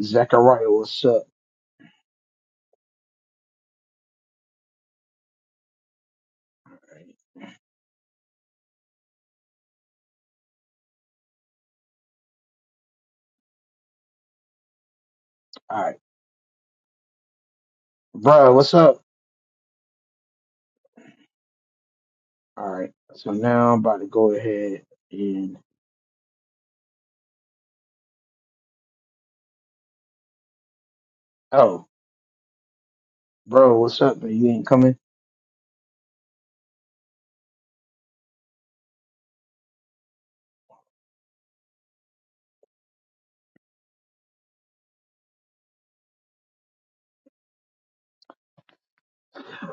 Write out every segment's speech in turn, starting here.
Zachariah, what's up? All right, bro, what's up? All right, so now I'm about to go ahead and oh, bro, what's up? Man? You ain't coming.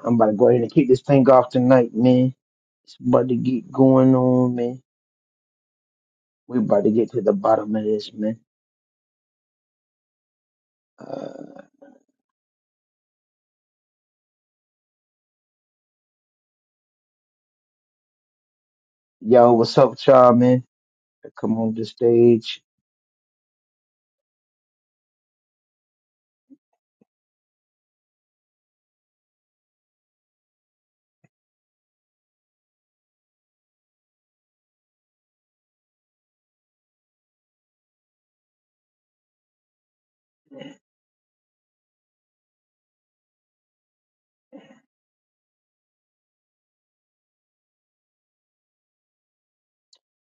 I'm about to go ahead and kick this thing off tonight, man. It's about to get going on, man. We about to get to the bottom of this, man. Uh, yo, what's up, with y'all, man? Come on the stage,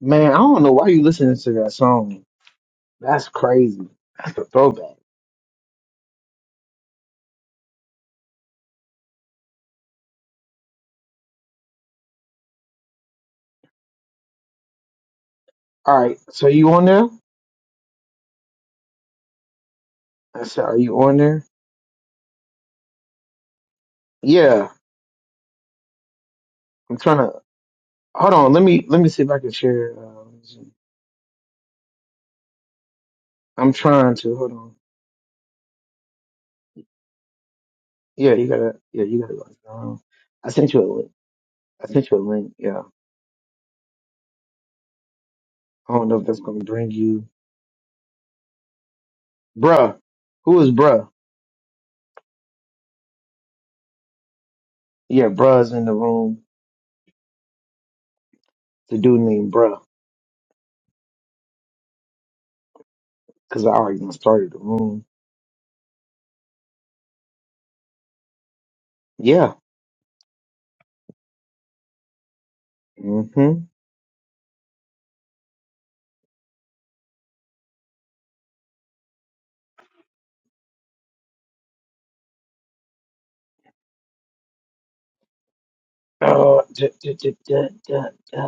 man. I don't know why you listening to that song. That's crazy. That's a throwback. All right, so you on there? I said, are you on there? Yeah, I'm tryna. Hold on, let me let me see if I can share. Uh, Zoom. I'm trying to. Hold on. Yeah, you gotta. Yeah, you gotta go. Um, I sent you a link. I sent you a link. Yeah. I don't know if that's gonna bring you, bruh. Who is bruh? Yeah, bruh's in the room. The dude named bruh, cause I already done started the room. Yeah. Mm-hmm. Oh, da, da, da, da, da, da.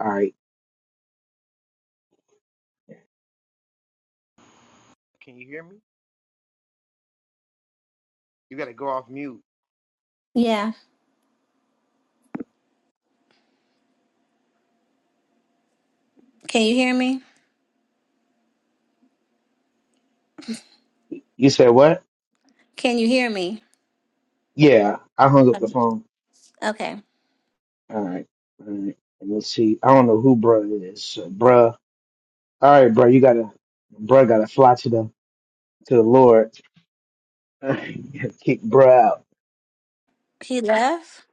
All right. Can you hear me? You gotta go off mute. You said what? Yeah, I hung up the phone. All right. All right. And let's see. I don't know who bruh is. So bruh. All right, bruh, you gotta bruh gotta fly to the to the Lord. Kick bruh out.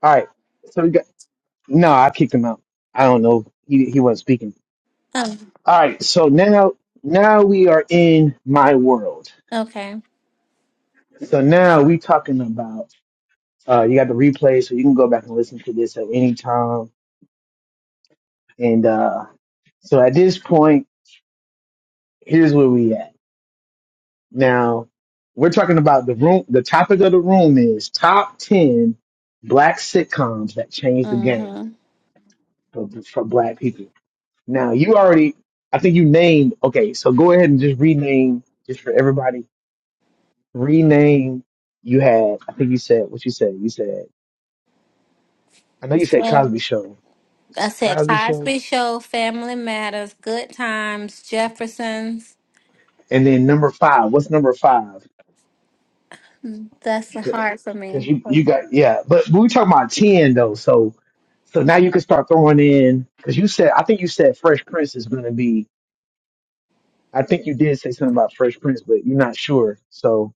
All right. So we got no, I kicked him out. I don't know. He he wasn't speaking. All right, so now now we are in my world. So now we talking about uh you got the replay so you can go back and listen to this at any time. And uh so at this point, here's where we at. Now, we're talking about the room. The topic of the room is top 10 black sitcoms that changed the game for, for black people. Now, you already, I think you named, okay, so go ahead and just rename, just for everybody, rename. You had, I think you said, what you said? You said, I know you said Cosby Show. Cosby Show. And then number five, what's number five? Because you, you got, yeah. But, but we talking about 10, though. So so now you can start throwing in, because you said, I think you said Fresh Prince is going to be, I think you did say something about Fresh Prince, but you're not sure. So,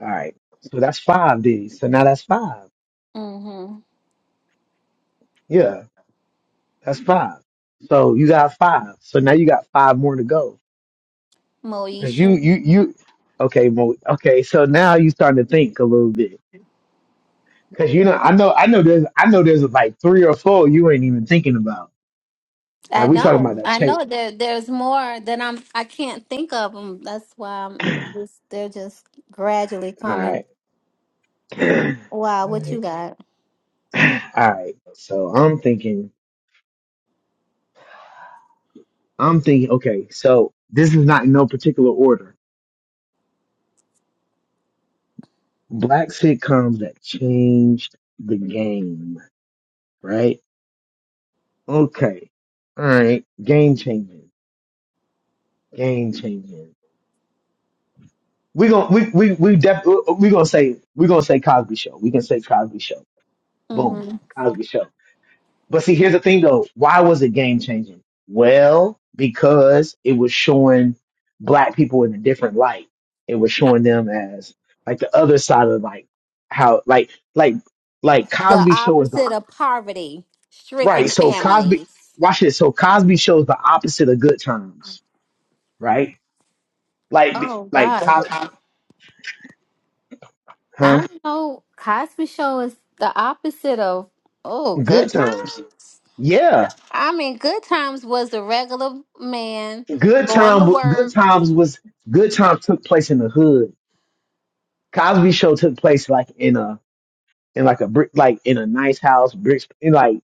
all right. So that's five, D. So now that's five. Yeah, that's five. So you got five. So now you got five more to go. Because you, you, you, okay, Mo, okay. So now you starting to think a little bit. Because you know, I know, I know there's, I know there's like three or four you ain't even thinking about. Like we talking about that shake. All right. All right. All right. So I'm thinking, I'm thinking, okay, so this is not in no particular order. Black sitcoms that changed the game, right? Okay. All right. Game changing. Game changing. We gonna we we we def, we gonna say we gonna say Cosby Show. We can say Cosby Show. Boom. Cosby Show. But see, here's the thing though. Why was it game changing? Well, because it was showing black people in a different light. It was showing them as like the other side of like how like like like Cosby show is the right. So Cosby watch this. So Cosby shows the opposite of good times, right? Like like Co- huh? Good times. Yeah. Good time good times was good times took place in the hood. Cosby show took place like in a in like a brick, like in a nice house, bricks, and like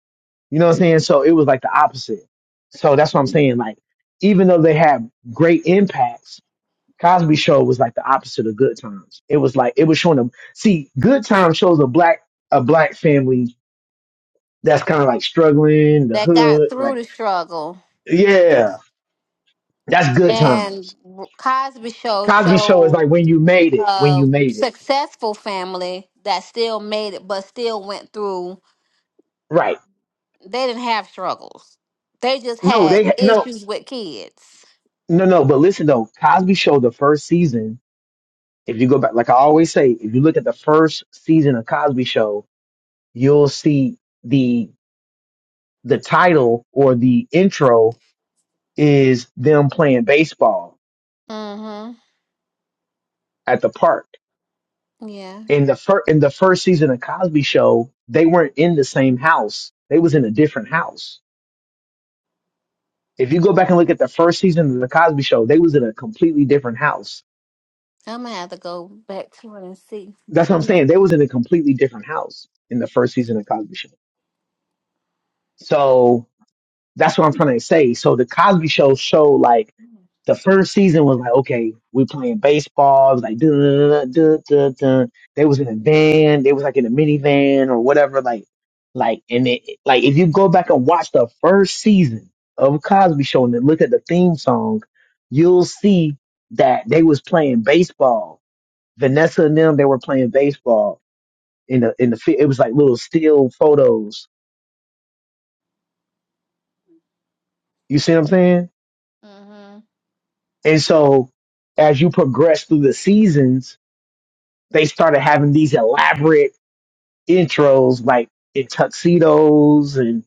you know what I'm saying. So it was like the opposite. So that's what I'm saying. Like even though they had great impacts, Cosby Show was like the opposite of Good Times. It was like it was showing them. See, Good Times shows a black a black family that's kind of like struggling, the hood, like yeah, that's Good Times. Cosby Show is like when you made it, when you made it, right? No, they ha- no no no. But listen though, Cosby Show the first season If you go back, like I always say, if you look at the first season of Cosby Show, you'll see the the title or the intro is them playing baseball at the park. In the first in the first season of Cosby Show, they weren't in the same house. They was in a different house. If you go back and look at the first season of the Cosby Show, they was in a completely different house. That's what I'm saying. They was in a completely different house in the first season of Cosby Show. So That's what I'm trying to say. So the Cosby Show show like the first season was like, okay, we playing baseball. It was like, duh, duh, duh, duh. they was in a van. They was like in a minivan or whatever. Like, like, and it, like if you go back and watch the first season of Cosby Show and then look at the theme song, you'll see that they was playing baseball. Vanessa and them, they were playing baseball in the in the fi- it was like little still photos. You see what I'm saying? And so as you progress through the seasons, they started having these elaborate intros like in tuxedos and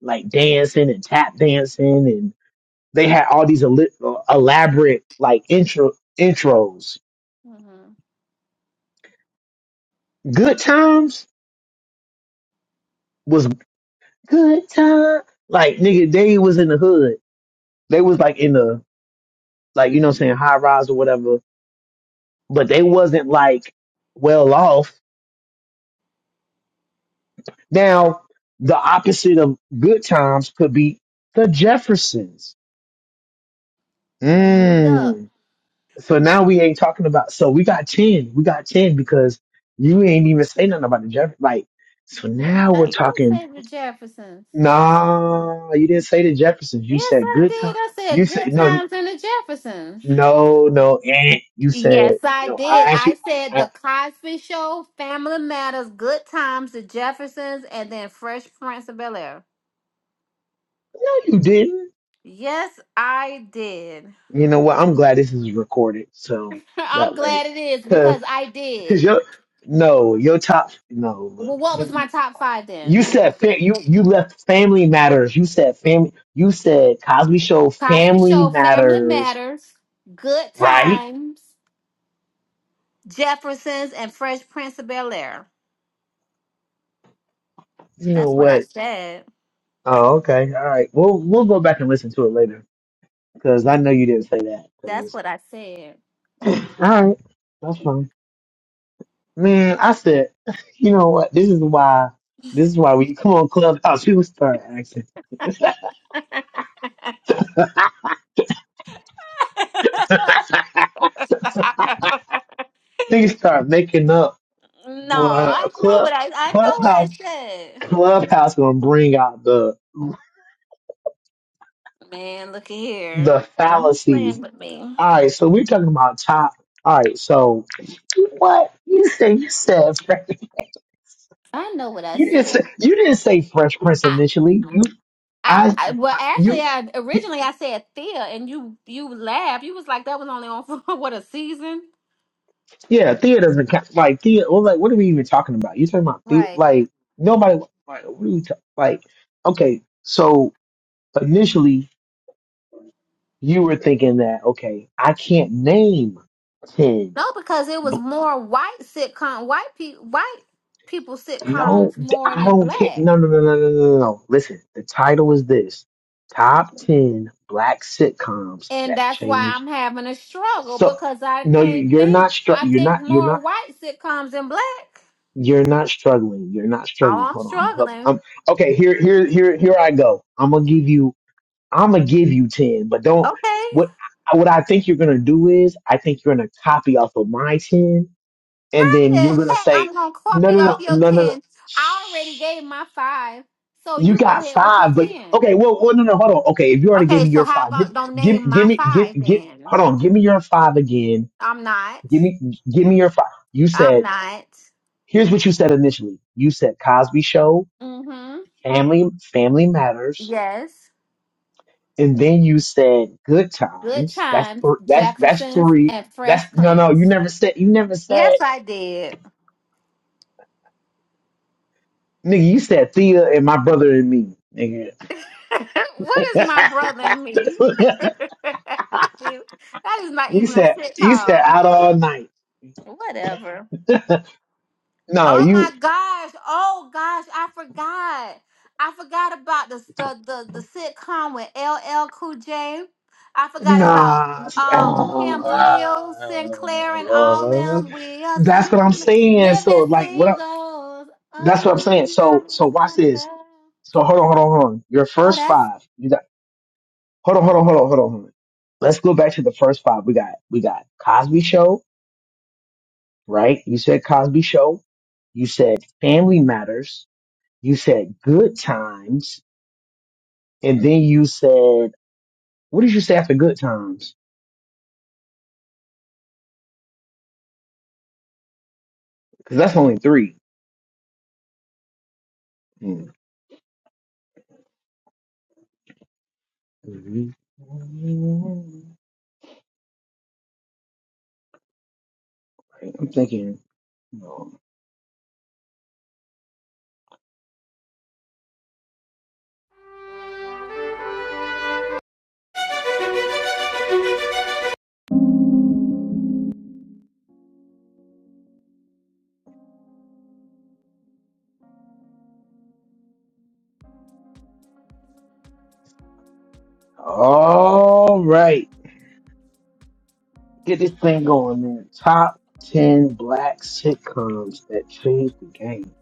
like dancing and tap dancing and they had all these eli- uh, elaborate like intro intros. Good times was good time. Like nigga, they was in the hood. They was like in the like you know what I'm saying high rise or whatever, but they wasn't like well off Now, the opposite of good times could be the Jeffersons. Mm. So now we ain't talking about. So we got ten. We got ten because you ain't even say nothing about the Jeffersons. Like, so now we're talking. Nah, you didn't say the Jeffersons. You said good time. You said no, you- no, no. Eh. You said no. I asked you. I, no, you didn't. You know what? I'm glad this is recorded, so that way. Cause your no, your top no. Look, you said fa- you you left Family Matters. You said family. You said Cosby Show Family Matters, right? You know what? Oh, okay. All right. We'll we'll go back and listen to it later because I know you didn't say that. 'cause- all right, that's fine. Man, I said, you know what? This is why. This is why we come on Clubhouse. People start acting. Niggas start making up. Well, a club Clubhouse Clubhouse gonna bring out the the fallacies. All right, so we're talking about top. All right, so what you say? You said you didn't say you didn't say Fresh Prince initially. You I you yeah theater doesn't count. like theater. Well, like what are we even talking about? You talking about the like nobody like what are we ta- like? Okay, so initially you were thinking that okay I can't name ten No, th- I don't care. No, no, no, no, no, no, no. no. Listen, the title is this: Top Ten Black Sitcoms That Changed. So, no, you, you're not. Str- you're not. You're not. You're not struggling. You're not struggling. Hold on, I'm gonna help. Um, okay, here, here, here, here I go. I'm gonna give you. I'm gonna give you ten, but don't. What what I think you're gonna do is, I think you're gonna copy off of my ten, and then you're gonna say, no, no, no, no, no, no. You got five, but okay. Well, well, no, no, hold on. Okay, if you already gave me your five, give, give, give me, give, give. Hold on, give me your five again. Give me, give me your five. You said, here's what you said initially. You said Cosby Show, Family, Family Matters, and then you said Good Times. That's thr that's that's three. That's no, no. You never said. You never said, nigga. You said Thea and my brother and me, nigga. you said, you said out all night. No, you. Nah. uh, that's what I'm saying. So like what I, that's what I'm saying. So so watch this. So hold on, hold on, hold on. Your first five. You got hold on, hold on, hold on, hold on, hold on. Let's go back to the first five. We got we got Cosby Show, right? You said Cosby Show. You said Family Matters. You said Good Times, and then you said what did you say after Good Times? Because that's only three. Hmm. Mhm. I'm thinking, you know, all right, get this thing going, man. Top 10 black sitcoms that changed the game.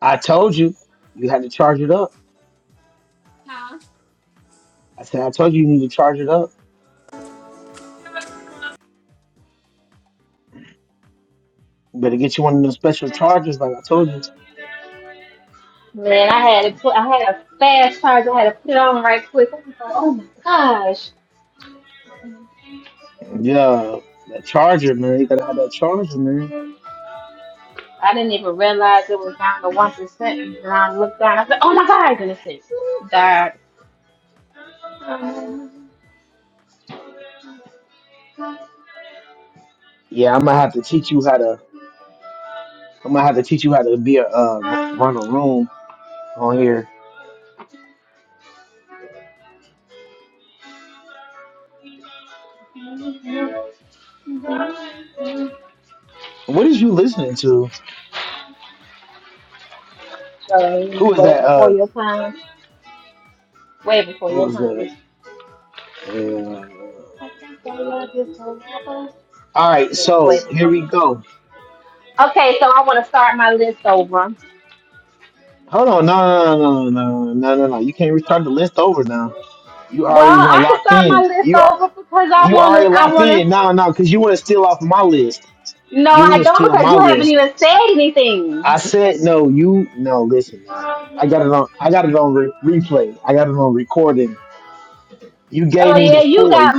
I told you, you had to charge it up. I said, I told you, you need to charge it up. You better get you one of them special chargers, like I told you. Yeah, that charger, man. You gotta have that charger, man. Yeah, I'm gonna have to teach you how to. I'm gonna have to teach you how to be a uh, run a room on here. What is you listening to? Who was that? Uh, who was that? Uh, all right, so here we go. Hold on, no, no, no, no, no, no, no, no. no. You can't restart the list over now. You already now locked in. You are you already locked in. No, no, because you want to steal off my list. You want to steal my list. I said no. You no. Listen, man. I got it on. I got it on re- replay. I got it on recording. You gave me the four. You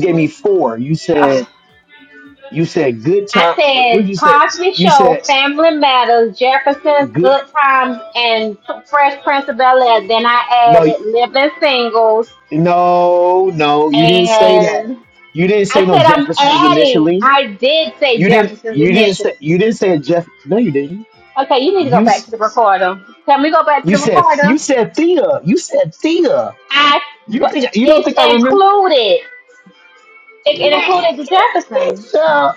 gave me four. You said you said good time. What would you say? You said good. No. No, no, you didn't say that. You didn't say no Jeffersons initially. You didn't. practices You didn't say. You initiatives. didn't say Jeff. No, you didn't. Okay, you need to go You back to s- the recorder. Can we go back to you the said recorder? you said Thea. You said Thea. I, You but think you don't it's think I remember? included. It, it Man, included get, the get Jefferson. your-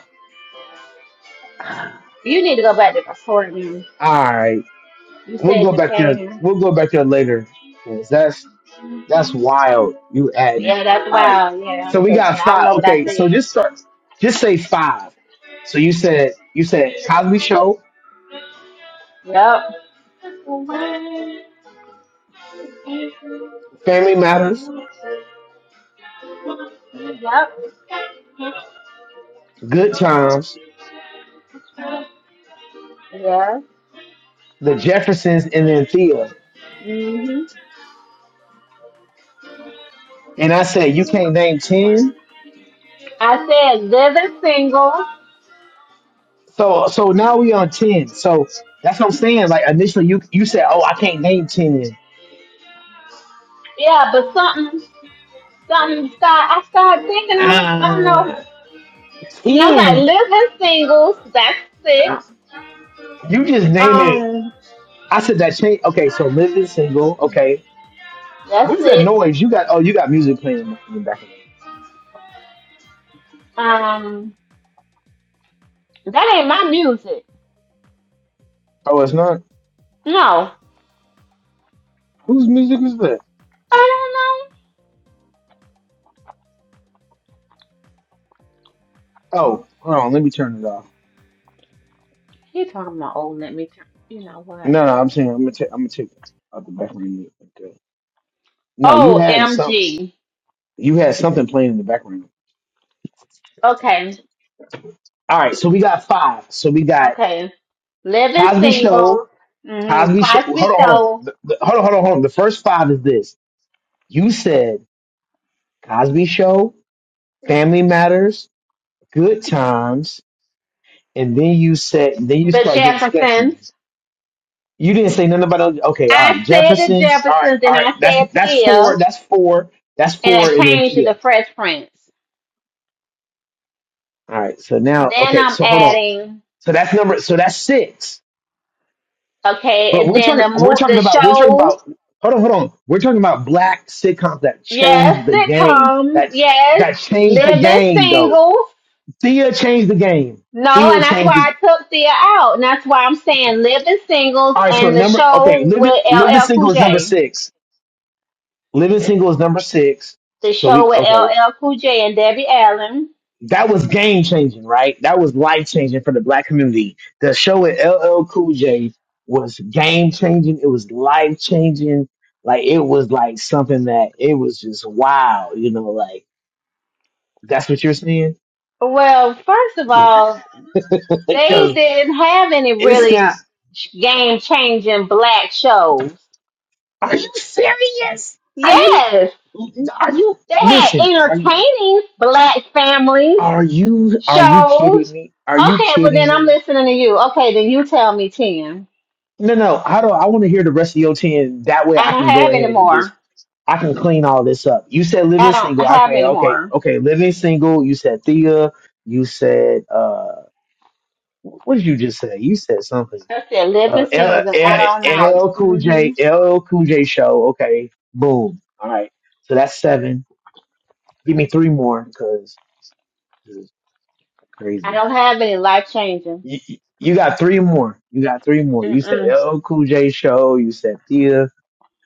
All You need to go back to the recording. right, You we'll said go you back there. can. We'll go back there later because that's that's wild. You adding. Yeah, that's All right, wild. Yeah, so we because got I know five. what I Okay, said. so just start. Just say five. So you said you said Cosby Show. Yep. Family Matters, Yep. Good Times, Yeah. The Jeffersons, and then Thea. hmm And I said, you can't name ten. I said living single. So so now we on ten. So that's what I'm saying. Like initially, you you said, oh, I can't name ten. Yeah, but something, something. Start, I started thinking. I was, I don't know. Uh, And I was like, ten. living singles. That's uh, six. You just name it. Um. I said that change. Okay, so living single. Okay, That's what is that it. noise? You got oh, you got music playing in the background. Um, that ain't my music. Oh, it's not. No, Whose music is that? I don't know. Oh, hold on. Let me turn it off. He talking about oh, let me. Turn. You know what? No, no, I'm saying I'm gonna take I'm gonna take out the background music. No, you Oh, had some. MG. You had something playing in the background. Okay, All right, so we got five. So we got okay. Living Cosby single. Show, hmm Cosby Show. Hold Cosmic on, hold on. show. The, the, hold on, hold on, hold on. The first five is this. You said Cosby Show, Family Matters, Good Times, and then you said then you The start getting sketchy. Jeffersons. You didn't say nothing about those. Okay, all I right. said the Jefferson's. All right, Jeffersons, all and I right. said That's that's Thea, four. That's four. That's and I four, and then changed it to Thea. the All Fresh Prince. right. So now, Then okay. I'm So hold on. adding. So that's number. So that's six. Okay, But and we're then talking the we're mo- talking the about we're talking show. about hold on, hold on. We're talking about black sitcoms that Yes, changed the game. sitcoms. That's Yes, that changed the living game though. singles. Thea changed the game. No, and Thea that's changed the why I game. took Thea out. And that's why I'm saying living singles all right, so and the number okay, show live it with live the LL Cool single is number J. six. Living single is number six. The So show we with okay. LL Cool J and Debbie Allen. that was game changing, right? That was life changing for the black community. The show with LL Cool J was game changing. It was life changing. Like it was like something that it was just wow, you know, like that's what you're seeing? Well, first of all, they Because didn't have any it's really not, game changing black shows. are you serious? Are you, Yes, are you, they had listen, are you, entertaining black families are you, are you kidding Shows. me? Are you Okay, well kidding then I'm me? listening to you. Okay, then you tell me ten. No, no. I don't. I want to hear the rest of your ten. That way, I I don't can go have any ahead and just more. I can clean all this up. You said I living don't single. I can have any okay, more. okay. Living single. You said Thea. You said uh, wh- what did you just say? You said something. I said living Uh, L, singles and out L, all night. LL Cool hmm J. L L Cool J show. Okay, boom. All right. So that's seven. Give me three more because this is I crazy. don't have any life changing. You, you you got three more. You got three more. You said Mm-mm. L L Cool J show. You said Thea.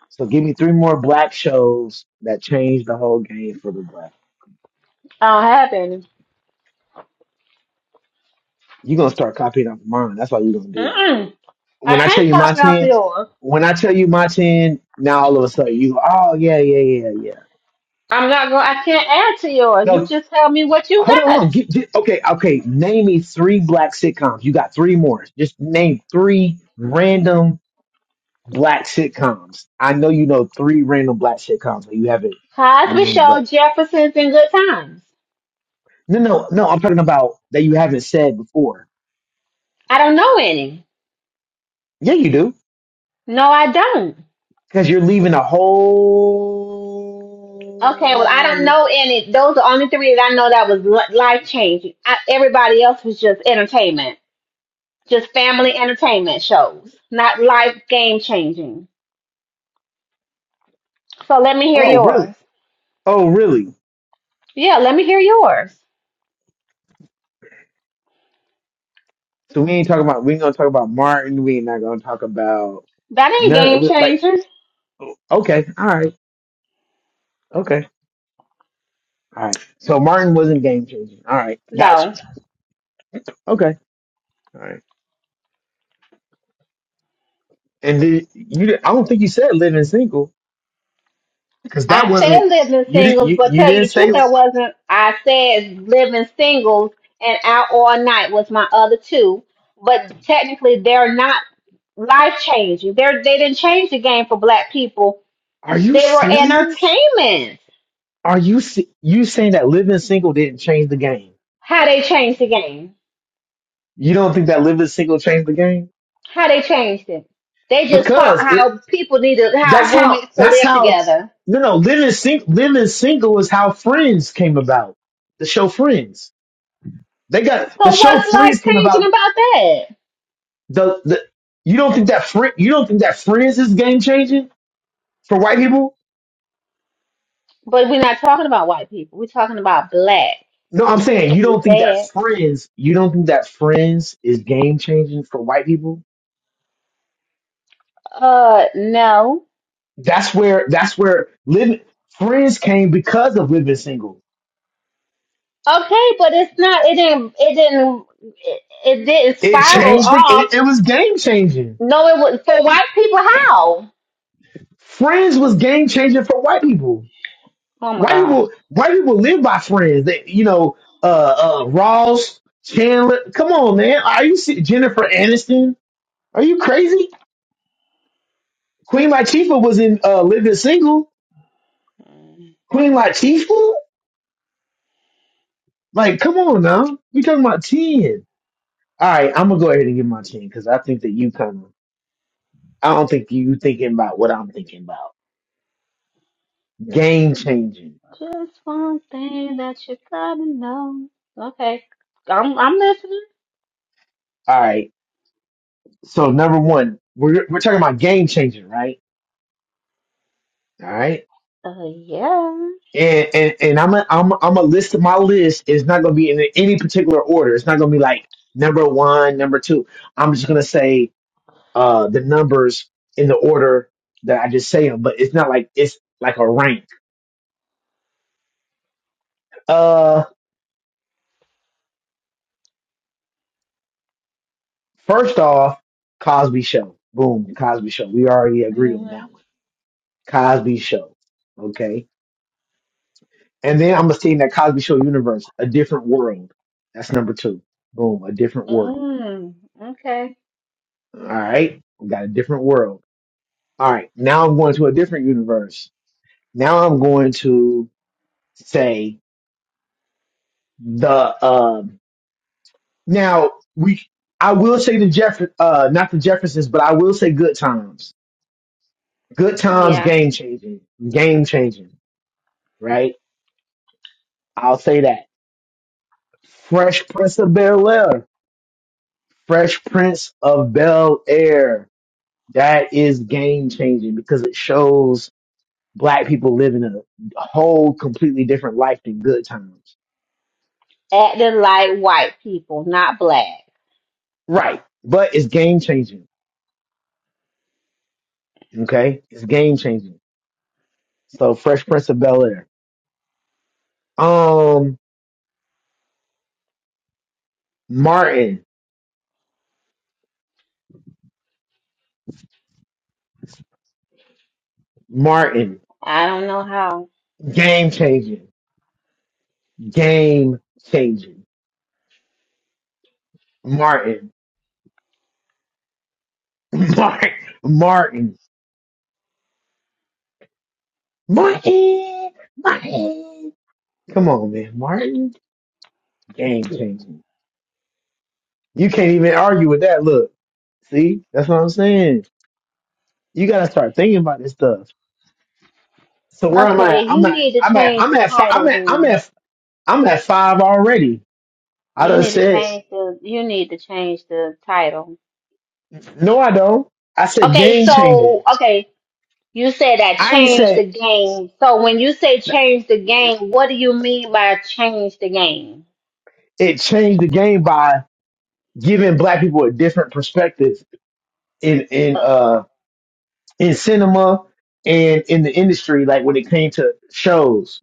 So give me three more black shows that change the whole game for the black. I don't have any. You're gonna start copying off mine. That's all you're gonna do. Mm-mm. I When I tell can't you my top it off ten, yours. when I tell you my ten, now all of a sudden you go, oh yeah, yeah, yeah, yeah. I'm not going. I can't add to yours. You No, just tell me what you hold on, hold got. on. Get, get, okay, okay. Name me three black sitcoms. You got three more. Just name three random black sitcoms. I know you know three random black sitcoms that you haven't Cosby named Show, right. Jefferson's, and Good Times. No, no, no. I'm talking about that you haven't said before. I don't know any. Yeah, you do. No, I don't. Because you're leaving a Okay, well, I don't whole. know any. Those are only three that I know that was li- life changing. I, everybody else was just entertainment, just family entertainment shows, not life game changing. So let me hear Oh really? yours. Oh really? Yeah, let me hear yours. So we ain't talking about. We ain't gonna talk about Martin. We ain't not gonna talk about That ain't game none. like changing. okay, all right, okay, all right. So Martin wasn't game changing. All right, got you. No, Okay, all right. And did, you, di- I don't think you said living single because that I said wasn't. living You did. singles, You, but you tell you didn't the truth, say that like. wasn't. I said living singles and out all night was my other two, but technically they're not life changing. They're they didn't change the game for black people Are you They were serious? entertainment. Are you se- you saying that living single didn't change the game? How they changed the game. You don't think that living single changed the game? How they changed it. They just taught because it how people needed that's how how roommates to that's live how together. you know living sing, living single is how friends came about the show friends they got the So show what's life friends came changing about about that? the the you don't think that friend you don't think that friends is game changing for white people But we're not talking about white people. We're talking about black. no i'm That's saying what you you don't think that said. friends you don't think that friends is game changing for white people Uh, no. that's where that's where living friends came because of living single Okay, but it's not. It didn't. It didn't. It, it didn't it spiral changed the, off. it, it was game changing No, it was for white people. How? Friends was game changing for white people. Oh my White god. people, white people live by Friends. They, you know, uh, uh, Ross, Chandler. Come on, man. Are you se- Jennifer Aniston? Are you crazy? Queen Latifah was in uh, Living Single. Queen Latifah? Like, come on now. We talking about ten. All right, I'm gonna go ahead and get my ten because I think that you kind of. I don't think you thinking about what I'm thinking about. Game changing. Just one thing that you gotta know. Okay, I'm I'm listening. All right. So number one, we're we're talking about game changing, right? All right. Uh, yeah. and and, and I'm a, I'm a, I'm a list my list is not going to be in any particular order. It's not going to be like number one, number two. I'm just going to say uh the numbers in the order that I just say them, but it's not like it's like a rank. Uh, first off, Cosby Show. Boom, the Cosby Show. We already agreed on Mhm. that one. Cosby Show. Okay, and then I'm gonna stay in that Cosby Show universe, a different world. That's number two. Boom, a different world. Mm. Okay. All right, we got a different world. All right, now I'm going to a different universe. Now I'm going to say the um. Now we, I will say the Jeff, uh, not the Jeffersons, but I will say Good Times. Good Times, Yeah. game changing, game changing, right? I'll say that. Fresh Prince of Bel Air, Fresh Prince of Bel Air. That is game changing because it shows black people living a whole completely different life than Good Times Acting like white people, not black. Right. But it's game changing. Okay. It's game changing. So Fresh Prince of Bel Air. Um, Martin. Martin. I don't know how. Game changing. Game changing. Martin. Martin. Martin. Martin. Martin. Come on, man. Martin. Game changing. You can't even argue with that. Look. See? That's what I'm saying. You gotta start thinking about this stuff. So where am I? Okay, you I'm at need to I'm at change I'm at I'm the at fi- I'm title at, I'm then. at I'm at five already. I You done need to said, change the. You need to change the title. no, I don't. I said Okay, game so changing. okay, you said that I ain't change the said game. So when you say change the game, what do you mean by change the game? it changed the game by giving black people a different perspective in, in, Uh, uh, in cinema and in the industry, like when it came to shows.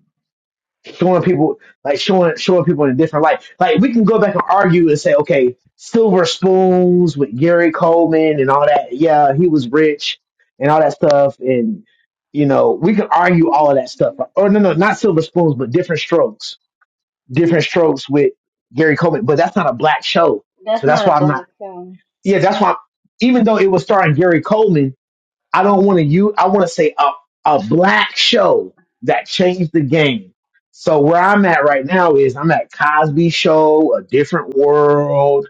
showing people like showing showing people in a different light. Like we can go back and argue and say, okay, silver spoons with Gary Coleman and all that. Yeah, he was rich and all that stuff, and you know we can argue all of that stuff. Or no, no, not silver spoons, but different strokes, different strokes with Gary Coleman. But that's not a black show, That's so not that's a why I'm not. Yeah, that's why. even though it was starring Gary Coleman, I don't want to use, I want to say a, a black show that changed the game. So where I'm at right now is I'm at Cosby Show, A Different World.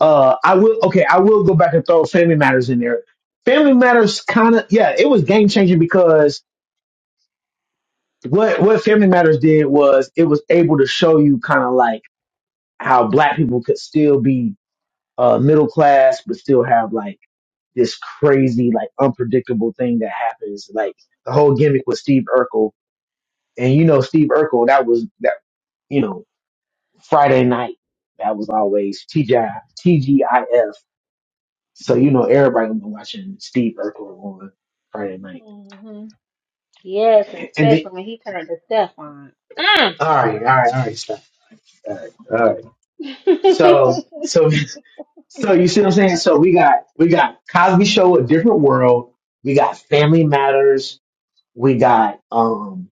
Uh, I will, okay, I will go back and throw Family Matters in there. Family Matters kind of, yeah, it was game changing because what, what Family Matters did was it was able to show you kind of like how black people could still be, uh, middle class, but still have like this crazy, like unpredictable thing that happens. Like the whole gimmick with Steve Urkel. And you know, Steve Urkel, that was that, you know, Friday night. That was always TGI, TGIF. So, you know, everybody was watching Steve Urkel on Friday night. hmm Yes, and And then, especially when he turned to Stefan. Mm. all right, all right, all right, stop. All right, all right. So, so, so you see what I'm saying? So we got, we got Cosby Show, A Different World. We got Family Matters. We got, um.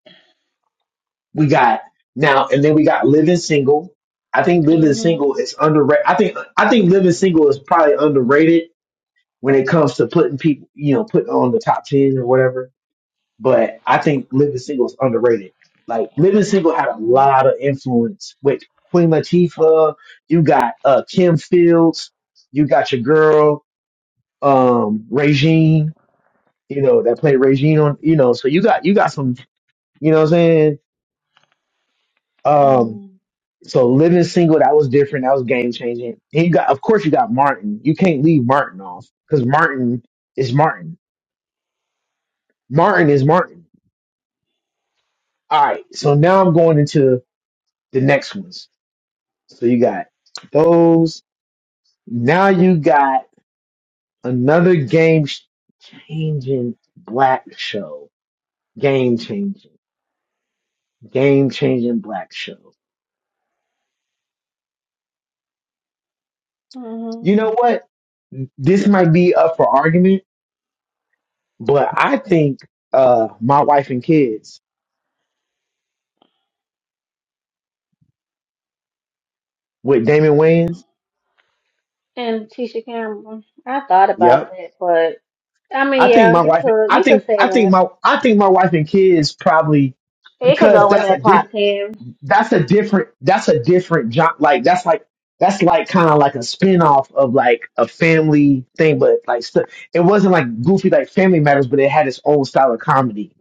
We got now, and then we got Living Single. I think Living Single is underrated. I think I think Living Single is probably underrated when it comes to putting people, you know, putting on the top ten or whatever. But I think Living Single is underrated. Like Living Single had a lot of influence with Queen Latifah. You got uh, Kim Fields. You got your girl um, Regine. You know that played Regine on. You know, so you got you got some. You know what I'm saying? Um, So living single, that was different. That was game changing. And you got, of course, you got Martin. You can't leave Martin off because Martin is Martin. Martin is Martin. All right. So now I'm going into the next ones. So you got those. Now you got another game sh- changing black show. Game changing. Game changing black show. hmm You know what? This might be up for argument, but I think uh, my wife and kids with Damon Wayans. And Tisha Campbell. I thought about Yep. that, but I I mean, think yeah, my you wife. could I you could think say I think that. my I think my wife and kids probably It could because go in that's a that diff, top ten. that's a different that's a different job. Like that's like that's like kind of like a spin off of like a family thing, but like st- it wasn't like goofy like Family Matters, but it had its own style of comedy.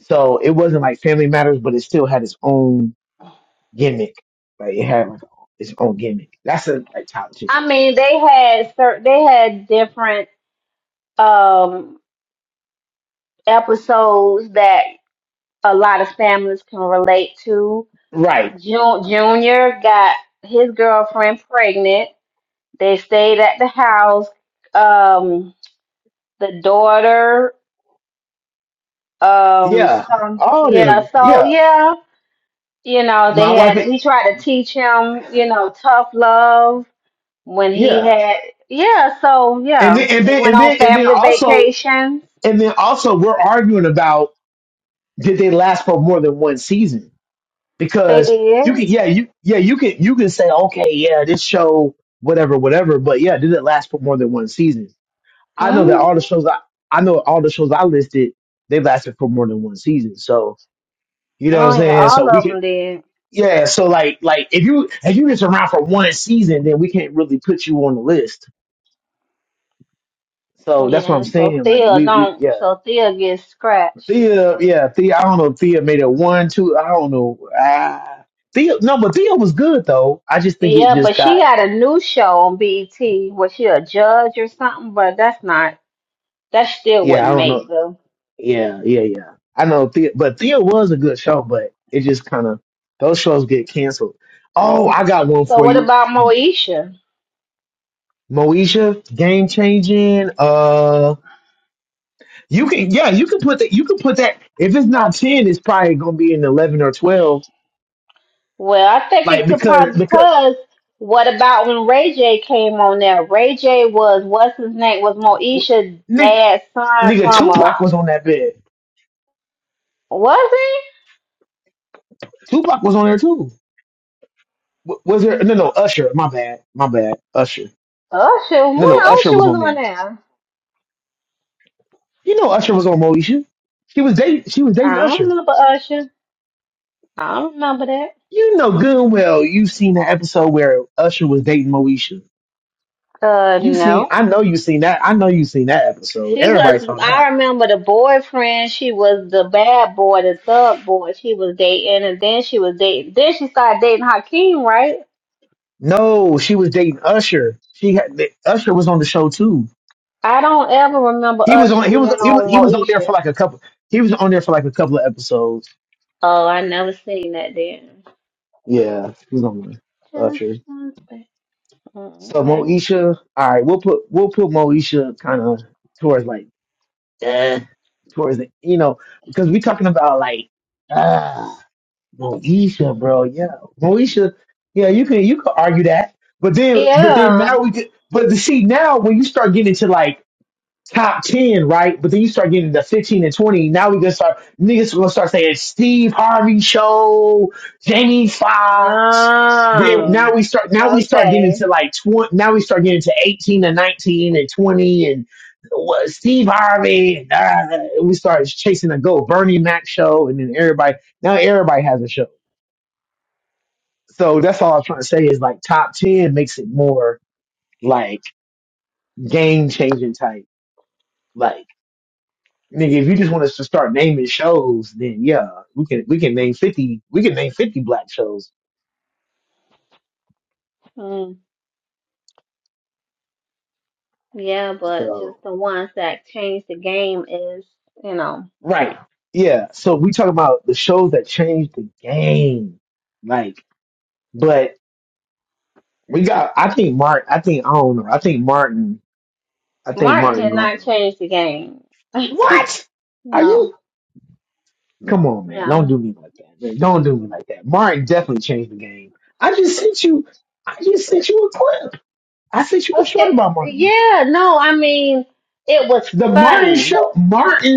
So it wasn't like Family Matters, but it still had its own gimmick. Like it had like its own gimmick. That's a like top ten. I mean, they had certain they had different um episodes that a lot of families can relate to. Right. Jun- Junior got his girlfriend pregnant. They stayed at the house. Um, the daughter. Um, Yeah. so All of yeah, them. so Yeah. yeah, you know, they My had wife, he tried to teach him, you know, tough love when he yeah. had yeah, so And yeah, then and they then went and on then and then family also vacations. and then also we're arguing about did they last for more than one season? They Because you did. can yeah, you yeah, you can you can say, okay, yeah, this show, whatever, whatever, but yeah, did it last for more than one season? I know that hmm all the shows I I know all the shows I listed, they lasted for more than one season. So you know what Oh I'm yeah, saying? all So we of could them did. yeah, so like like if you if you just around for one season, then we can't really put you on the list So that's what I'm Yeah, so saying. Like Thea we we yeah. don't, so Thea gets scratched. Thea yeah, Thea I don't know if Thea made it one, two, I don't know. Ah Thea no, but Thea was good though. I just think it Yeah, just but she got got a new show on BET. Was she a judge or something? But that's not, that still yeah, I wouldn't don't know. make the. Yeah, yeah, yeah. I know Thea but Thea was a good show, but it just kinda those shows get canceled. Oh, I got one So for what you. about Moesha? Moesha, game changing. Uh you can yeah, you can put that you can put that if it's not ten, it's probably gonna be an eleven or twelve. Well, I think Like it could because probably because because what about when Ray J came on there? Ray J was what's his name was Moesha's dad's son Nigga, from a Tupac was on that bed. was he Tupac was on there too. W- Was there? No, no, Usher. My bad. My bad. Usher. Usher? When No, no, Usher Usher was was on on there. there, You know, Usher was on Moesha. She was dating. She was I dating don't Usher. remember Usher. I don't remember that. You know good and well you've seen the episode where Usher was dating Moesha. Uh, You seen? no, I know you seen that. I know you seen that episode. she was. Everybody's on that. I remember the boyfriend. She was the bad boy, the thug boy. She was dating, and then she was dating. Then she started dating Hakeem, right? No, she was dating Usher. She had the, Usher was on the show too. I don't ever remember He was Usher on. He being was. He was. on He was on there Moesha. for like a couple. He was on there for like a couple of episodes. Oh, I never seen that then. Yeah, he was on there. Usher. Just one thing. Oh, So okay. Moesha, all right, we'll put we'll put Moesha kind of towards like eh, towards the you know because we talking about like ah Moesha, bro, yeah, Moesha, yeah, you can you can argue that, but then but then Yeah. now we could but to see now when you start getting into like top 10, right? But then you start getting the 15 and 20. Now we gonna start, niggas gonna start saying Steve Harvey show, Jamie Foxx. Then now Um, we start, now we start getting into okay. like 20, now we start getting to 18 and 19 and 20 and what, Steve Harvey. And, uh, we start chasing a go Bernie Mac show. And then everybody, now everybody has a show. So that's all I'm trying to say is like top 10 makes it more like game changing type. Like, Nigga, if you just want us to start naming shows, then yeah, we can we can name fifty we can name fifty black shows. Mm, yeah, but So just the ones that changed the game is, you know, right, yeah. So we talk about the shows that changed the game, like. But we got. I think Martin. I think I don't know. I think Martin. I think Martin Martin did going. not to change the game. What? Are you? Come on, man. Don't No, do me like that, man. Don't do me no. like that. Martin definitely changed the game. I just sent you. I just sent you a clip. I sent you a short Okay. about Martin. Yeah, no, I mean, it was The Martin funny. show,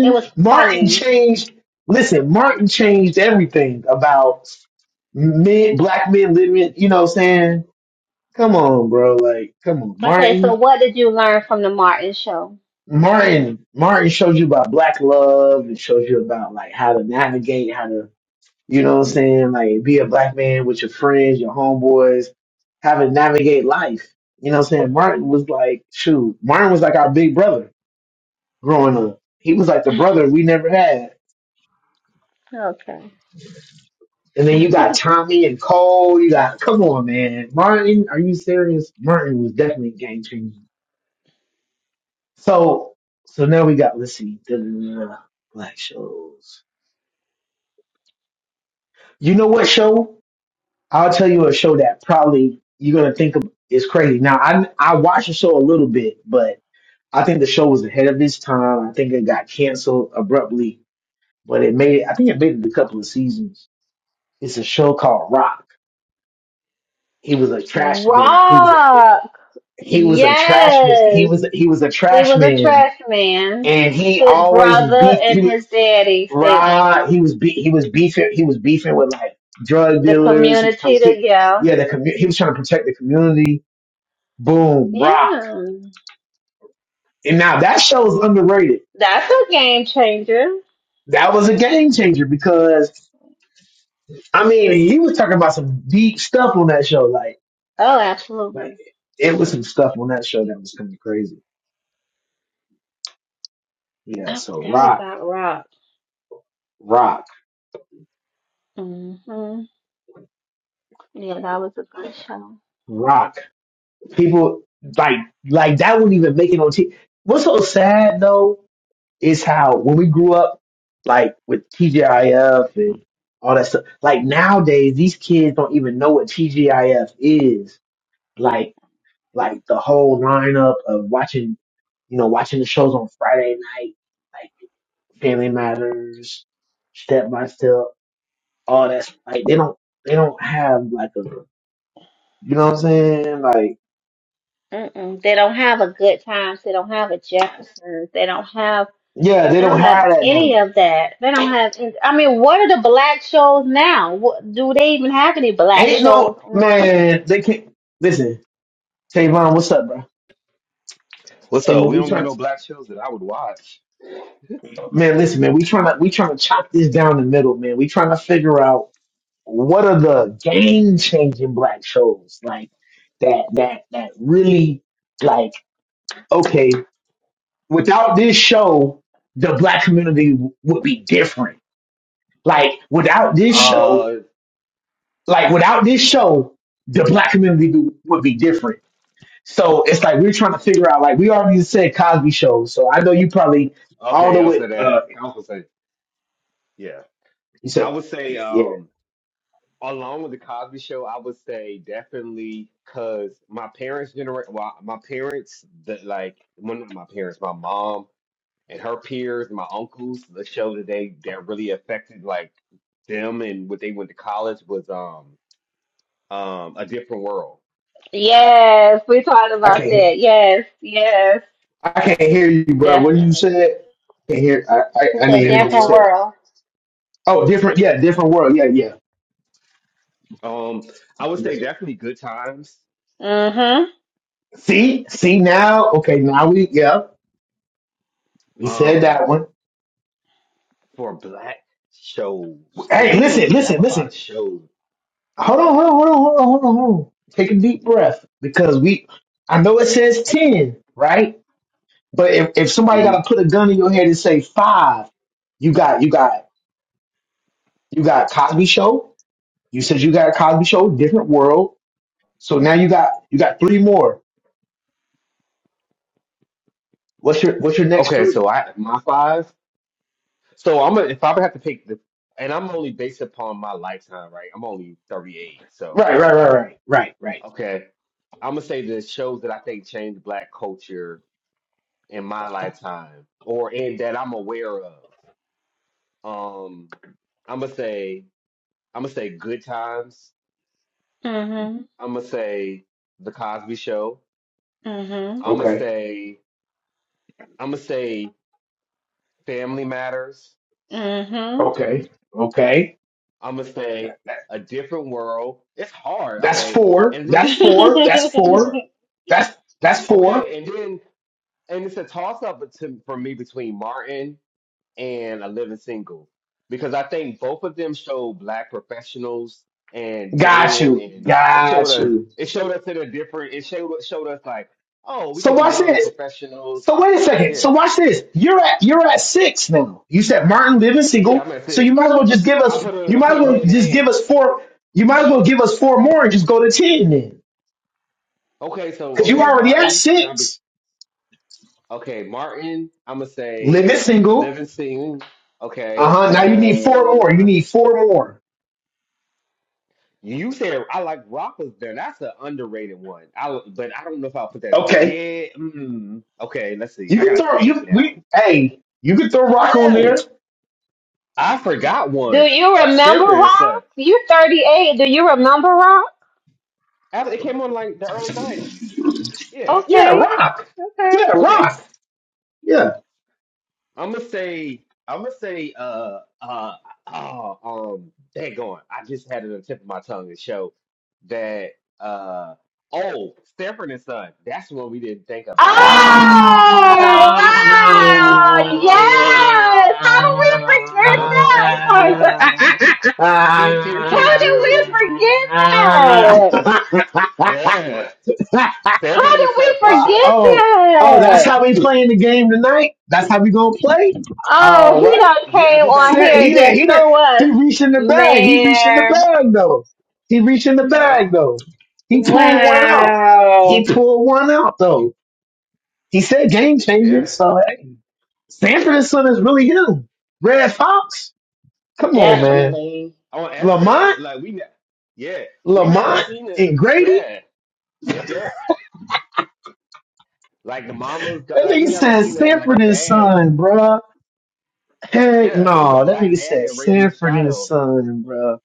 It was Martin funny. changed. Listen, Martin changed everything about men, black men living. You know what I'm saying? Come on, bro. Like, come on, Okay, so Martin. what did you learn from the Martin show? Martin, Martin shows you about black love and shows you about like how to navigate, how to, you know what I'm saying? Like, be a black man with your friends, your homeboys, how to navigate life. You know what I'm saying? Martin was like, shoot, Martin was like our big brother growing up. He was like the brother we never had Okay. And then you got Tommy and Cole. You got come on, man. Martin, are you serious? Martin was definitely game changing. So so now we got let's see, da, da, da, da, black shows. You know what show? I'll tell you a show that probably you're gonna think of is crazy. Now I I watched the show a little bit, but I think the show was ahead of its time. I think it got canceled abruptly, but it made I think it made it a couple of seasons. It's a show called Rock. He was a trash man. He was. Rob. he was a trash man. He Yes, was he was a he trash was a man, trash man. and he His always was brother beef. He and was his daddy stayed with raw. He them. was be, he was beefing. He was beefing with like drug The dealers. He was trying community, to the keep yeah, yeah the commu- He was trying to protect the community. Boom, rock. yeah, And now that show is underrated. that's a game changer. That was a game changer because I mean he was talking about some deep stuff on that show. Like Oh, like absolutely. it was some stuff on that show that was kind of crazy. Yeah. I So forgot rock, about Rock. rock, hmm Yeah, that was a good show. rock. people like like that wouldn't even make it on TV. What's so sad though is how when we grew up, like with TGIF and all that stuff. Like nowadays, these kids don't even know what TGIF is. Like like the whole lineup of watching, you know, watching the shows on Friday night, like Family Matters, Step by Step, all that. Like they don't they don't have like a you know what I'm saying? Like Mm-mm. They don't have a good times. They don't have a Jeffersons. They don't have. yeah, they They don't don't have have that now. any of that. They don't have. I mean, what are the black shows now? What, do they even have any black Ain't shows no on? man. They can't listen. Tavon, what's up, bro? What's Hey up? man, We we don't got trying. no black shows that I would watch. Man, listen, man. We trying to we trying to chop this down the middle, man. We trying to figure out what are the game changing black shows like that that that really like okay. Without this show, the black community w- would be different. Like without this show, Uh, like without this show, the black community would would be different So it's like we're trying to figure out. Like we already said Cosby shows. So I know you probably I don't okay, know y'all what said that. uh I was say, yeah, you I said. would say, Yeah, um, along with the Cosby Show, I would say definitely because my parents' generation, well, my parents, that like, well, not my parents, my mom and her peers, my uncles, the show that they that really affected like them and what they went to college was um um a different world, Yes, we talked I about can't. hear- that. Yes, yes, I can't hear you, bro. What you definitely. said? Can't hear. I, I It's I a a didn't hear what different you different world. said. world. Oh, different. Yeah, different world. Yeah, yeah. Um, I would Yes, say sir. definitely good times. Mm-hmm. See, see now. Okay, now we. Yeah, we said that Um. one. for black shows because Hey, we didn't listen, really have listen, a lot listen. of shows. Hold on, hold on, hold on, hold on, hold on. Hold on. Take a deep breath because we. I know it says ten, right? But if, if somebody got hmm to put a gun in your head and say five, you got you got you got Cosby Show. You said you got a Cosby Show, different world. So now you got you got three more. What's your what's your next Okay, three? so I my five. So I'm gonna if I would have to pick the, and I'm only based upon my lifetime, right? I'm only 38, so Right, right, right, right, right, right. okay. I'm gonna say the shows that I think changed black culture in my lifetime, or in that I'm aware of. Um, I'm gonna say I'm gonna say Good Times. Mm-hmm. I'm gonna say The Cosby Show. Mm-hmm. I'm gonna Okay, say I'm gonna say Family Matters. Mm-hmm. okay, okay. I'm gonna say That- that- a different world. It's hard, that's okay. four. And then That's this is a di- four. That's four. four, That's that's four. okay. And then and it's a toss up to, for me between Martin and A Living Single because I think both of them show black professionals and Got dating, you. and it showed Got us you. it showed us in a different. It showed showed us like, oh, we So could be watch young this. professionals. So wait a second. So Yeah, watch this. You're at you're at six now. You said Martin living yeah. I'm single, gonna so say it. you might as well just give I us put 'em- you I might put as them well hand in just give hand. us four you might as well give us four more and just go to ten then. Okay, so Because you okay, already at Martin, and I six. Okay, Martin, I'm gonna say Living single. Livingston. Okay, Uh-huh. Now you need four more. You uh, need four more. you said I like Rock was there. That's an underrated one. I but I don't know if I'll put that. Okay. Yeah. Mm, okay, let's see. You I can got a throw date you now. we hey, you can throw rock on there. Oh, I forgot Do one. you Uh, remember Sanford and Rob? Son. You're 38. Do you remember Rob? Ab- It came on like the early '90s. Yeah, Yeah, Okay, rock. okay. Yeah, yeah. rock. Yeah. I'm gonna say, I'm gonna say, uh, uh, oh, um, daggone, I just had it on the tip of my tongue to show that, uh, oh, Stanford and Son. That's one we didn't think of. I didn't. Oh oh, wow! Yes! How did we forget Yup. that one? Teep, teep, How teep, teep. did we forget that? Yeah. Stanford How and did Son we for forget sure. oh, that's that? how we playing the game tonight. That's how we gonna play. Oh, All he right. done Yeah, I came just had a on Sa- here and He thing. did. just He did. threw us. He reaching the bag. He reaching the Man. bag though. He reaching the Yup. bag though. He pulled one out. He Wow. pulled one out though. He said game changing. Yes. So hey. Sanford and Son is really him. Red Fox? Come on, Yeah. man. Definitely. On Esther, Lamont? like we, ne- yeah, we never Lamont seen it. and Grady? Yeah. Yep. Yep. Like the mamas, got- That like we nigga never said seen it. Like a Sanford and dad. Son, bruh. Heck Yeah, it was a no. That black nigga dad said raising his Sanford and child. Son, bruh.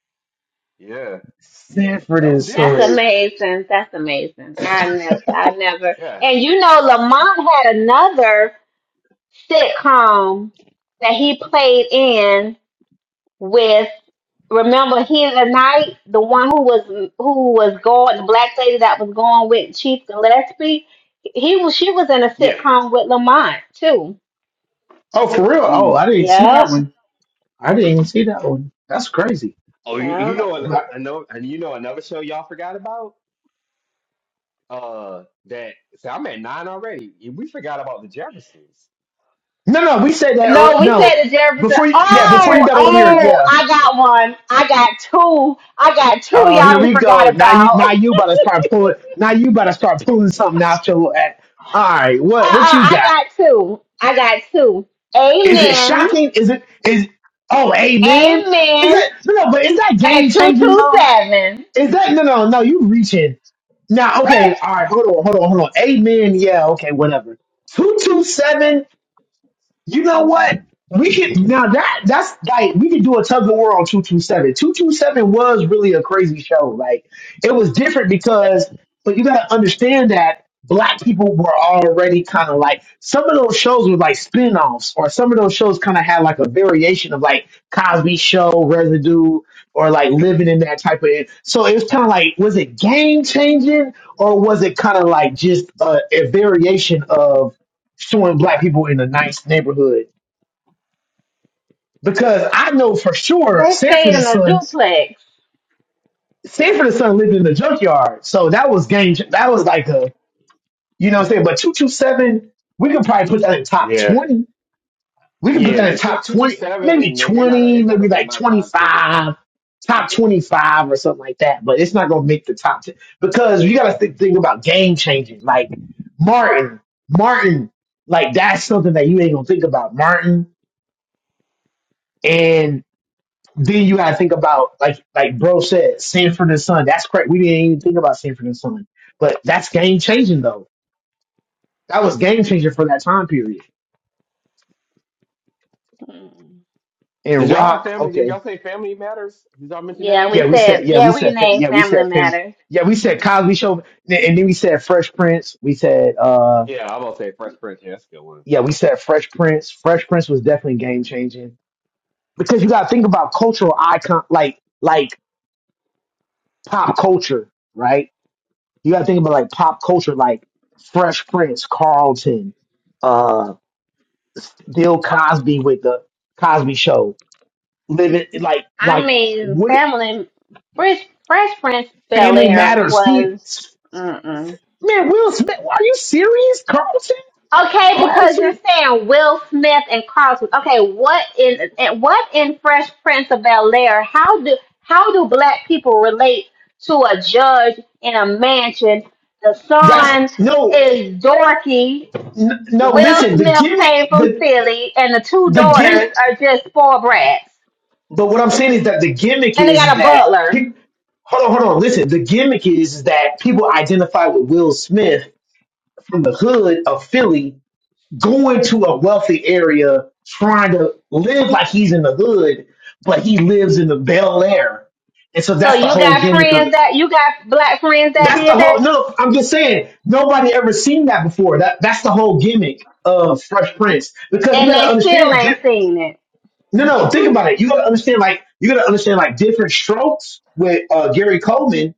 Yeah, Sanford that and was That's Son different. is. amazing. That's amazing. I never, I never. Yeah, And you know, Lamont had another sitcom that he played in with, remember he the night, the one who was, who was going, the black lady that was going with Chief Gillespie. He was, she was in a yeah. sitcom with Lamont too. Oh, for real? Oh, Mm. I didn't see Yeah, that one. I didn't even see that one. That's crazy. Oh, you, yeah. you know, an- But- I know, and you know another show y'all forgot about. Uh, that see, I'm at nine already. Yeah, We forgot about the Jeffersons. No, no, we said that. Early. No, we No, said to Jefferson, before you, yeah, Oh, before oh, you okay. got on here, oh, yeah. I got one. I got two. I got two Oh, here y'all done we go. forgot Now you about. now Uh-uh, you about to start pulling now you about to start pulling something out your at all right, what what you I got? got two. I got two. Is it Amen. shocking? Is it is oh amen? Is Amen. it? no no, but is that And game changing though? 227. Is that no no no you reaching. Now okay, all right, hold on, hold on, hold on. Amen, yeah, okay, whatever. 227 You know what? We could now that that's like we could do a tug of war on two two seven. Two two seven was really a crazy show. Like it was different because, but you gotta understand that black people were already kind of like some of those shows were like spin-offs or some of those shows kind of had like a variation of like Cosby Show residue or like living in that type of so it was kind of like was it game changing or was it kind of like just a, a variation of showing black people in a nice neighborhood. Because I know for sure They stayed Sanford and in a Son, duplex. Sanford and Son lived in the junkyard. So that was game. That was like a, you know what I'm saying? But 227, we could probably put that in top Yeah, 20. We could put yeah. that in It's two top two two 20, seven, maybe and they they're not. gonna- 20, It's not maybe gonna make like my time ten. 25, top 25 or something like that. But it's not going to make the top 10 because you got to think, think about game changing. Like Martin, Martin, like that's something that you ain't going to think about. Martin Then you gotta think about like like bro said, Sanford and Son. That's correct. We didn't even think about Sanford and Son. But that's game changing though. That was game changing for that time period. Mm. And Did y'all have rock, family? Did okay. y'all say Family Matters? Did y'all mention that Yeah, Yeah, we already? we said, said yeah, yeah, we we said Fam- named yeah, we Family said fam Matters. yeah, we said Okay. Cosby Show and then we said Fresh Prince. We said uh Yeah, I'm gonna say Fresh Prince. Yeah, that's a yeah, good we said Fresh Prince. Fresh Prince was definitely game changing. Because you gotta think about cultural icon like like pop culture, right? You gotta think about like pop culture, like Fresh Prince, Carlton, uh, Bill Cosby with the Cosby Show, living like I like mean, what Family, Fresh, Fresh Prince Bel Family Air Matters. See, was, mm-mm. man, Will Smith, are you serious, Carlton? Okay, because you're Carlton, saying Will Smith and Carlton. Okay, what in and what in Fresh Prince of Bel Air? How do how do black people relate to a judge in a mansion? The that's son no, is dorky. n- no. Will Listen, the Smith gimmick, came from the Philly, and the two the daughters gimmick. are just spoiled brats, But what I'm saying is that the gimmick and they is got a that. butler. pe- Hold on, hold on. Listen, the gimmick is that people identify with Will Smith from the hood of Philly going to a wealthy area, trying to live like he's in the hood, but he lives in the Bel Air. And so So that's the you whole got gimmick of friends the, that you got black friends that that's the did that, whole, no, I'm just saying, nobody ever seen that before. That, that's the whole gimmick of Fresh Prince because you and gotta they still understand, ain't di- seen it. no, no, one. think about it. You gotta understand like, you gotta understand like different strokes with uh, Gary Coleman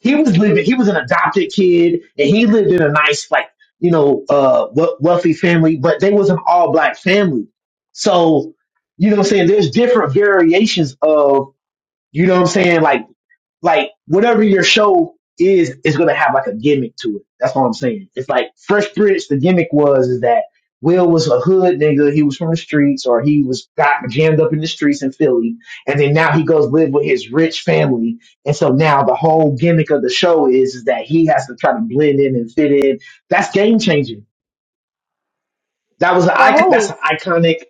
he was living he was an adopted kid and he lived in a nice like you know uh we- wealthy family but they was an all black family so you know what i'm saying there's different variations of you know what i'm saying like like whatever your show is, it's gonna have like a gimmick to it. That's what I'm saying. It's like Fresh Prince. The gimmick was is that Will was a hood nigga. He was from the streets, or he was got jammed up in the streets in Philly, and then now he goes live with his rich family. And so now the whole gimmick of the show is is that he has to try to blend in and fit in. That's game changing. That was an For icon. That's who? an iconic.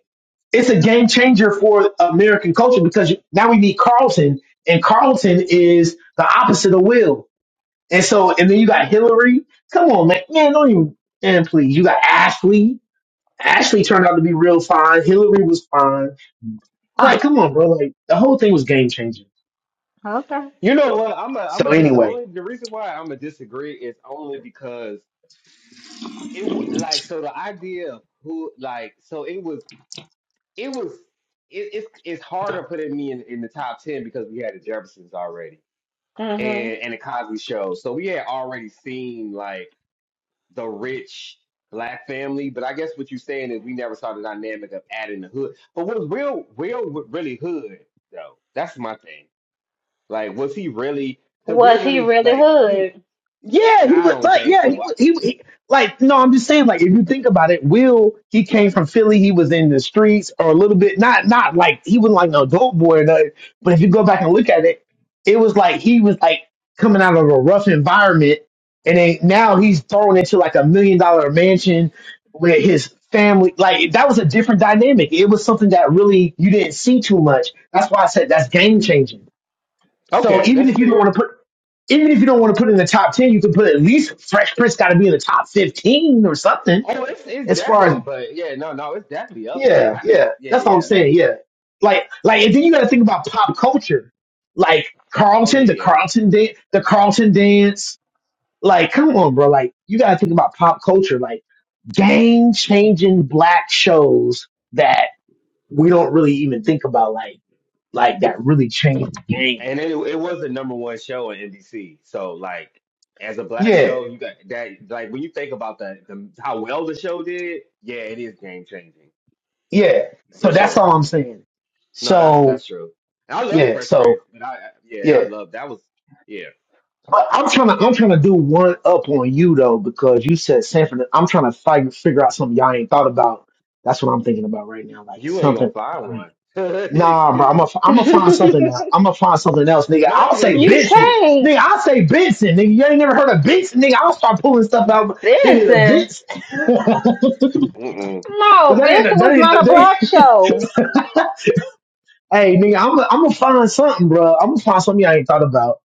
It's a game changer for American culture because now we need Carlton, and Carlton is the opposite of Will and so, and then you got Hillary. Come on, man. Man, don't even, man, please. You got Ashley. Ashley turned out to be real fine. Hillary was fine. I'm like, Oh, come on, bro. Like, the whole thing was game changing. You know what? I'm a I'm So, a dis anyway, only the reason why I'm a disagree is only because it w- like so the idea of who like so it was it was it, it's it's harder putting me in, in the top ten because we had the Jeffersons already okay. and and the Cosby Show, so we had already seen like the rich black family. But I guess what you're saying is we never saw the dynamic of adding the hood. But was real real really hood though? That's my thing. Like was he really? Because they Was he really really like he. hood? Yeah, he I would, don't but think yeah, he so. I, would, he, he like, no, I'm just saying, like, if you think about it, Will, he came from Philly, he was in the streets or a little bit, not, not like, he wasn't like no dope boy or nothing, but if you go back and look at it, it was like he was like coming out of a rough environment and then now he's thrown into like a million dollar mansion with his family. Like, that was a different dynamic. It was something that really you didn't see too much. That's why I said that's game changing. So okay, even that's if you don't want fair. to put even if you don't want to put it in the top 10, you can put at least Fresh Prince got to be in the top 15 or something Oh, it's it's as far definitely, as, but yeah, no, no, it's definitely up there. yeah, I just, yeah. yeah, That's what I'm yeah. saying. Yeah. Like, like, and then you got to think about pop culture, like Oh, oh, Carlton, yeah, the yeah. Carlton dance, the Carlton dance. Like, come on, bro. Like, you got to think about pop culture. Like, game changing black shows that we don't really even think about, like like that really changed the game. And it it was the number one show on NBC. So like, as a black Yeah, show, you got that. Like when you think about the, the how well the show did, yeah, it is game changing yeah. for So that's all sure. I'm saying. No, that's So that's true. And I love the Yeah, Fresh so Prince, but I I- yeah, I yeah. love that was yeah. But I'm trying to I'm trying to do one up on you though because you said Sanford. I'm trying to fight, figure out something y'all ain't thought about. That's what I'm thinking about right now. Like You ain't gonna something. find y'all ain't- one. no, Nah, bro. I'm gonna I'm gonna find something else. I'm gonna find something else, nigga. I'll because say we you didn't Benson, we. nigga. can't. I'll say Benson, nigga. You ain't never heard of Benson, nigga. I'll start pulling stuff out, nigga. The Benson. Benson. Mm-mm. but No, that ain't Benson that was ain't not a that ain't black show. Hey, nigga. I'm i I'm gonna find something, bro. I'm gonna find something y'all ain't thought about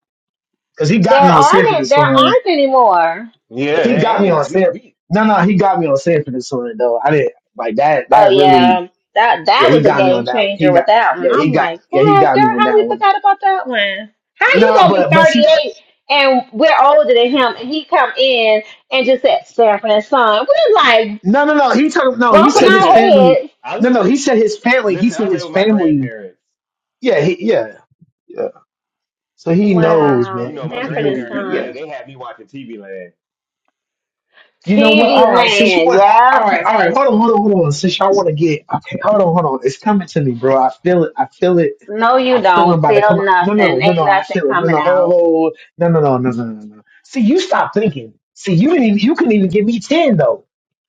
because he There got me on Sanford aren't and there Son. aren't anymore. Yeah, he they got me on ain't. San. We we No, no, he got me on Sanford this one though. I didn't like that. Oh That really, yeah. That yeah, that he was a got me game on that one. He changer with got, that yeah, one. he I'm got, like, yeah, he God got me girl, on how that we one. forgot about that one? How you No, gonna be but but thirty see, eight and we're older than him and he come in and just said Sanford and Son. We're like no, no, no. He told no. He bumping said his our listen. family. heads. I No, no. listen. He said his family. He Listen, said I live his with my family. grandparents. Yeah, he, yeah, yeah. So he knows, man. You Wow, know, He, my he Sanford lived and his dream. grandparents Yeah. they Son. they had me watching TV Land. You know what? TV All right. Since you land, want, all yep. right, all right. Hold on, hold on, hold on. Since y'all want to get, okay, hold on, hold on. It's coming to me, bro. I feel it. I feel it. No, you I feel him don't about to feel come out. No, nothing. no, no, Ain't no. I nothing feel it. No, coming no, hold, out. hold, hold. No, no, no, no, no, no, no. See, you stop thinking. See, you didn't even, you couldn't even give me 10, though.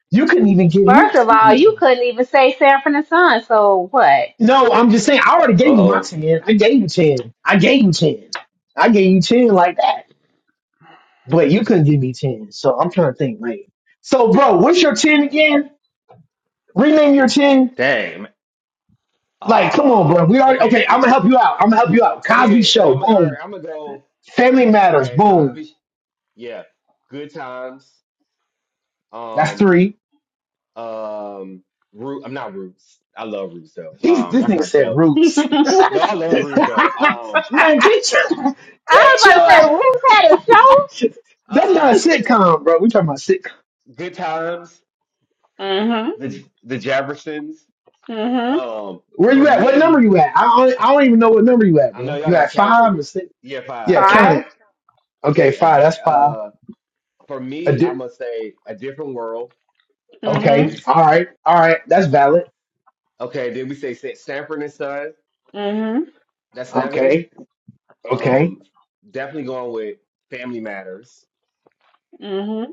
You couldn't even give me First of all, you 10. couldn't even say Sanford and Son, so what? No, I'm just saying, I Uh already gave you my oh, 10. I gave you 10. I gave you 10. I gave you 10 like that. But you couldn't give me 10. So I'm trying to think, like. So, bro, what's your 10 again? Rename your 10. dang. Like, come on, bro. Uh We already, okay, okay, I'm going to help yeah. you out. I'm going to help you out. Cosby okay. So Show, I'm gonna all boom. right. I'm gonna go. Family Matters, Okay, boom. Cosby. Sh- Yeah, Good Times. That's Um, three. um, Root. I'm not Roots. I love Roots though. These, Um, this that's nigga not a said show. I roots. No, I love Roots though. Um, Man, get your was get about to your say, ass. uh, Ruth had a show? That's not uh, a uh what's this? sitcom, bro. We talking about sitcom. Good Times. Mm-hmm. the the Jeffersons. Mm-hmm. Um, Where for you at? What number me, you at? I don't, I don't even know what number you at, I know bro. y'all You got to at count for five or me. six? Yeah, fine. Yeah, Okay, count Five. it. Okay, okay. A five. di- That's five. uh, for A me, I di- must say a different world, which okay. Mm-hmm. is All right. All right. That's valid. okay. Then we say Sa- Sanford and Son. Mm-hmm. That's seven. Okay. Okay. Um, definitely going with Family Matters. Mm-hmm.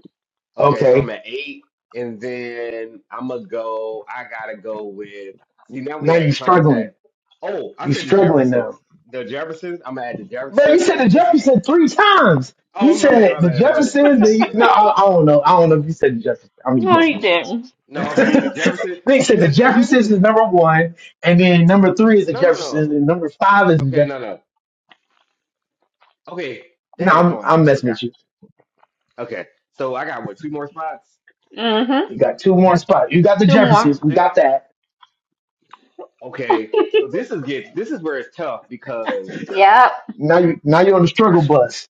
Okay, so I'm Okay. at eight, and then I'm gonna go. I gotta go with. See, now we Now you had struggling. contact. Oh, I You said the struggling now. Jeffersons. The Jeffersons. I'm gonna add the Bro, you said the Jeffersons. Jefferson three times. You Oh, my bad, said my the bad, my bad, my Jeffersons. bad, The, my no, bad. I, I don't know. I don't know if you said the Jefferson. I'm just No, he messing with you. didn't. No, okay, the Jefferson. Nick said the Because see, this Jeffersons is is number one, and then number three is the no, no, Jeffersons, no. and number five is the Okay, Jeffersons. no, no. Okay, No, dang, I'm going. I'm I messing with forgot. you. Okay, so I got what two more spots. Mm-hmm. You got two more spots. You got the Two more. Jeffersons. We Thi- got that. okay, so this is gets this is where it's tough because Yep. Now you now you're on the struggle Fresh bus.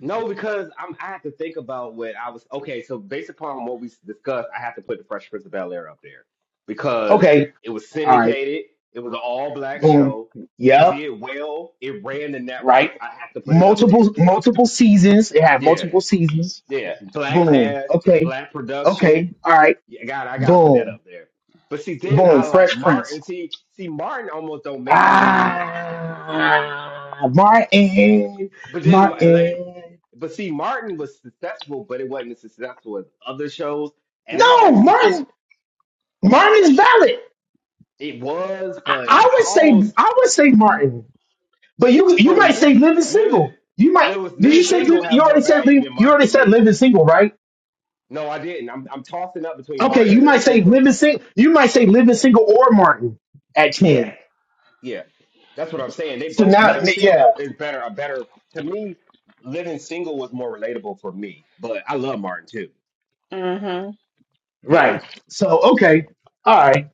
No, because I'm, I have to think about what I was. Okay, so based upon what we discussed, I have to put the Fresh Prince of Bel Air up there because Okay. it was All right. syndicated. It was an all black Boom. show. It Yep. did well. It ran the network. Right. I have to put it up there. Multiple multiple seasons. It had Yeah, multiple seasons. yeah. Black Boom. cast, Okay. black production. Okay. All right. Yeah, God, I gotta put that Boom. up there. But see, then Boom. I like Fresh Martin. Prince. See, see, Martin almost don't make it for me Ah. Martin. But then, like, Martin. but see, Martin was successful, but it wasn't as successful as other shows. And I No, actually think Martin. Martin's valid. it was, I, but I would I say almost, I would say Martin, but you you for might say me, living living, single. You might. living, Did you living say live, single had you more already said value live, than you Martin already to said me. living single, right? No, I didn't. I'm, I'm tossing up between Okay, Martin you and living might say single. living single. You might say living single or Martin at Yeah, ten. yeah, that's what I'm saying. They So both now, living yeah, single is better. A better to me, living single was more relatable for me. But I love Martin too. Mm-hmm. Yeah, right. So okay, all right.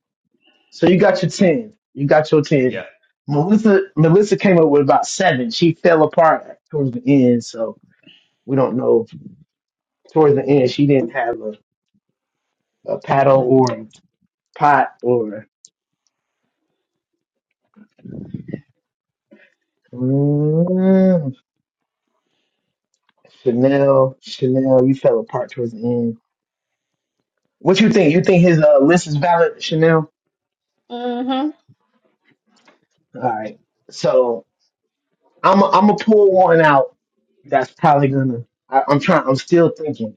So you got your ten. You got your ten. yeah. Melissa Melissa came up with about seven. She fell apart towards the end, so we don't know. If, Towards the end, she didn't have a a paddle or pot or mm, Chanel. Chanel, you fell apart towards the end. What you think? You think his uh, list is valid, Chanel? Mm-hmm. All right. So I'm I'm gonna pull one out. That's probably gonna. I, I'm trying. I'm still thinking.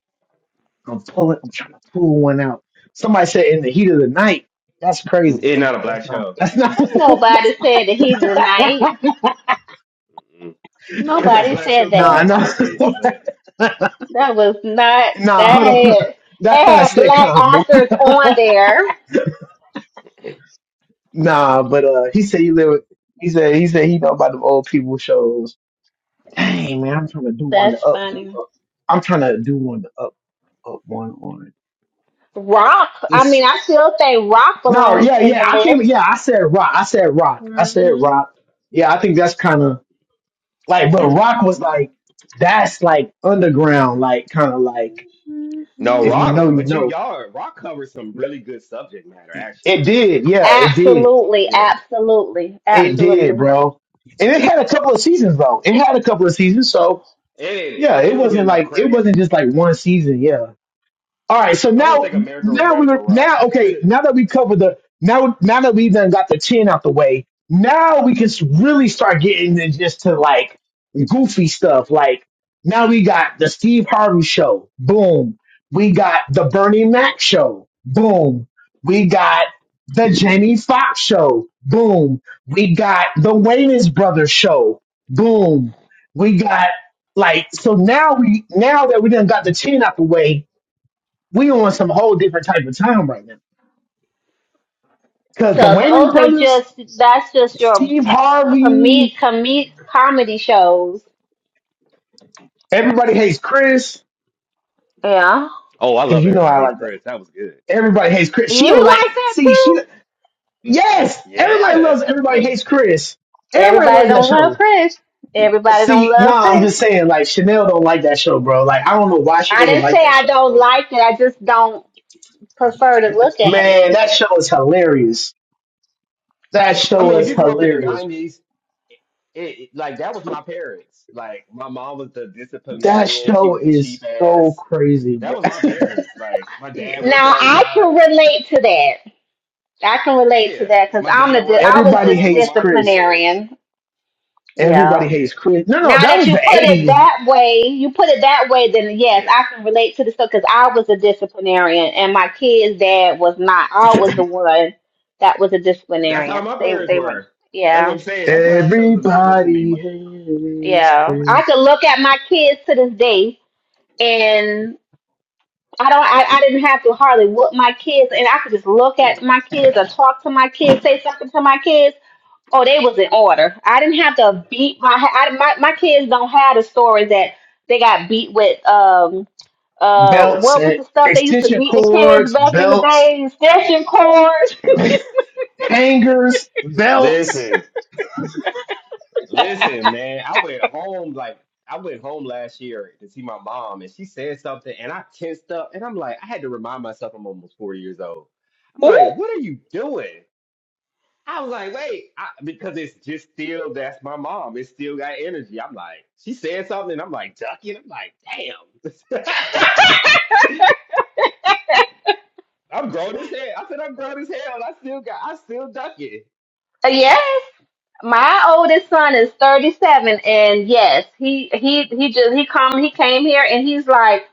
I'm pulling. I'm trying to pull one out. Somebody said in the heat of the night. That's crazy. It's not a No, that's black not. show. That's not. Ain't that's nobody said that he not denied. It's a Nobody black said show because that. nah, we nah, watch it, but That was not nah. that Hold on. had That's that not a had black sitcom. actors on there. Nah, but uh, he said he live. With, he said he said he know about them old people shows. Dang man, I'm trying to do one to That's up you funny. up. I'm trying to do one to up up one on. Rock. I It's mean, I still say Rock no, belongs yeah, in yeah. I the came. Yeah, I said rock. I said rock. I said list. rock. Yeah, I think that's kind of like, but rock was like that's like underground, like kind of like no hmm if you rock. know, you But you know. y'all rock covers some really good subject matter It actually. did, yeah, it did, Absolutely, Yeah, absolutely, it did, absolutely. bro. And it had a couple of seasons though. It had a couple of seasons, so it didn't Yeah, it it didn't get wasn't enough like it credit. wasn't just like one season. Yeah, all right, so I don't now, think America was now ready for we're rock. now okay. Now that we covered the now, now that we done got the ten out the way, now we can s- really start getting into just to like goofy stuff. Like now we got the Steve Harvey show, boom. We got the Bernie Mac show, boom. We got the Jamie Foxx show, boom. We got the Wayans Brothers show, boom. We got like so now we now that we done got the ten out the way we on some whole different type of time right now. Because the So Wayans those are brothers, just that's just your Steve Harvey, comedic comedic comedy shows. everybody hates Chris. Yeah, Oh, I Because love you know everybody I hates like that. Chris. That was good. Everybody hates Chris. She don't Yeah, you like. like that See, too. she. Yes, everybody yeah, loves. yeah. Everybody hates Chris. Everybody Everybody loves that don't love show. Chris. Everybody don't See, love nah, I'm Chris. just saying, like Chanel don't like that show, bro. Like I don't know why she I doesn't didn't like say that I show, don't bro. like it. I just don't prefer to look at Man, it. that show is hilarious. That I show mean, if is you grew up in the hilarious. nineties, it, it- like that was my parents. Like my mom was the That disciplinarian. She show was the is cheap so ass. crazy, That bro. was my parents. Like my dad worked Now all the I can time. relate to that. I can relate to Yeah, that because my I'm dad the di- worked I all the was Everybody just a time. My hates mom was Chris yeah. disciplinarian. Everybody Yeah. Yeah. hates Chris. No, no, Now that that was you the put it eighties. that way, you put it that way, then yes, Yeah, I can relate to the stuff because I was a disciplinarian, and my kid's dad was not. I was the one that was a that's disciplinarian. how my They parents they weren't. were. That's what Yeah, I'm saying. That's why that show was relatable to me. Everybody My- hates yeah. I Chris. could look at my kids to this day, and. I don't. I, I didn't have to hardly whoop my kids, and I could just look at my kids or talk to my kids, say something to my kids. Oh, they was in order. I didn't have to beat my. I, my my kids don't have the stories that they got beat with. Um. Uh. Belts What was and the stuff they used to extension beat the kids cords, back in the belts, day? Extension cords. hangers, belts. Listen, listen, man. I went home like I went home last year to see my mom, and she said something, and I tensed up, and I'm like, I had to remind myself I'm almost 40 years old. I'm like, what are you doing? I was like, wait, I, because it's just still that's my mom. It's still got energy. I'm like, she said something, and I'm like, ducking. I'm like, damn. I'm grown as hell. I said I'm grown as hell. I still got, I still duck it. Yes. My oldest son is 37 and yes, he he he just he come he came here and he's like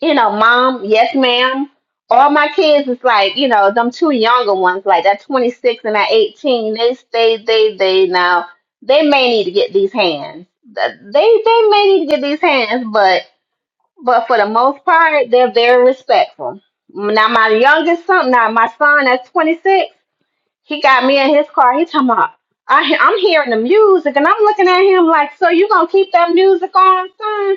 you know, mom, yes, ma'am. All my kids is like, you know, them two younger ones, like that 26 and that 18, they stay, they, they, now, they may need to get these hands. Th- They, they may need to get these hands, but, but for the most part, they're very respectful. Now, my youngest son, now my son that's 26, he got me in his car. He talking about, I, he- I'm hearing the music and I'm looking at him like, so you gonna keep that music on, son?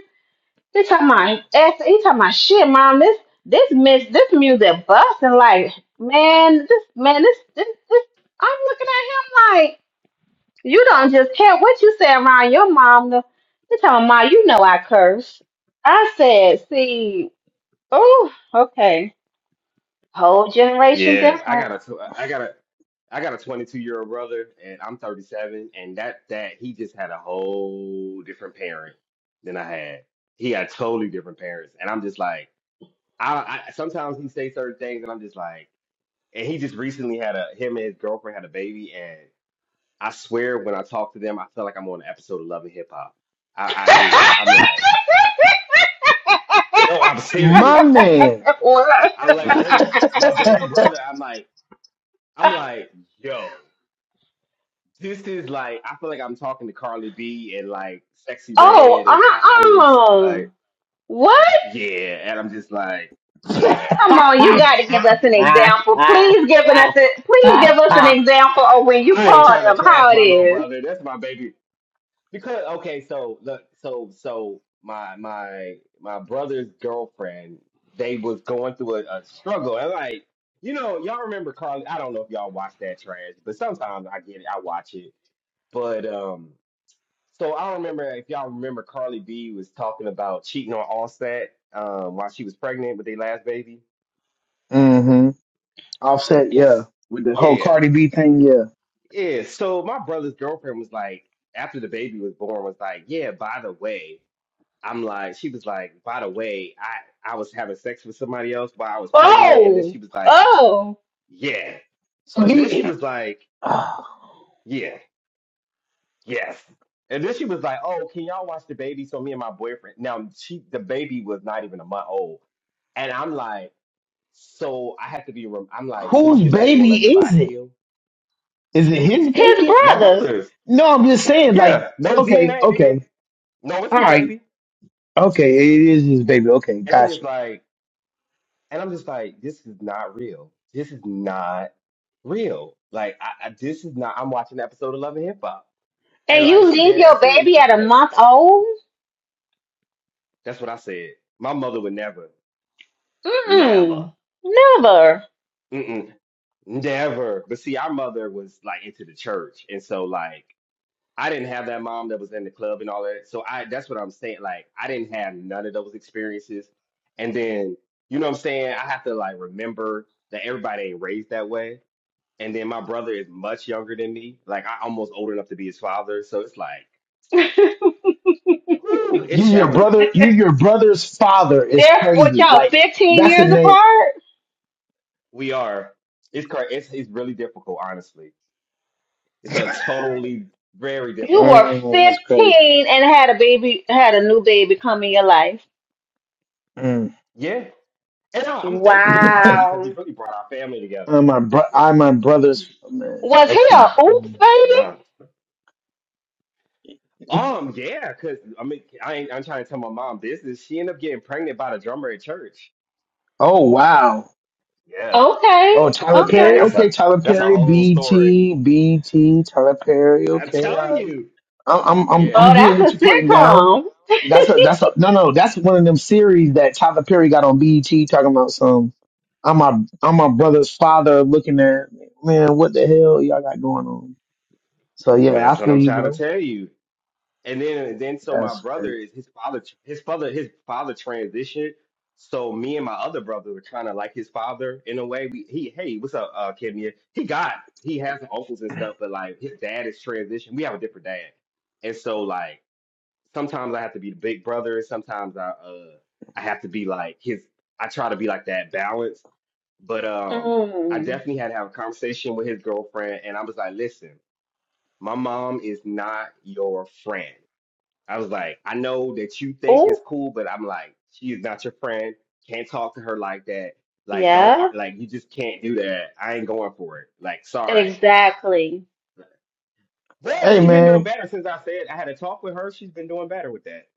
They talking about ex. He talking about shit, mom. This this miss this music busting like man. This man. This this this. I'm looking at him like you don't just care what you say around your mom. They talking about "Ma, you know I curse. I said, see, oh okay, whole generation Yeah, I different. got a, tw- I got a, I got a 22 year old brother, and I'm 37, and that that he just had a whole different parent than I had. He had totally different parents, and I'm just like, I, I sometimes he say certain things, and I'm just like, and he just recently had a him and his girlfriend had a baby, and I swear when I talk to them, I feel like I'm on an episode of Love and Hip Hop. I, I do. I'm like, no, I'm My serious. man. what? I like, I look at my baby brother. I'm like, I'm like, yo. This is like I feel like I'm talking to Carly B and like Sexy Oh Red and uh I, I'm just uh like what? yeah, and I'm just like yeah, Come on, you got to like give us an example. Please give us a, please give us an example of when you I ain't call trying to them how trash it my little is. brother. That's my baby. Because okay, so look, so so my my my brother's girlfriend, they was going through a, a struggle. And like, you know, y'all remember Carly? I don't know if y'all watch that trash, but sometimes I get it, I watch it. But um, So I remember if y'all remember Carly B was talking about cheating on Allstat um, while she was pregnant with their last baby. hmm Offset, yeah. It's, With the whole yeah, Cardi B thing, yeah. yeah. So my brother's girlfriend was like, after the baby was born, was like, yeah. By the way, I'm like, she was like, by the way, I I was having sex with somebody else while I was pregnant, and then Oh, she was like, oh, yeah. So Then she he, was like, uh, yeah, yes. And then she was like, oh, can y'all watch the baby? So me and my boyfriend. Now she the baby was not even a month old. And I'm like, So I have to be. rem- I'm like, so you whose just ain't gonna let baby your is body it? heal? Is it his his baby? My brothers, brothers. No, I'm just saying, like, Yeah. No okay, DNA. They did. okay, No, it's all his right. baby. Okay, it is his baby. Okay, And I'm just gotcha. like, and I'm just like, this is not real. This is not real. Like, I, I this is not. I'm watching an episode of Love and Hip Hop, and and you like, she leave dead your ass serious. baby She's at a like, month old? that's what I said. My mother would never, never, Mm-mm, never. mm-mm, never. But see, our mother was like into the church, and so like. I didn't have that mom that was in the club and all that. So I that's what I'm saying. Like I didn't have none of those experiences. And then, you know what I'm saying? I have to like remember that everybody ain't raised that way. And then my brother is much younger than me. Like I almost old enough to be his father. So it's like, whew, You it's your challenging. brother. You your brother's father is They're what crazy. y'all Like fifteen that's the years name. apart. We are. It's cra- it's it's really difficult, honestly. It's a totally very You difficult. were Dang, that's crazy. fifteen and had a baby, had a new baby come in your life. Mm. Yeah. And I, I'm thankful he came because he Wow. really brought our family together. I'm my bro. Yeah. I'm my brother's oh, man. Was he Okay. a oops Mm. baby? No. Um, yeah, cause I mean, I ain't, I'm trying to tell my mom business. She ended up getting pregnant by the drummer at church. Oh wow. Yeah, Okay, Oh Tyler yeah, Perry. okay. that's Okay, a Tyler that's a Perry. whole B story. T B T Tyler Perry. I'm Okay, all telling right. you. I'm I'm I'm Yeah, Oh, I'm getting that's what a you're putting down. sitcom. That's a that's a no no that's one of them series that Tyler Perry got on BET talking about some. I'm my I'm my brother's father looking at man what the hell y'all got going on. So yeah, man, I that's what feel I'm you, trying to bro. tell you. And then, then so my That's brother great. is his father. His father, his father transitioned. So me and my other brother were kind of like his father in a way. We he hey, what's up, uh, Kenya? He got he has uncles and stuff, but like his dad is transitioned. We have a different dad, and so like. sometimes I have to be the big brother. Sometimes I uh I have to be like his. I try to be like that balance. But um, I Mm. definitely had to have a conversation with his girlfriend, and I was like, "Listen, my mom is not your friend." I was like, "I know that you think it's Oh, cool, but I'm like, she is not your friend. Can't talk to her like that. Like, don't yeah, ar- like you just can't do that. I ain't going for it. Like, sorry." exactly. Well, hey she's been doing man. better since I said I had to talk with her. She's been doing better with that.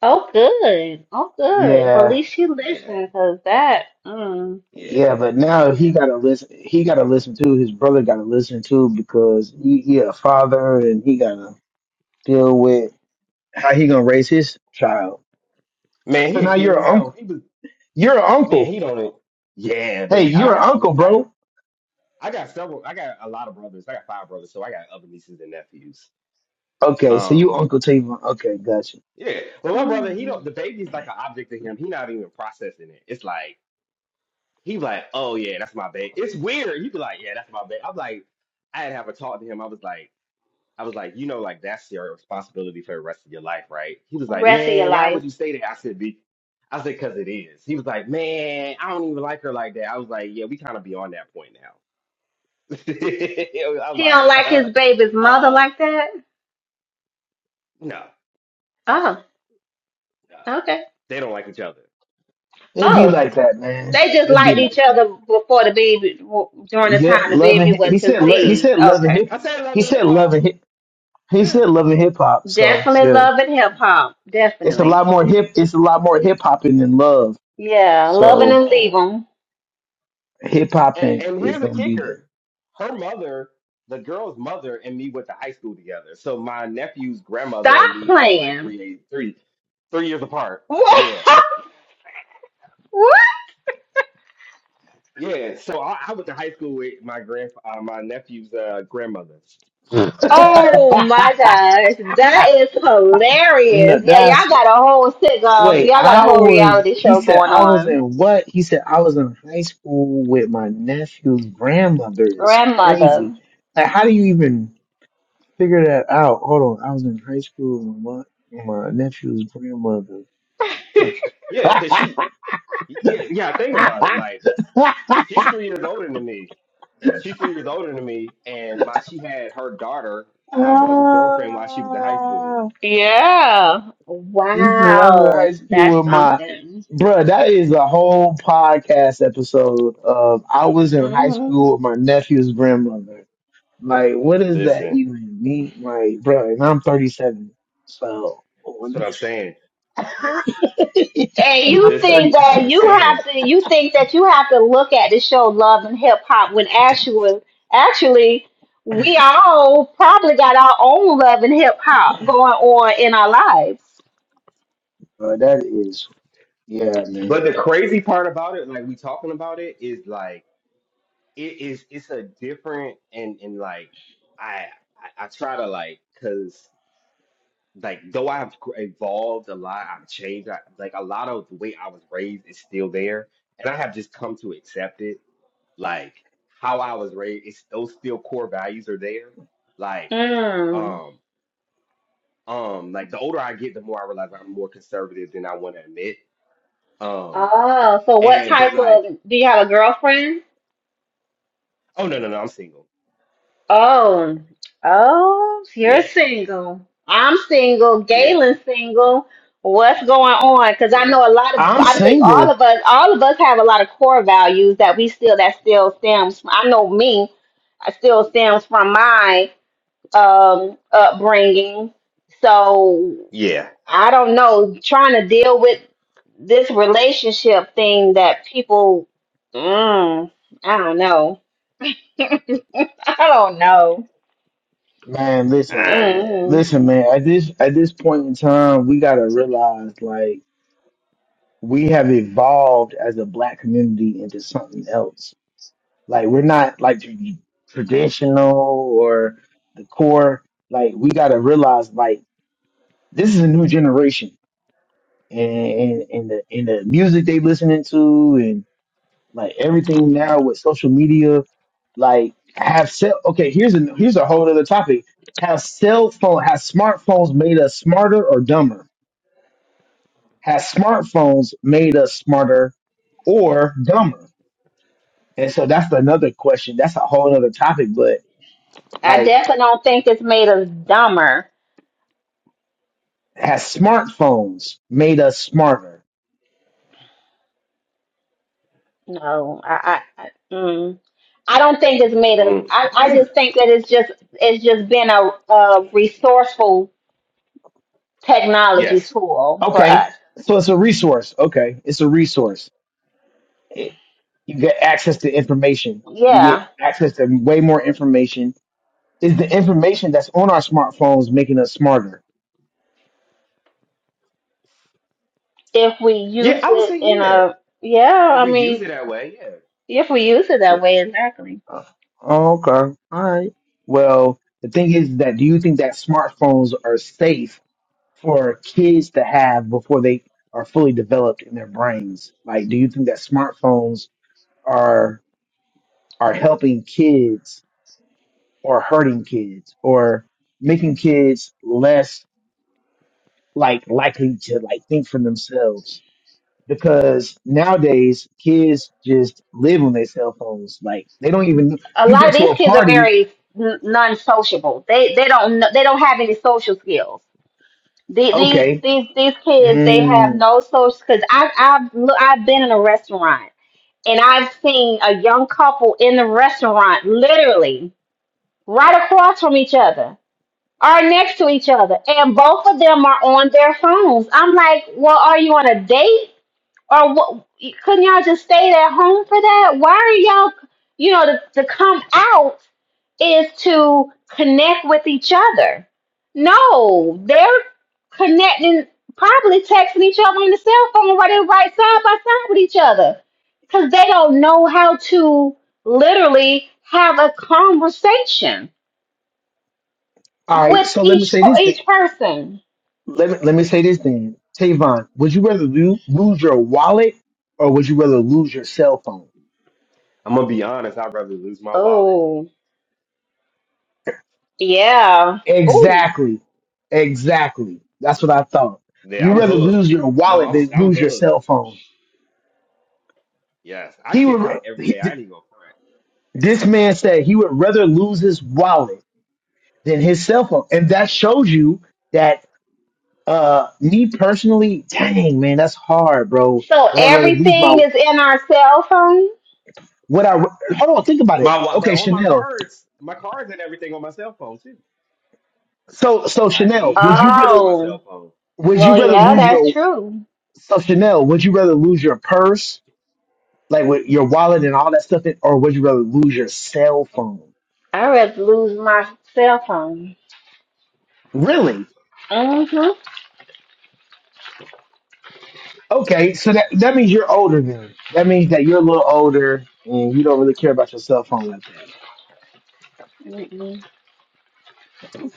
Oh, good. Oh, good. Well, at Yeah least she listened Yeah, listened, 'cause that, mm, yeah. yeah, but now he gotta listen. He gotta listen too. His brother gotta listen too because he, he a father and he gotta deal with how he gonna raise his child. Man, So he a now kid you're an uncle. himself. He was You're an uncle. man, he don't. even- Yeah, but Hey, I you're an got other. uncle, I, bro. I got several. I got a lot of brothers. I got five brothers, so I got other nieces and nephews. Okay, so you Um, Uncle Tavon. Okay, gotcha. yeah. Well, my brother, he don't. The baby's like an object to him. He not even processing it. It's like he like, oh yeah, that's my baby. It's weird. He be like, yeah, that's my baby. I'm like, I had to have a talk to him. I was like. I was like, you know, like that's your responsibility for the rest of your life, right? He was like, rest of your man, why would life. you say that? I said, be, I said, cause it is. He was like, man, I don't even like her like that. I was like, yeah, we kind of beyond that point now. I'm He like, don't like uh, his baby's mother uh, like that? no, Oh, no, okay. they don't like each other. It be Oh, like that, man. they just It be liked like each that. other before the baby, during the Yeah, time the baby loving. was He said. Oh lo- He yeah, conceived. said loving Okay. hip. I said love He and hip said loving hop. hip. He Yeah. said loving hip hop. So Definitely yeah, loving hip hop. it's a lot Definitely. more hip. It's a lot more hip hopping than love. Yeah, loving So and Oh. leaving. hip And, hopping and is here's a gonna be kicker: there. her mother, the girl's mother, and me went to high school together. So my nephew's grandmother and Stop me are like playing. three, three, three years apart. What? Yeah, What? yeah. So I, I went to high school with my grand, uh, my nephew's uh, grandmother. Oh my gosh, that is hilarious. no, Yeah, that's y'all got a whole sitcom. so Wait, Y'all got a I whole was, reality he show said going I was on. in what? He said I was in high school with my nephew's grandmother is Grandmother. crazy. Like, how do you even figure that out? Hold on, I was in high school with my, my nephew's grandmother. Yeah, cause she, yeah, yeah. Think about it. Like she's three years older than me. She's three years older than me, and my she had her daughter, my brother's girlfriend, while she was in high school. Ah, Yeah. he said I was in high Wow. That's school with my, something. bruh, that is a whole podcast episode of I was in high hmm school with my nephew's grandmother. Like, what does that Listen, even mean? Like, bro, and I'm 37. So, that's what I'm saying. I'm And you Listen, think 30. that's that what I'm you have saying. to, you think that you have to look at the show Love and Hip Hop when actually, actually, we all probably got our own love and hip hop going on in our lives. Bro, that is, yeah, But the man. crazy part about it, like we talking about it, is like it is it's a different and and like I I, I try to like because like though I've gr- evolved a lot, I've changed. I, like a lot of the way I was raised is still there, and I have just come to accept it. Like how I was raised, it's those still core values are there. Like Mm. um um like the older I get, the more I realize I'm more conservative than I want to admit. Um Oh, so what and type but of like do you have a girlfriend? oh no no no I'm single. Oh, oh, you're Yeah, single. I'm single. yeah, Galen's single. What's going on? Because I yeah, know a lot of, I'm I think all single. of us, all of us have a lot of core values that we still, that still stems from. I know me, I still stems from my um upbringing. So yeah. I don't know, trying to deal with this relationship thing that people, mm, I don't know. I don't know. Man, listen, I, man. Mm, Listen, man. At this, at this point in time, we gotta realize, like, we have evolved as a black community into something else. Like, we're not, like, tr- traditional or the core. Like, we gotta realize, like, this is a new generation and, and, and the and the music they listening to and like everything now with social media, like have cell okay, here's a here's a whole other topic. Have cell phone have smartphones made us smarter or dumber? Have smartphones made us smarter or dumber? And so that's another question. That's a whole other topic, but I like definitely don't think it's made us dumber. has smartphones made us smarter? No, I, I, I, mm. I don't think it's made us. mm, I, I I think just think that it's just, it's just been a, a resourceful technology yes. tool for Okay. us. So it's a resource. Okay. It's a resource it- you get access to information. You get Yeah, access to way more information. Is the information that's on our smartphones making us smarter? if we Yeah, use I would it say in yeah. a, yeah, If I we use it mean, that way, yeah. if we use it that way, exactly. Uh, Okay. All right. Well, the thing is that do you think that smartphones are safe for kids to have before they are fully developed in their brains? Like, do you think that smartphones are are helping kids or hurting kids or making kids less like likely to like think for themselves because nowadays kids just live on their cell phones. Like they don't even a you lot go of to these a kids are party, very n- non-sociable. They they don't kn- they don't have any social skills. The- These okay. these these kids they have Mm, no social because I I've look, I've been in a restaurant and I've seen a young couple in the restaurant literally right across from each other or next to each other and both of them are on their phones. I'm like, well, are you on a date? Or what, couldn't y'all just stay at home for that? Why are y'all, you know, to, to come out is to connect with each other. No, they're connecting, probably texting each other on the cell phone while they're right side by side with each other because they don't know how to literally have a conversation all right, with so let me each say po- this thing. each person. Let me let me say this thing. Tavon, would you rather lo- lose your wallet or would you rather lose your cell phone? I'm gonna be honest. I'd rather lose my wallet. Oh, yeah. Ooh. Exactly. Exactly. That's Yeah, what I thought. yeah You I'm rather hooked. lose your No, wallet I'm than I'm lose your hooked. cell phone. Yes, I He would. TikTok every day. I ain't even gonna front. This man said he would rather lose his wallet than his cell phone. And that shows you that uh me personally, dang man, that's hard, bro. So Would I rather lose my everything is in our cell phone? what I hold on, think about it. My wa- but Okay, all my Chanel. cards, my cards and everything on my cell phone too. So so Chanel, ID, would all you of that's rather on my Oh, cell phone. would you well, rather yeah, lose that's your true. so Chanel, would you rather lose your purse, like with your wallet and all that stuff, in, or would you rather lose your cell phone? I'd rather lose my cell phone. Really? Mm-hmm. Okay, so that that means you're older then. That means that you're a little older and you don't really care about your cell phone like that. Mm-mm.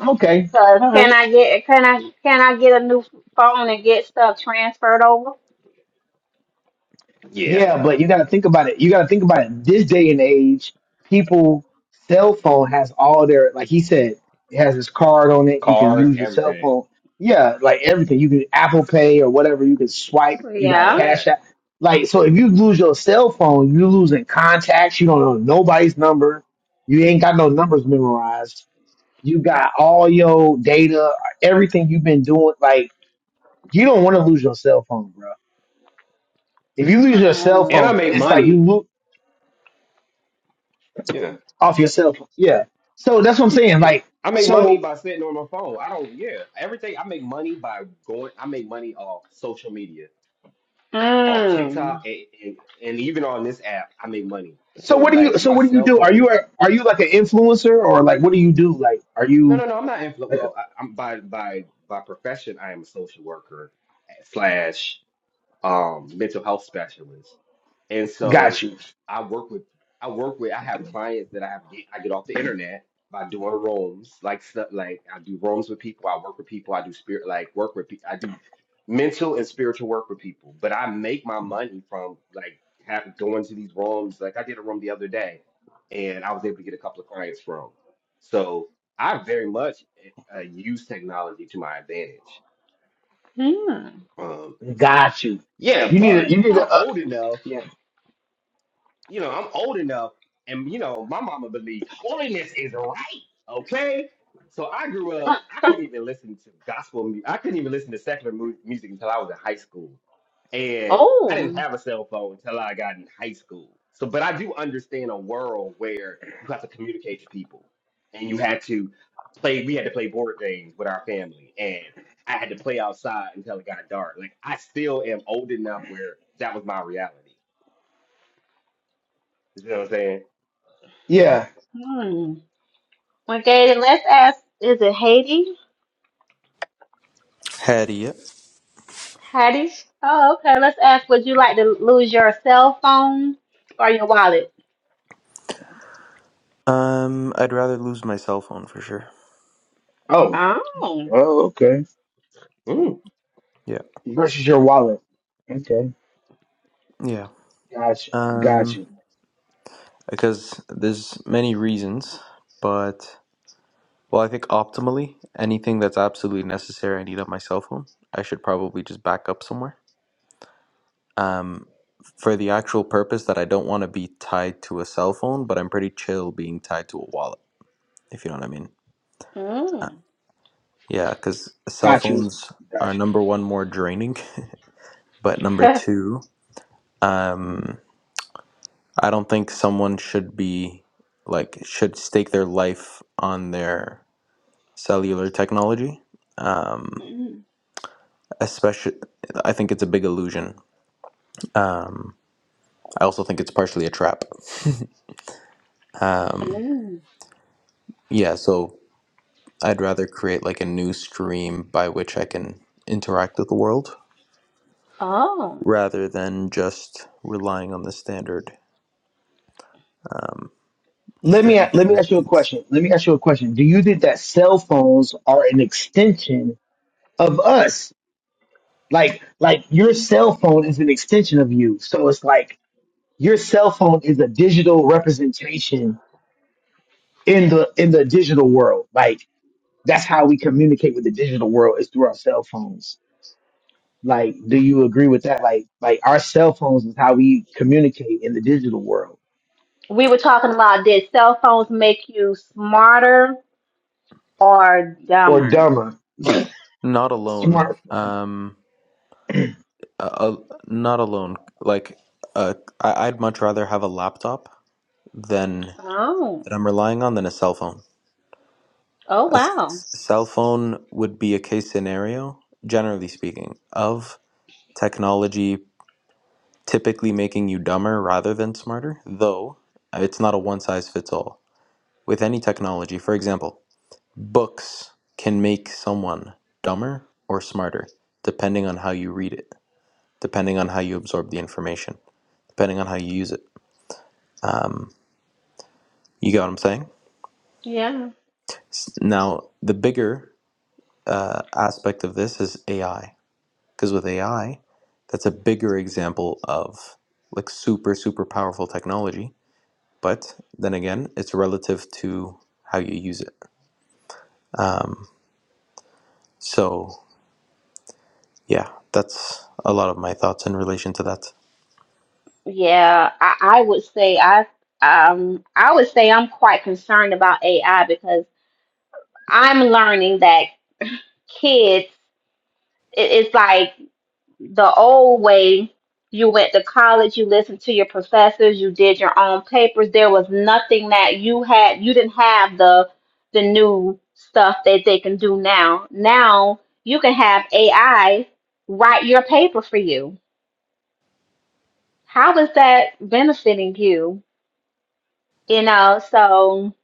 Okay. Cause All right. can I get can I can I get a new phone and get stuff transferred over? Yeah, Yeah, but you gotta think about it. You gotta think about it. This day and age, people cell phone has all their like he said, it has his card on it. You can cards, use your cell everything, phone. Yeah, like everything. You can Apple Pay or whatever, you can swipe, you got all Yeah. of cash that. app. Like so if you lose your cell phone, you losing contacts, you don't know nobody's number, you ain't got no numbers memorized You got all your data, everything you've been doing. Like you don't want to lose your cell phone, bro. If you lose your Yeah, cell and Mm. I phone, make it's like you money. loot Yeah. off your cell phone. Yeah. So that's what I'm saying. Yeah, Like I make money so. by sitting on my phone. I don't. Yeah, everything I make money by going. I make money off social media, off Mm. TikTok, and, and, and even on this app, I make money. So So what do you? like So my what do you cell do? Are phone. you a, are you like an influencer or like what do you do? Like are No, you no, no. I'm not influ. like Well, I, I'm by by by profession. I am a social worker slash. um, mental health specialist. And got so you, I work with I work with I have clients that I have get I get off the internet by doing rooms like stuff like I do rooms with people, I work with people, I do spirit like work with people, I do mental and spiritual work with people. But I make my money from like have, going to these rooms. Like I did a room the other day, and I was able to get a couple of clients from. So I very much eh, uh, use technology to my advantage. Hmm. Um, got you. yeah, You need but a you need I'm a uh, old enough yeah you know, I'm old enough, and you know, my mama believed holiness is right. Okay, so I grew up. I couldn't even listen to gospel. mu- I couldn't even listen to secular mu- music until I was in high school, and I didn't Oh. have a cell phone until I got in high school. So, but I do understand a world where you have to communicate to people, and you had to play. We had to play board games with our family, and I had to play outside until it got dark. Like I still am old enough where that was my reality. You know what I'm yeah Hmm. Okay, then let's ask. Is it Haiti? Had yeah. Hattie? Oh, okay. Let's ask. Would you like to lose your cell phone or your wallet? Um, I'd rather lose my cell phone for sure. oh Oh. oh okay saying? Yeah, versus your wallet. Okay. yeah. got got you, Got Um, you, because there's many reasons, but well, I think optimally, anything that's absolutely necessary, I need on my cell phone. I should probably just back up somewhere. Um, for the actual purpose that I don't want to be tied to a cell phone, but I'm pretty chill being tied to a wallet, if you know what I mean. Mm. Yeah, because cell got you, phones got are you. number one more draining, but number two, um. I don't think someone should be like should stake their life on their cellular technology. Um, Mm. especially, I think it's a big illusion. Um, I also think it's partially a trap. Mm. Yeah, so I'd rather create like a new stream by which I can interact with the world Oh. rather than just relying on the standard, um, the Let me standard let me ask you a shenanigans. question. Let me ask you a question. Do you think that cell phones are an extension of us? Like like your cell phone is an extension of you. So it's like your cell phone is a digital representation in the in the digital world. Like that's how we communicate with the digital world is through our cell phones. Like do you agree with that? Like like our cell phones is how we communicate in the digital world we were talking about did cell phones make you smarter or or dumber? dumber, Not alone. smart. Um, Uh, not alone. Like, uh, I- I'd much rather have a laptop than Oh. that I'm relying on than a cell phone. Oh A wow. s- cell phone would be a case scenario, generally speaking, of technology typically making you dumber rather than smarter, though it's not a one size fits all. With any technology, for example, books can make someone dumber or smarter depending on how you read it, depending on how you absorb the information, depending on how you use it Um, you get what I'm saying? Yeah. S- Now, the bigger uh, aspect of this is AI, because with AI, that's a bigger example of like super, super powerful technology. But then again, it's relative to how you use it. Um, so, yeah, that's a lot of my thoughts in relation to that. Yeah, I, I would say I um I would say I'm quite concerned about AI because I'm learning that kids it, it's like the old way you went to college you listened to your professors you did your own papers there was nothing that you had you didn't have the the new stuff that they can do now now you can have ai write your paper for you how is that benefiting you you know so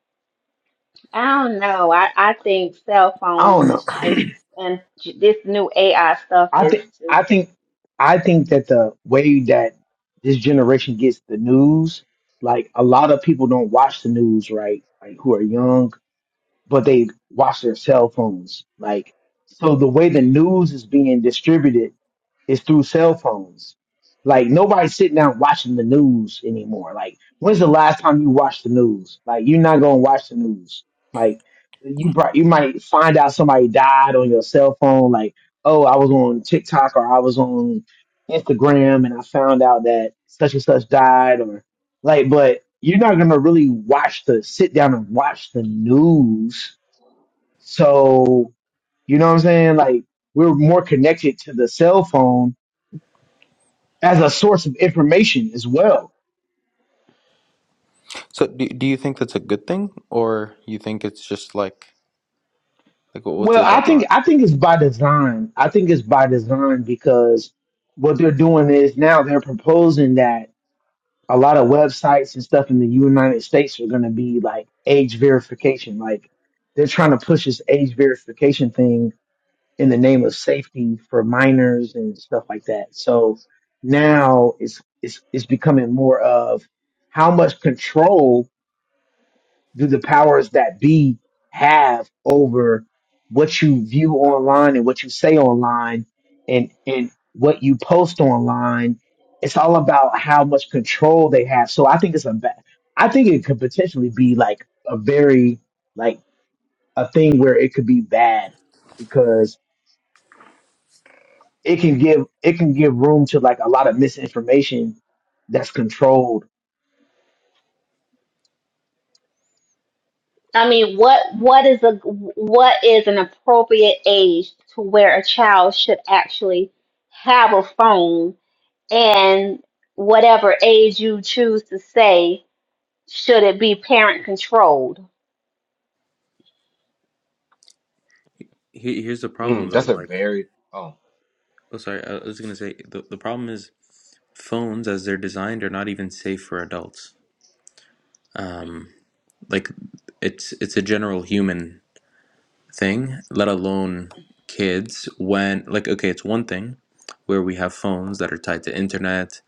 i don't know i i think cell I phones don't know. is just and j- this new ai stuff I is think just I think I think that the way that this generation gets the news, like a lot of people don't watch the news, right? Like who are young, but they watch their cell phones. Like so the way the news is being distributed it's through cell phones. Like nobody's sitting down watching the news anymore. Like when's the last time you watched the news? Like you're not gonna watch the news. Like you brought, you might find out somebody died on your cell phone. Like oh, I was on TikTok or I was on Instagram and I found out that such and such died or like. But you're not gonna really watch the sit down and watch the news. So you know what I'm saying? Like we're more connected to the cell phone as a source of information as well. So, do, do you think that's a good thing, or you think it's just like like what- what's Well, your I thoughts on think it? I think it's by design. I think it's by design because what they're doing is now they're proposing that a lot of websites and stuff in the United States are going to be like age verification. Like they're trying to push this age verification thing in the name of safety for minors and stuff like that. So now it's it's it's becoming more of how much control do the powers that be have over what you view online and what you say online and and what you post online it's all about how much control they have so i think it's a bad i think it could potentially be like a very like a thing where it could be bad because it can give it can give room to like a lot of misinformation that's controlled I mean, what what is a what is an appropriate age to where a child should actually have a phone, and whatever age you choose to say, should it be parent controlled? Here- Here's the Mm, problem, that's though. a Like very oh, Oh, sorry. I was gonna say the the problem is phones, as they're designed, are not even safe for adults. Um, like it's it's a general human thing, let alone kids. When like okay, it's one thing where we have phones that are tied to internet,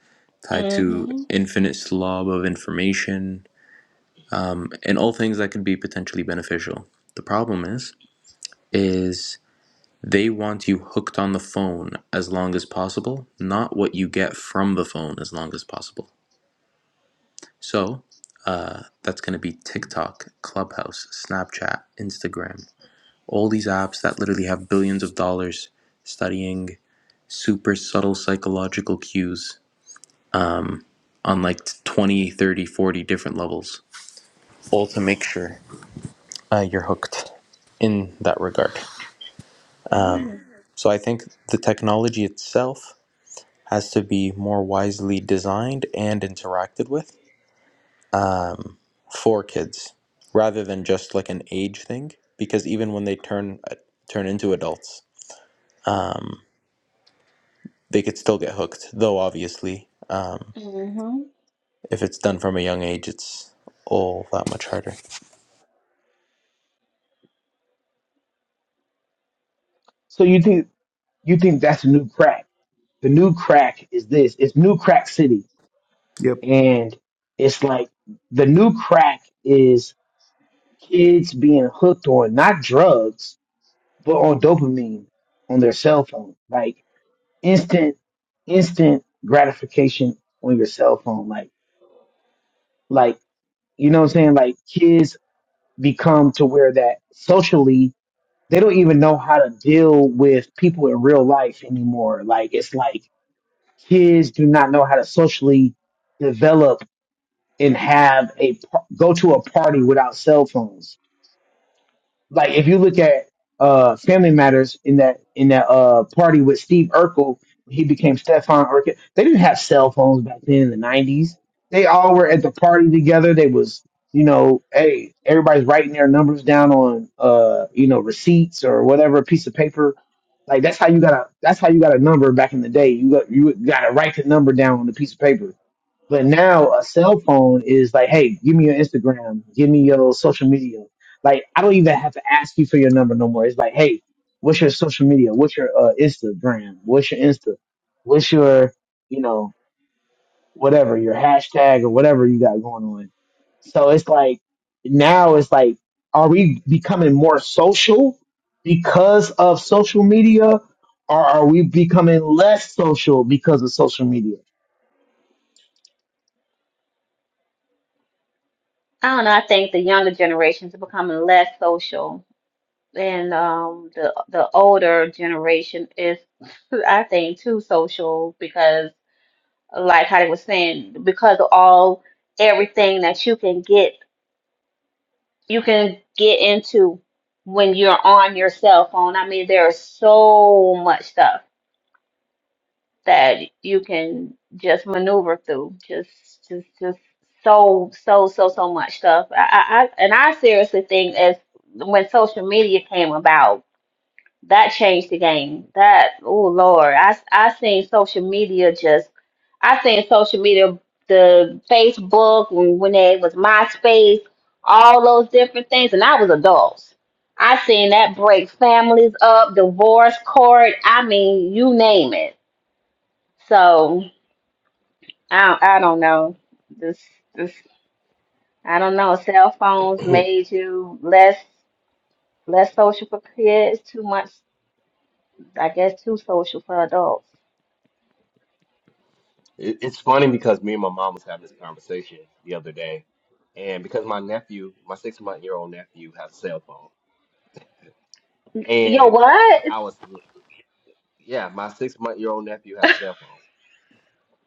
tied to Mhm. infinite slob of information, and all things that could be potentially beneficial. The problem is is They want you hooked on the phone as long as possible, not what you get from the phone as long as possible. So, uh, that's going to be TikTok, Clubhouse, Snapchat, Instagram, all these apps that literally have billions of dollars studying super subtle psychological cues on like 20, 30, forty different levels, all to make sure uh, you're hooked in that regard. Mhm. So, I think the technology itself has to be more wisely designed and interacted with um, for kids rather than just like an age thing because even when they turn uh, turn into adults um, they could still get hooked though obviously um, if it's done from a young age it's all that much harder so you think you think that's new crack the new crack is this it's new crack city Yep. And it's like the new crack is kids being hooked on not drugs, but on dopamine on their cell phone. Like instant instant gratification on your cell phone. Like like you know what I'm saying? Like kids become to where that socially they don't even know how to deal with people in real life anymore. Like it's like kids do not know how to socially develop and have a go to a party without cell phones. Like if you look at uh Family Matters in that in that uh party with Steve Urkel, he became Stefan Urkel. They didn't have cell phones back then in the nineties. They all were at the party together. They was you know, hey, everybody's writing their numbers down on uh you know receipts or whatever piece of paper. Like that's how you got a that's how you got a number back in the day. You got you got to write the number down on the piece of paper but now a cell phone is like, hey, give me your Instagram, give me your social media. Like I don't even have to ask you for your number no more. It's like, hey, what's your social media? What's your uh, Instagram? What's your Insta? What's your, you know, whatever your hashtag or whatever you got going on. So it's like now it's like, are we becoming more social because of social media, or are we becoming less social because of social media? I don't know. I think the younger generations are becoming less social, and um, the the older generation is, I think, too social because. like Heidi was saying, because of all everything that you can get, you can get into when you're on your cell phone. I mean, there's so much stuff that you can just maneuver through. Just, just, just so, so, so, so much stuff. I, I, I and I seriously think as when social media came about That changed the game. That oh Lord, I I seen social media just I seen social media the Facebook when when it was MySpace, all those different things, and I was adults. I seen that break families up, divorce court. I mean, you name it. So I don't- I don't know this this I don't know. Cell phones it, made you less less social for kids, too much I guess too social for adults. it's funny because me and my mom was having this conversation the other day, and because my nephew, my six month year old nephew, has a cell phone, Yo, and what? I was yeah, my six month year old nephew has a cell phone.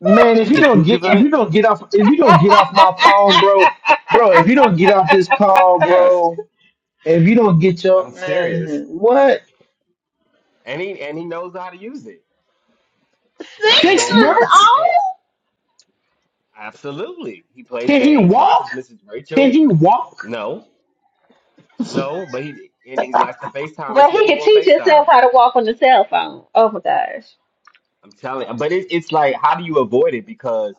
Man, if you Did don't you give get him if it? you don't get off if you don't get off my phone, bro, bro, if you don't get off this call, Yes, bro, if you don't get your I'm serious, man, what? and he and he knows how to use it, Six Six and, months months? and old? absolutely, he plays Can he game, walk? watches Mrs. Can Rachel. he walk? No, no, but he and he likes to FaceTime and But see he could people on teach himself FaceTime. how to walk on the cell phone. Oh my gosh. I'm telling, but it, it's like, how do you avoid it?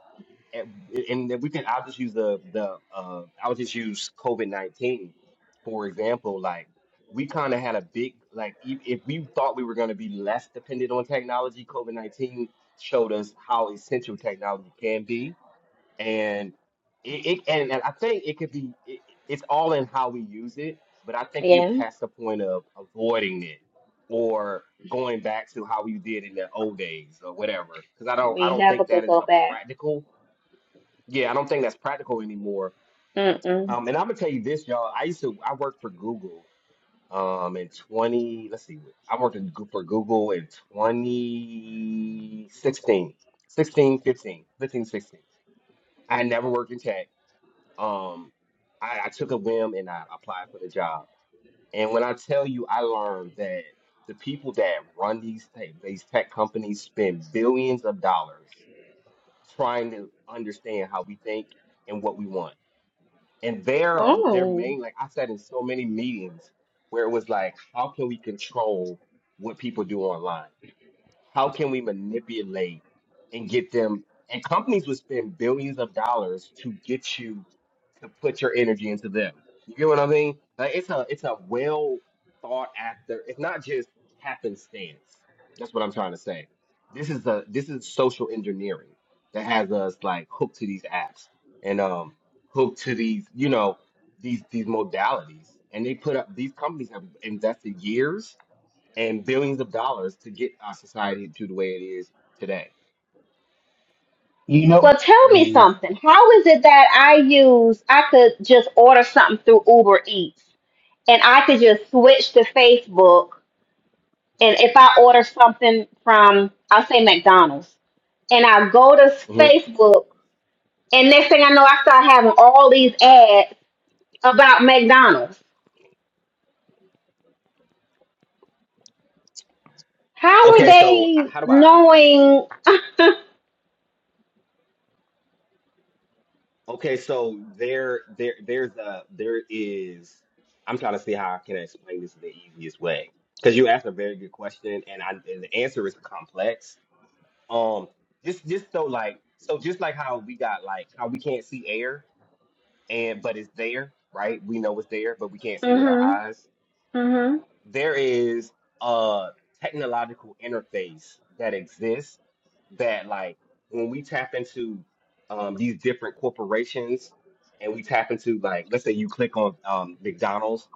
and, and if we can, I'll just use the the uh, I'll just use COVID nineteen for example. Like we kind of had a big like if, if we thought we were going to be less dependent on technology, COVID nineteen showed us how essential technology can be, and it, it and, and I think it could be it, it's all in how we use it. But I think we're Yeah. past the point of avoiding it or going back to how we did in the old days or whatever. Because I don't I We don't never think that could is go a back. practical yeah, I don't think that's practical anymore. Mm-mm. Um, and I'm gonna tell you this, y'all. I used to I worked for Google um in 20, let's see, I worked in, Goo- for Google in 2016, 16, sixteen, 15, 15, 16. I had never worked in tech. Um, I, I took a whim and I applied for the job. And when I tell you, I learned that the people that run these things, these tech companies spend billions of dollars trying to understand how we think and what we want and their their Mm. main like I sat in so many meetings where it was like, how can we control what people do online? How can we manipulate and get them? And companies would spend billions of dollars to get you to put your energy into them. You get what I mean? Like it's a it's a well thought after. It's not just happenstance. That's what I'm trying to say. This is a this is social engineering that has us like hooked to these apps and um hooked to these you know these these modalities. And they put up these companies have invested years and billions of dollars to get our society to the way it is today. You know? Well, tell me Mm. something. How is it that I use, I could just order something through Uber Eats and I could just switch to Facebook. And if I order something from, I'll say McDonald's, and I go to hmm Facebook, and next thing I know, I start having all these ads about McDonald's. How are Okay, so I- they how do I, I? knowing? Okay, so there, there, there's a, there is. I'm trying to see how I can explain this in the easiest way because you asked a very good question, and I, and the answer is complex. Um, just, just so like, so just like how we got like how we can't see air, and but it's there, right? We know it's there, but we can't see with our hmm eyes hmm there is a technological interface that exists that like when we tap into um, these different corporations and we tap into like let's say you click on um, McDonald's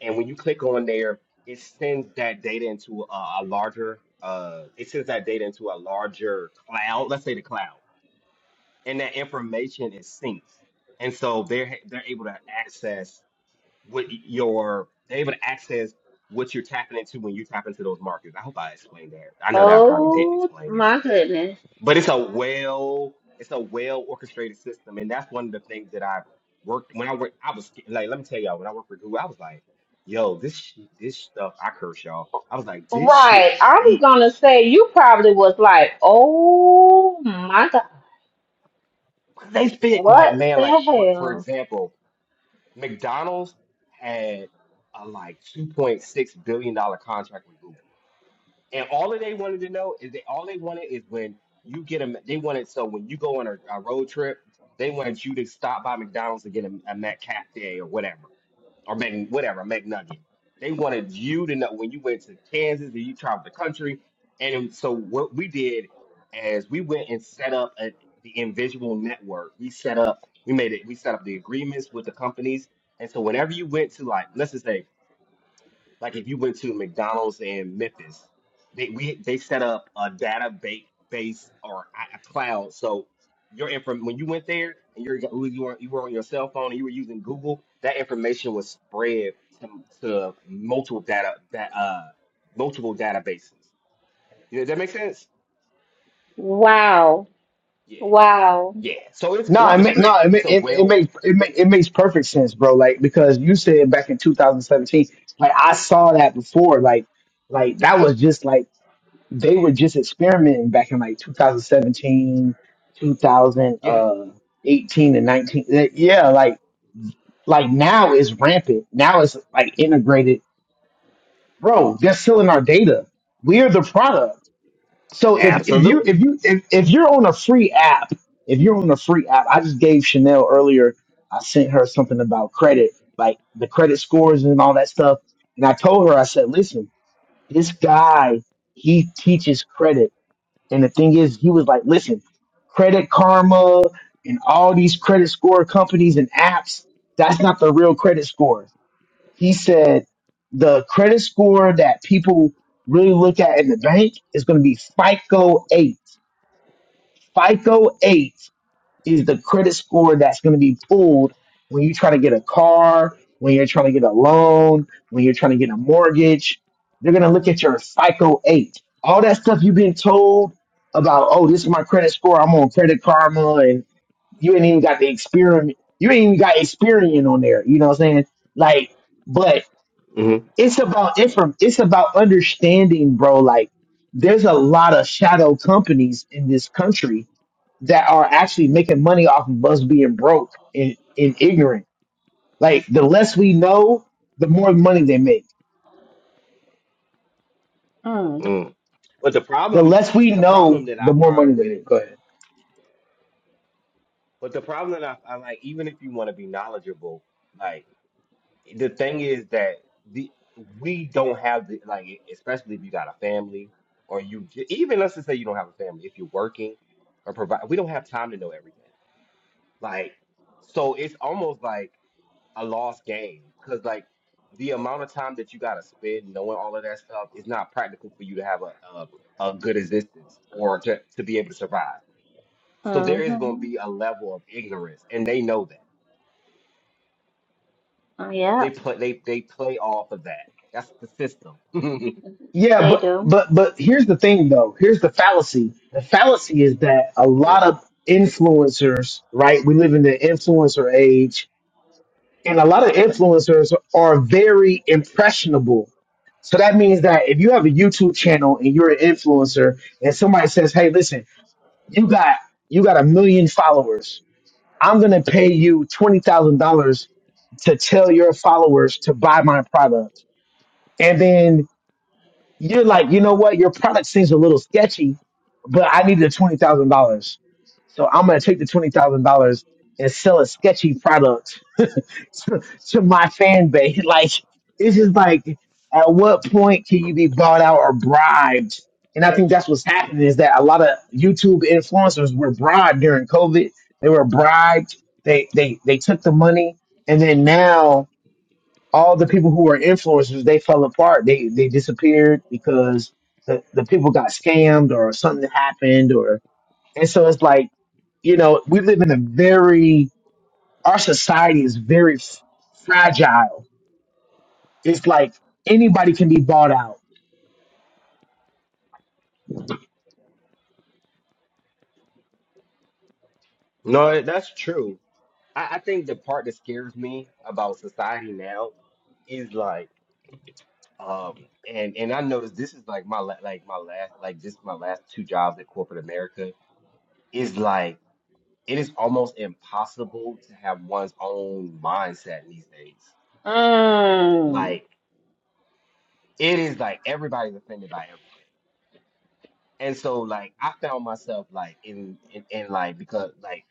and when you click on there it sends that data into a, a larger uh, it sends that data into a larger cloud let's say the cloud and that information is synced and so they're they're able to access what your they're able to access what you're tapping into when you tap into those markets. I hope I explained that. I know that I probably didn't Oh explain it, my goodness. but it's a well it's a well orchestrated system, and that's one of the things that I worked when I worked. I was sca- like, let me tell y'all, when I worked for Google, I was like, yo, this sh- this stuff. I curse y'all. I was like, this shit Right. is I was deep. gonna say you probably was like, oh my God, They spent like what man, the like for for hell? example, McDonald's had a like two point six billion dollar contract with Google. And all that they wanted to know is they all they wanted is when you get them. They wanted so when you go on a, a road trip, they wanted you to stop by McDonald's and get a, a McCafe or whatever, or Mac, whatever McNugget. They wanted you to know when you went to Kansas and you traveled the country. And so what we did is we went and set up a, the Invisual Network. We set up, we made it, we set up the agreements with the companies. And so whenever you went to like, let's just say like if you went to McDonald's in Memphis, they we they set up a data base or a a cloud. So your inform when you went there and you're go- you were you were on your cell phone and you were using Google, that information was spread to to multiple data that uh multiple databases. Yeah, that make sense? Wow. Yeah, Wow. yeah. So it's No, it ma- no, orchestrated. it It's ma- a it it well, makes it, makes it makes perfect sense, bro. Like because you said back in 2017, like I saw that before, like like that was just like they were just experimenting back in like 2017, yeah, 2018 and 19. That- Yeah, like like now it's rampant. Now it's like integrated. Bro, they're selling our data. We're the product. So if, if you if absolutely. you if, if you're on a free app, if you're on a free app, I just gave Chanel earlier, I sent her something about credit, like the credit scores and all that stuff. And I told her, I said, listen, this guy, he teaches credit and the thing is, he was like, listen, Credit Karma and all these credit score companies and apps, that's not the real credit score. He said the credit score that people really look at in the bank is going to be FICO 8. FICO 8 is the credit score that's going to be pulled when you try to get a car, when you're trying to get a loan, when you're trying to get a mortgage. They're going to look at your FICO 8. All that stuff you've been told about, oh, this is my credit score. I'm on Credit Karma and you ain't even got the experiment. You ain't even got Experian on there. You know what I'm saying? Like, but hmm it's about inform. It's about understanding, bro. Like, there's a lot of shadow companies in this country that are actually making money off of us being broke and, and ignorant. Like the less we know, the more money they make. Mm. Mm. But the The problem, less we the problem know, that I the more money find they with it make. Go ahead. But the problem that I, I like, even if you want to be knowledgeable, like the thing is that the we don't have the like, e, especially if you got a family or you j- even let's just say you don't have a family, if you're working or provide, we don't have time to know everything. Like, so it's almost like a lost game because like the amount of time that you got to spend knowing all of that stuff is not practical for you to have a a, a good existence or to to be able to survive. So there is going to be Mm-hmm. a level of ignorance, and they know that. They Yep, play they they play off of that. That's the system. Yeah, they but do. but but here's the thing though. Here's the fallacy. The fallacy is that a lot Mhm. of influencers, right? We live in the influencer age, and a lot of influencers are very impressionable. So that means that if you have a YouTube channel and you're an influencer and somebody says, "Hey, listen, you got you got a million followers. I'm gonna pay you twenty thousand dollars to tell your followers to buy my product. And then you're like, you know what, your product seems a little sketchy, but I need the twenty thousand dollars. So I'm gonna take the twenty thousand dollars and sell a sketchy product to, to my fan base. Like, it's just like, at what point can you be bought out or bribed? And I think that's what's happening is that a lot of YouTube influencers were bribed during COVID. They were bribed. They they they took the money, and then now all the people who were influencers they fell apart. They they disappeared because the, the people got scammed or something happened or and so it's like you know we live in a very our society is very fragile it's like anybody can be bought out. No, that's true. I, I think the part that scares me about society now is like um and and I noticed this is like my la- like my last like just my last two jobs at corporate America is like it is almost impossible to have one's own mindset these days. Mm. Like it is like everybody's offended by everything. And so like I found myself like in in, in like because like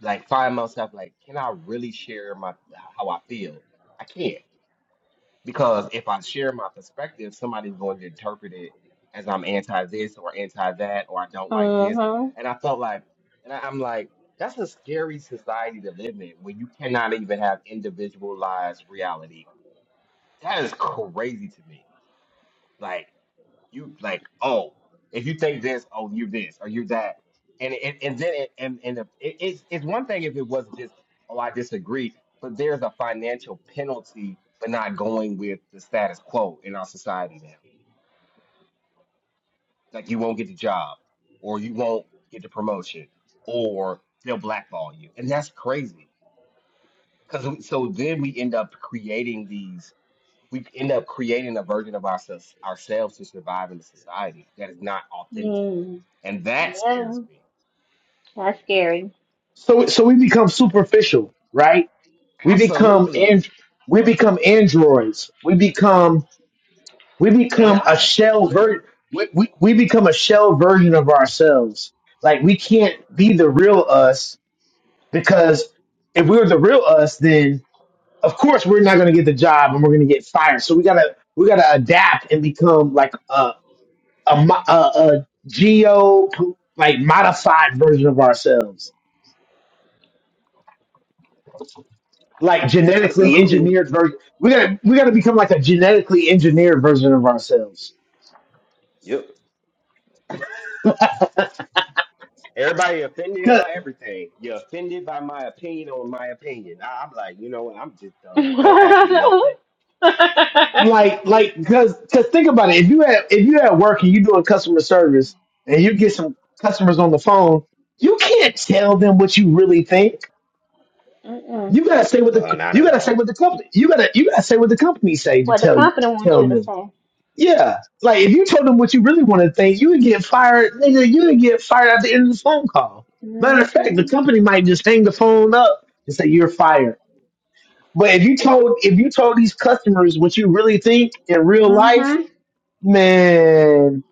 like find myself like, can I really share my how I feel? I can't because if I share my perspective, somebody's going to interpret it as I'm anti this or anti that or I don't like this. Mm-hmm. And I felt like, and I, I'm like, that's a scary society to live in when you cannot even have individualized reality. That is crazy to me. Like you like oh if you think this oh you're this or you're that and and, and then it, and and the, it, it's it's one thing if it was just oh I disagree but there's a financial penalty for not going with the status quo in our society now like you won't get the job or you won't get the promotion or they'll blackball you and that's crazy because so then we end up creating these we end up creating a version of ourselves ourselves to survive in the society that is not authentic. Mm. And that Yeah. scares me. That's scary. So so we become superficial, right? We become Absolutely. and we become androids. We become we become a AI, shell literally. ver- we, we, we become a shell version of ourselves. Like we can't be the real us because if we were the real us, then of course we're not going to get the job and we're going to get fired. So we gotta we gotta adapt and become like a a, mo- a, a geo like modified version of ourselves like genetically Absolutely. engineered version. We gotta we gotta become like a genetically engineered version of ourselves. Yep. Everybody offended Cause by everything. You're offended by my opinion on my opinion. I, I'm like, you know what? I'm just done. Don't ask me Mm-mm. nothing. like like cause cause think about it. If you at if you at work and you doing customer service and you get some customers on the phone, you can't tell them what you really think. You gotta say what the No, not you at gotta say all. what the company you gotta you gotta say what the company say to What the tell you company wants tell you to them. say. Yeah. Like if you told them what you really want to think, you would get fired, nigga, you would get fired at the end of the phone call. Matter of fact, the Mm-hmm. company might just hang the phone up and say you're fired. But if you told if you told these customers what you really think in real life, Mm-hmm. man,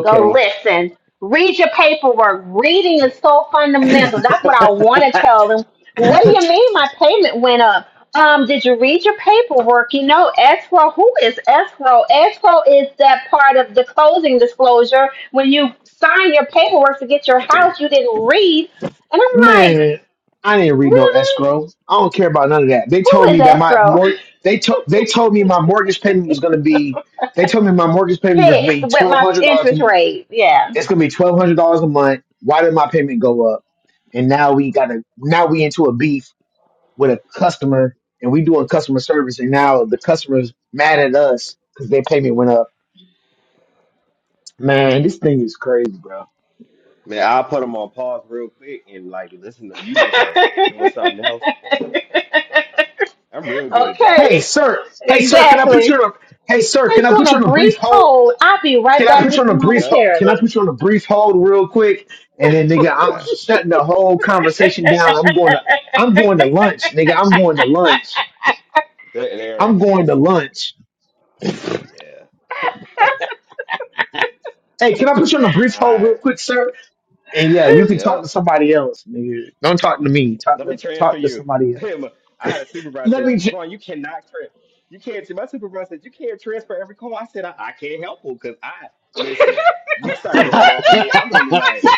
Go listen. Read your paperwork. Reading is so fundamental. That's what I want to I, tell them. What do you mean my payment went up? Um, did you read your paperwork? You know, escrow, who is escrow? Escrow is that part of the closing disclosure. When you sign your paperwork to get your house, you didn't read. And I'm like, man, I didn't read no really? escrow. I don't care about none of that. They Who told is me that my escrow? mor- they told they told me my mortgage payment was gonna be they told me my mortgage payment was gonna Fixed be with my interest $1,200 rate. Yeah. It's gonna be twelve hundred dollars a month. Why did my payment go up? And now we gotta now we into a beef with a customer and we doing customer service and now the customer's mad at us because their payment went up. Man, this thing is crazy, bro. Man, I'll put them on pause real quick and like listen to music or s- doing something else. I'm real good at Okay. that. Hey sir, hey sir, can I put Exactly. you on a hey sir, can Place I you put on you a on a Yeah. brief brief hold? hold. I'll be right Can I back put you with on you a brief Yeah. hold? Can I put momentarily. you on a brief hold real quick? And then nigga, I'm Yeah. shutting the whole conversation down. I'm going to I'm going to lunch, nigga. I'm going to lunch. They're. I'm going to lunch. Yeah. Hey, can I put you on a brief hold I real quick, sir? And yeah, you can talk yeah. to somebody else, nigga. Don't talk to me. Talk Let me to transfer talk to you. somebody else. Him. I had a supervisor Let say, me. J- Tavon, you cannot transfer. You can't. My supervisor said, you can't transfer every call. I said, I, I can't help you because I listen. You start going off of me, I'm gonna be like,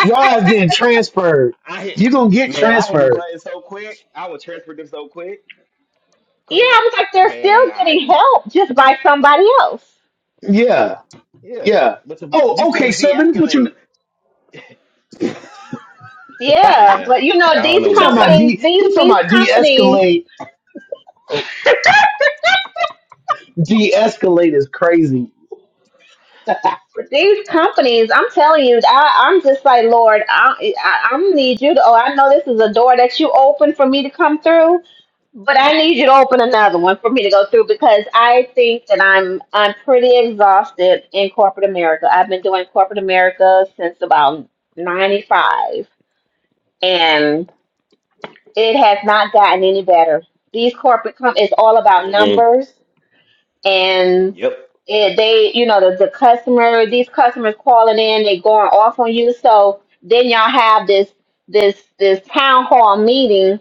Y'all ass getting transferred. I hit You gonna get man, I hit the transferred? button so quick. I would transfer them so quick. Yeah, Click, I was like, they're man. still I getting ain't. about- help just by somebody else. Yeah, Yeah, yeah. but Tav- you Oh, okay, supposed to sir. Let me put you. de-escalate. Yeah, Yeah, but you know, I don't these know He what to talking tell about you. companies, de. these He talking these about companies, de-escalate. De-escalate is crazy. But these companies, I'm telling you, I, I'm just like, Lord, I, I, I'm need you to. Oh, I know this is a door that you open for me to come through, But I need you to open another one for me to go through because I think that I'm I'm pretty exhausted in corporate America. I've been doing corporate America since about 95 and it has not gotten any better. These corporate com- it's all about Mm-mm. numbers and Yep. it, they, you know, the, the customer, these customers calling in, they going off on you. So then y'all have this this this town hall meeting,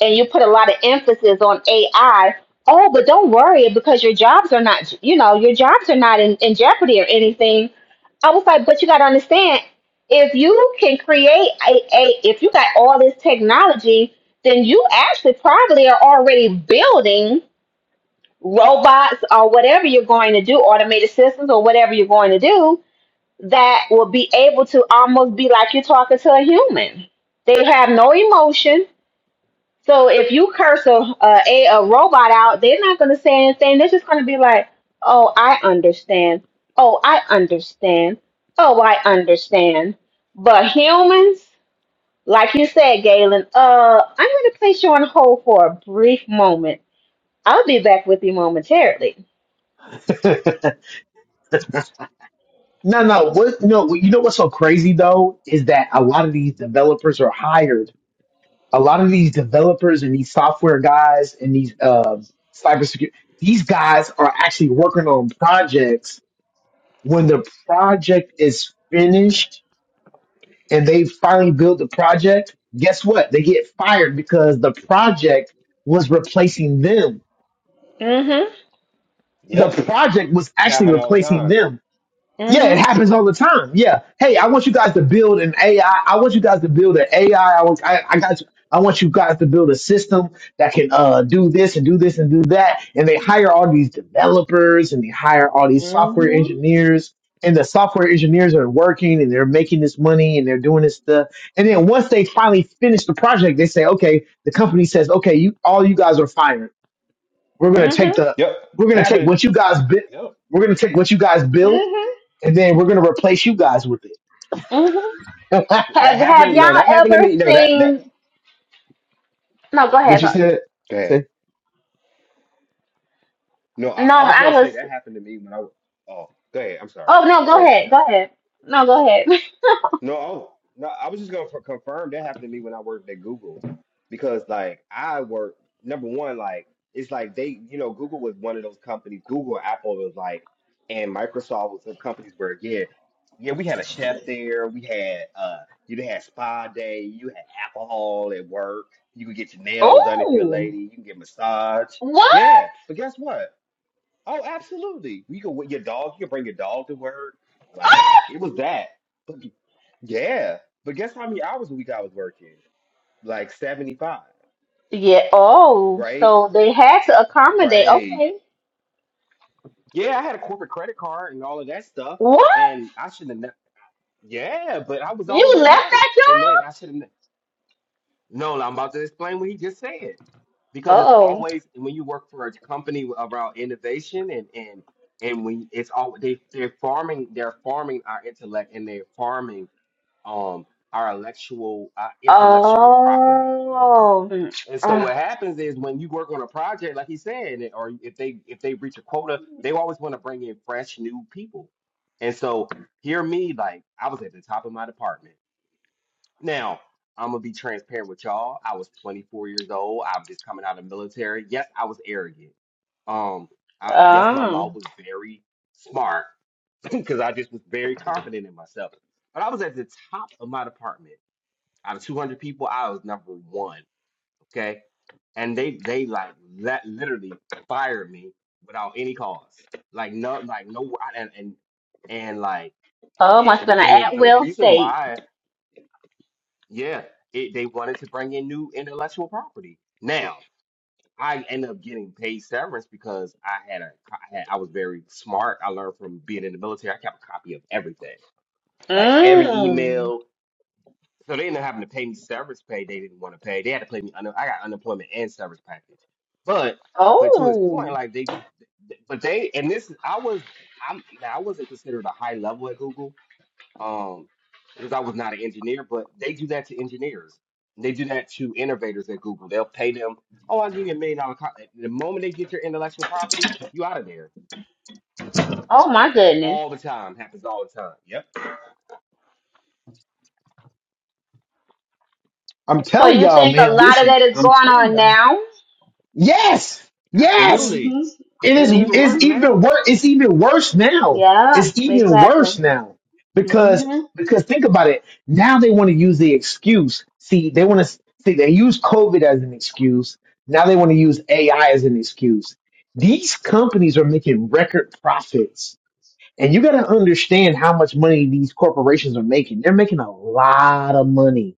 and you put a lot of emphasis on AI. Oh, but don't worry because your jobs are not, you know, your jobs are not in, in jeopardy or anything. I was like, but you got to understand, if you can create a, a, if you got all this technology, then you actually probably are already building robots or whatever you're going to do, automated systems or whatever you're going to do, that will be able to almost be like you're talking to a human. They have no emotion. So if you curse a, a, a robot out, they're not going to say anything. They're just going to be like, oh, I understand. Oh, I understand. Oh, I understand. But humans, like you said, Galen, uh, I'm going to place you on hold for a brief moment. I'll be back with you momentarily. no, no. What? No. You know what's so crazy though is that a lot of these developers are hired a lot of these developers and these software guys and these uh, cybersecurity, these guys are actually working on projects. When the project is finished and they finally build the project, guess what? They get fired because the project was replacing them. The Yep. project was actually Happen all the replacing time. them Yeah, it Mhm. happens all the time. Yeah. Hey, I want you guys to build an AI. I I want you guys to build an AI. I I want, I, I got you. I want you guys to build a system that can uh, do this and do this and do that. And they hire all these developers and they hire all these software Mhm. engineers. And the software engineers are working and they're making this money and they're doing this stuff. And then once they finally finish the project, they say, okay, the company says, okay, you all you guys are fired. We're gonna take Mhm. the Yep. we're gonna take Happen. what you guys built. Yep. We're gonna take what you guys built Mhm. and then we're gonna replace you guys with Mhm. it. Th- That Have Have happened. No, y'all that happened to ever me. No, that that. seen? No, go Yeah. ahead. but you Pop. said, Go ahead. say, No, I, No, I was I gonna was. say that happened to me when I. was- Oh, go ahead. I'm sorry. Oh no, Go go ahead, ahead. Chanel. Go ahead. No, go ahead. No, I was, no, I was just gonna f- confirm that happened to me when I worked at Google, because like I work number one, like it's like they, you know, Google was one of those companies. Google, Apple was like, and Microsoft was some companies where again, yeah, we had a chef there. We had uh, you had spa day. You had alcohol at work. You could get your nails done if you're a Oh. lady. You can get massage. What? Yeah, but guess what? Oh, absolutely. You can with your dog. You can bring your dog to work. Like Oh. it was that. But yeah, but guess how many hours a week I was working? Like seventy five, Yeah. Oh. right? So they had to accommodate. Right. Okay. Yeah, I had a corporate credit card and all of that stuff, What? and I shouldn't have. ne- Yeah, but I was You always at left work, that and then job? I shouldn't. No, I'm about to explain what he just said. Because it's Uh-oh. always when you work for a company around innovation and and and when it's all they they're farming they're farming our intellect and they're farming um our intellectual our intellectual property. Oh. Mm. And so what Ah. happens is when you work on a project, like he said, or if they if they reach a quota, they always want to bring in fresh new people. And so hear me, like I was at the top of my department now, I'm gonna be transparent with y'all. I was 24 years old. I was just coming out of the military. Yes, I was arrogant. Um, I, yes, my mouth Oh. was very smart because I just was very confident in myself. But I was at the top of my department. Out of 200 people, I was number one. Okay, and they they like let literally fired me without any cause. Like no, like no, and and and like Oh. it, Must have been an and it, the at-will reason state. why. Yeah, it, they wanted to bring in new intellectual property. Now, I ended up getting paid severance because I had a, co- I had, I was very smart. I learned from being in the military. I kept a copy of everything, like every Mm. email. So they ended up having to pay me severance pay. They didn't want to pay. They had to pay me. Under, I got unemployment and severance package. But, but to his Oh. point, like they just, but they, and this, I was, I'm, now I wasn't considered a high level at Google um, because I was not an engineer, but they do that to engineers. They do that to innovators at Google. They'll pay them, oh, I'll give you a million dollar contract. The moment they get your intellectual property, you out of there. Oh my goodness. All the time. Happens all the time. Yep. I'm So telling you y'all, think a man. lot of Listen, that is I'm going telling on y'all. now? Yes, yes. Mhm. Absolutely. It It's is. even worse It's Mhm. even now. worse. It's even worse now. Yeah, It's even worse exactly. Yeah. now because Mhm. because think about it. Now they want to use the excuse. See, they want to see they use COVID as an excuse. Now they want to use AI as an excuse. These companies are making record profits And you got to understand how much money these corporations are making. They're making a lot of money.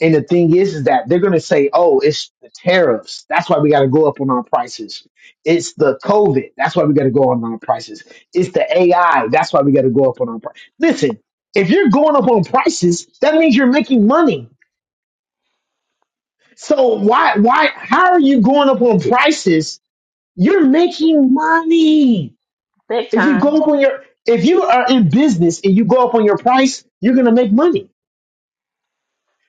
And the thing is, is that they're going to say, oh, it's the tariffs. That's why we got to go up on our prices. It's the COVID. That's why we got to go on our prices. It's the AI. That's why we got to go up on our prices. Listen, if you're going up on prices, that means you're making money. So why, why, how are you going up on prices? You're making money. Big If you time. go up on your, if you are in business and you go up on your price, you're going to make money.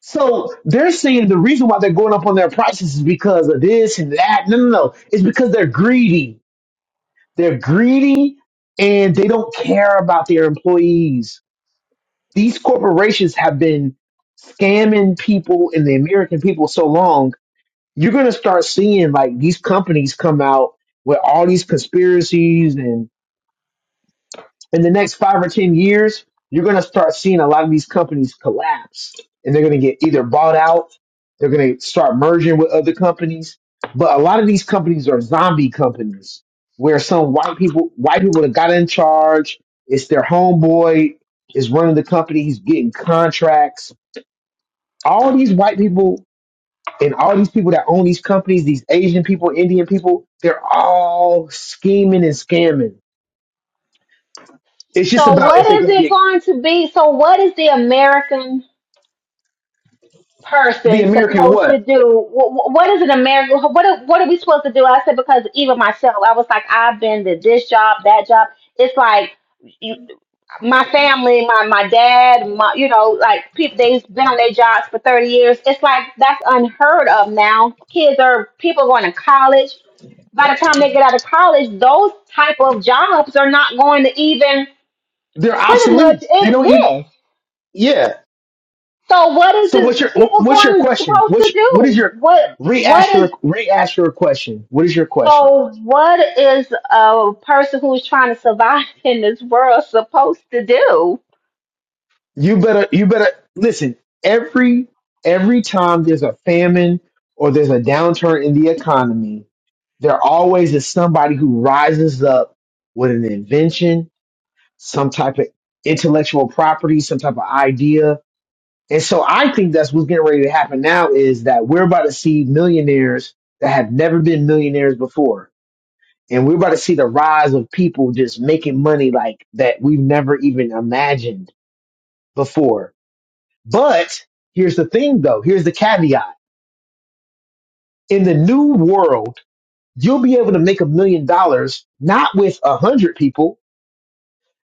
So they're saying the reason why they're going up on their prices is because of this and that. No, no, no. It's because they're greedy. They're greedy and they don't care about their employees. These corporations have been scamming people and the American people so long. You're going to start seeing like these companies come out with all these conspiracies and. in the next five or ten years, you're going to start seeing a lot of these companies collapse, and they're going to get either bought out, they're going to start merging with other companies. But a lot of these companies are zombie companies where some white people, white people that got in charge, it's their homeboy is running the company, he's getting contracts. All these white people and all these people that own these companies, these Asian people, Indian people, they're all scheming and scamming. It's just So about what if they're is going to it get going to be? So what is the American the person American supposed to what? do? What, what is an American? What are, what are we supposed to do? I said because even myself, I was like, I've been to this job, that job. It's like. my family, my my dad, my you know, like people they've been on their jobs for thirty years. It's like that's unheard of now. Kids are people are going to college. By the time they get out of college, those type of jobs are not going to even They're pretty much obsolete. They don't even. exist. Yeah. So what is So what's it your people what's your going question? supposed to What's what is do? your What what re-ask is your re-ask your question? What is your question? so what is a person who's trying to survive in this world supposed to do? You better you better listen. Every every time there's a famine or there's a downturn in the economy, there always is somebody who rises up with an invention, some type of intellectual property, some type of idea, And so I think that's what's getting ready to happen now is that we're about to see millionaires that have never been millionaires before. And we're about to see the rise of people just making money like that we've never even imagined before. But here's the thing though. Here's the caveat. In the new world, you'll be able to make a million dollars, not with a hundred people,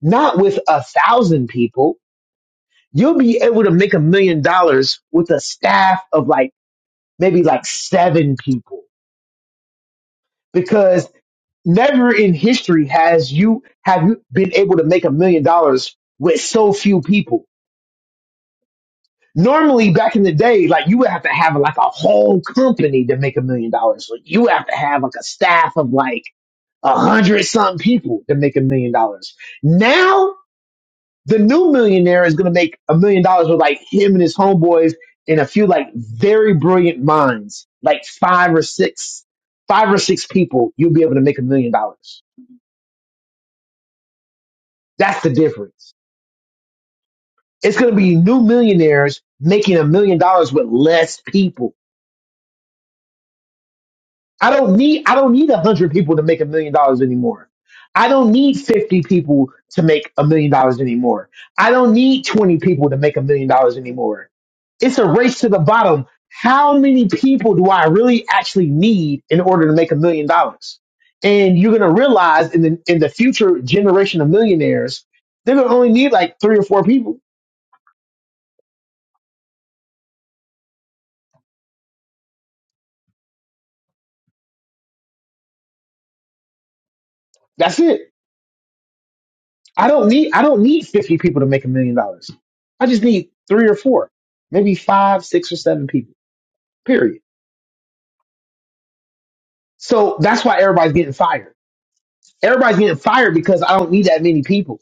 not with a thousand people. You'll be able to make a million dollars with a staff of like maybe like seven people because never in history has you have you been able to make a million dollars with so few people. Normally, back in the day, like you would have to have like a whole company to make a million dollars. Like you have to have like a staff of like a hundred some people to make a million dollars. Now, the new millionaire is going to make a million dollars with like him and his homeboys and a few like very brilliant minds, like five or six, five or six people. You'll be able to make a million dollars That's the difference. It's going to be new millionaires making a million dollars with less people. I don't need I don't need a hundred people to make a million dollars anymore. I don't need fifty people to make a million dollars anymore. I don't need twenty people to make a million dollars anymore. It's a race to the bottom. How many people do I really actually need in order to make a million dollars? And you're going to realize in the in the future generation of millionaires, they're going to only need like three or four people. That's it I don't need I don't need 50 people to make a million dollars. I just need three or four, maybe five, six or seven people. Period. So that's why everybody's getting fired. Everybody's getting fired because I don't need that many people.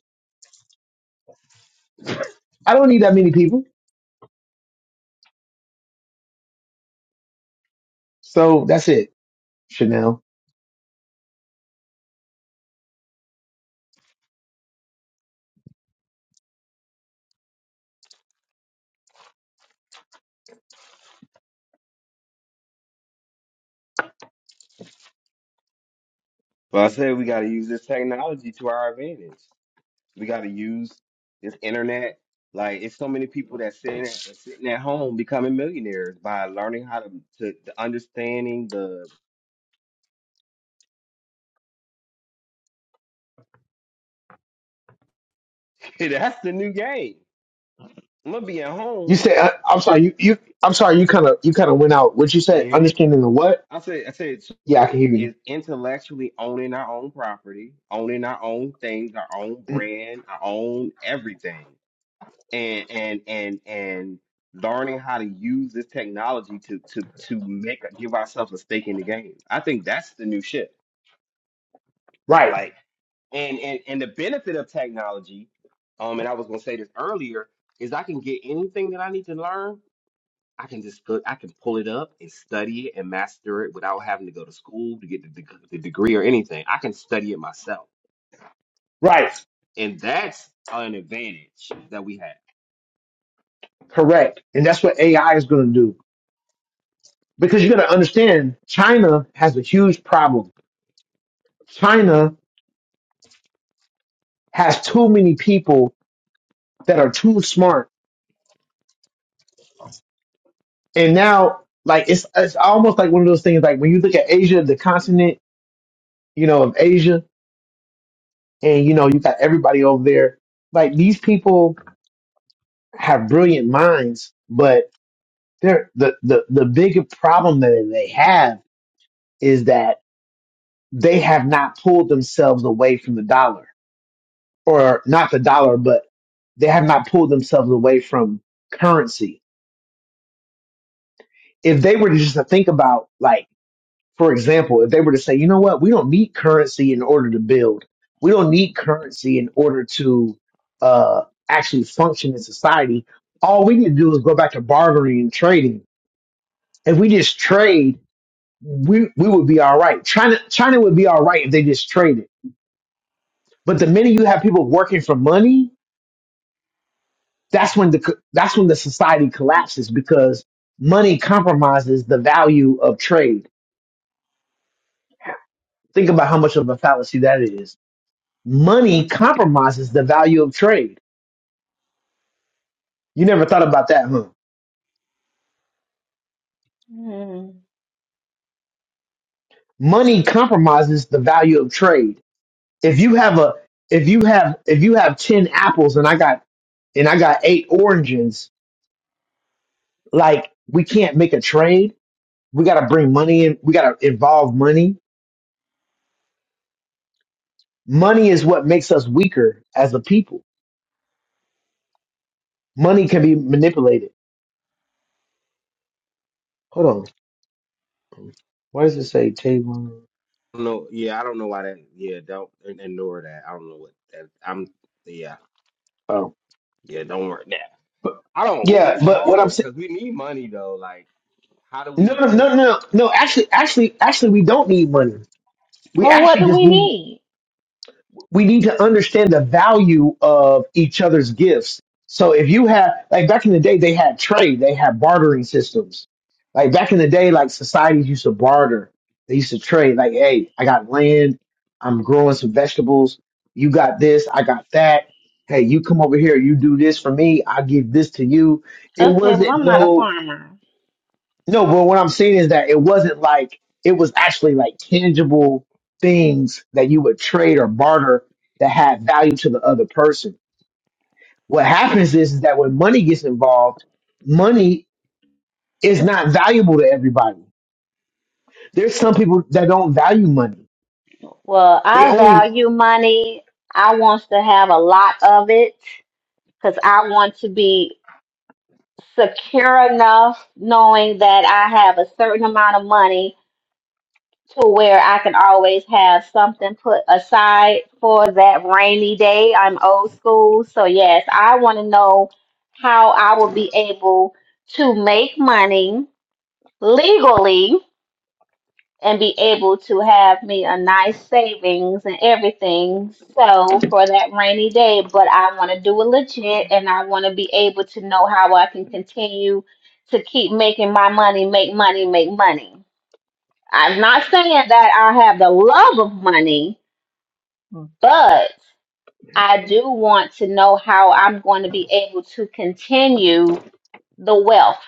I don't need that many people. So that's it, Chanel. But I said we got to use this technology to our advantage. We got to use this internet. Like it's so many people that sitting at, that's sitting at home becoming millionaires by learning how to to, to understanding the that's the new game. I'm gonna be at You home. said I, I'm sorry. You, you I'm sorry. You kind of you kind of went out. What you Can said? you hear me? Understanding the what? I said, I said, so Yeah, I can hear you. is intellectually owning our own property, owning our own things, our own Mm, brand, our own everything, and and and and learning how to use this technology to to to make give ourselves a stake in the game. I think that's the new shit. Right. Like and and and the benefit of technology um and i was going to say this earlier is i can get anything that i need to learn I can just go, I can pull it up and study it and master it without having to go to school to get the, deg- the degree or anything. I can study it myself, Right. and that's an advantage that we have. Correct. And that's what AI is going to do because you got to understand China has a huge problem. China has too many people that are too smart. And now, like, it's, it's almost like one of those things, like when you look at Asia, the continent, you know, of Asia, and you know, you got everybody over there. Like these people have brilliant minds, but they're the, the, the big problem that they have is that they have not pulled themselves away from the dollar or not the dollar, but they have not pulled themselves away from currency. If they were to just to think about like For example, if they were to say, you know what, we don't need currency in order to build. We don't need currency in order to uh, actually function in society. All we need to do is go back to bartering and trading. If we just trade, we we would be all right. China China would be all right if they just traded. But the minute you have people working for money, that's when the co- that's when the society collapses because money compromises the value of trade. Think about how much of a fallacy that is money compromises the value of trade. You never thought about that, huh? Hmm. Money compromises the value of trade. If you have a if you have if you have 10 apples and I got and I got 8 oranges, like we can't make a trade. We got to bring money in. We got to involve money. Money is what makes us weaker as a people. Money can be manipulated. Hold on. Why does it say table? No, yeah, I don't know why that. Yeah, don't ign- ignore that. I don't know what that. I'm yeah, Oh. yeah. Don't worry. Nah, But I don't. Ooh, yeah, that's but what I'm saying hard because we need money though. Like, how do No, we? no, Because no, no, no. Actually, actually, actually, we don't need money. We Well, what actually do just we need need? we need to understand the value of each other's gifts. So if you have like back in the day, they had trade, they had bartering systems. Like back in the day, like societies used to barter. They used to trade. Like, hey, I got land. I'm growing some vegetables. You got this. I got that. Hey, you come over here. You do this for me. I give this to you. It Okay, well, wasn't I'm not a no. farmer. No, but what I'm saying is that it wasn't like it was actually like tangible things that you would trade or barter that had value to the other person. What happens is, is that when money gets involved, money is not valuable to everybody. There's some people that don't value money. Well, They I only value money. I want to have a lot of it because I want to be secure enough knowing that I have a certain amount of money to where I can always have something put aside for that rainy day. I'm old school. So, yes, I want to know how I will be able to make money legally and be able to have me a nice savings and everything. So for that rainy day, but I want to do it legit and I want to be able to know how I can continue to keep making my money, make money, make money. I'm not saying that I have the love of money, but I do want to know how I'm going to be able to continue the wealth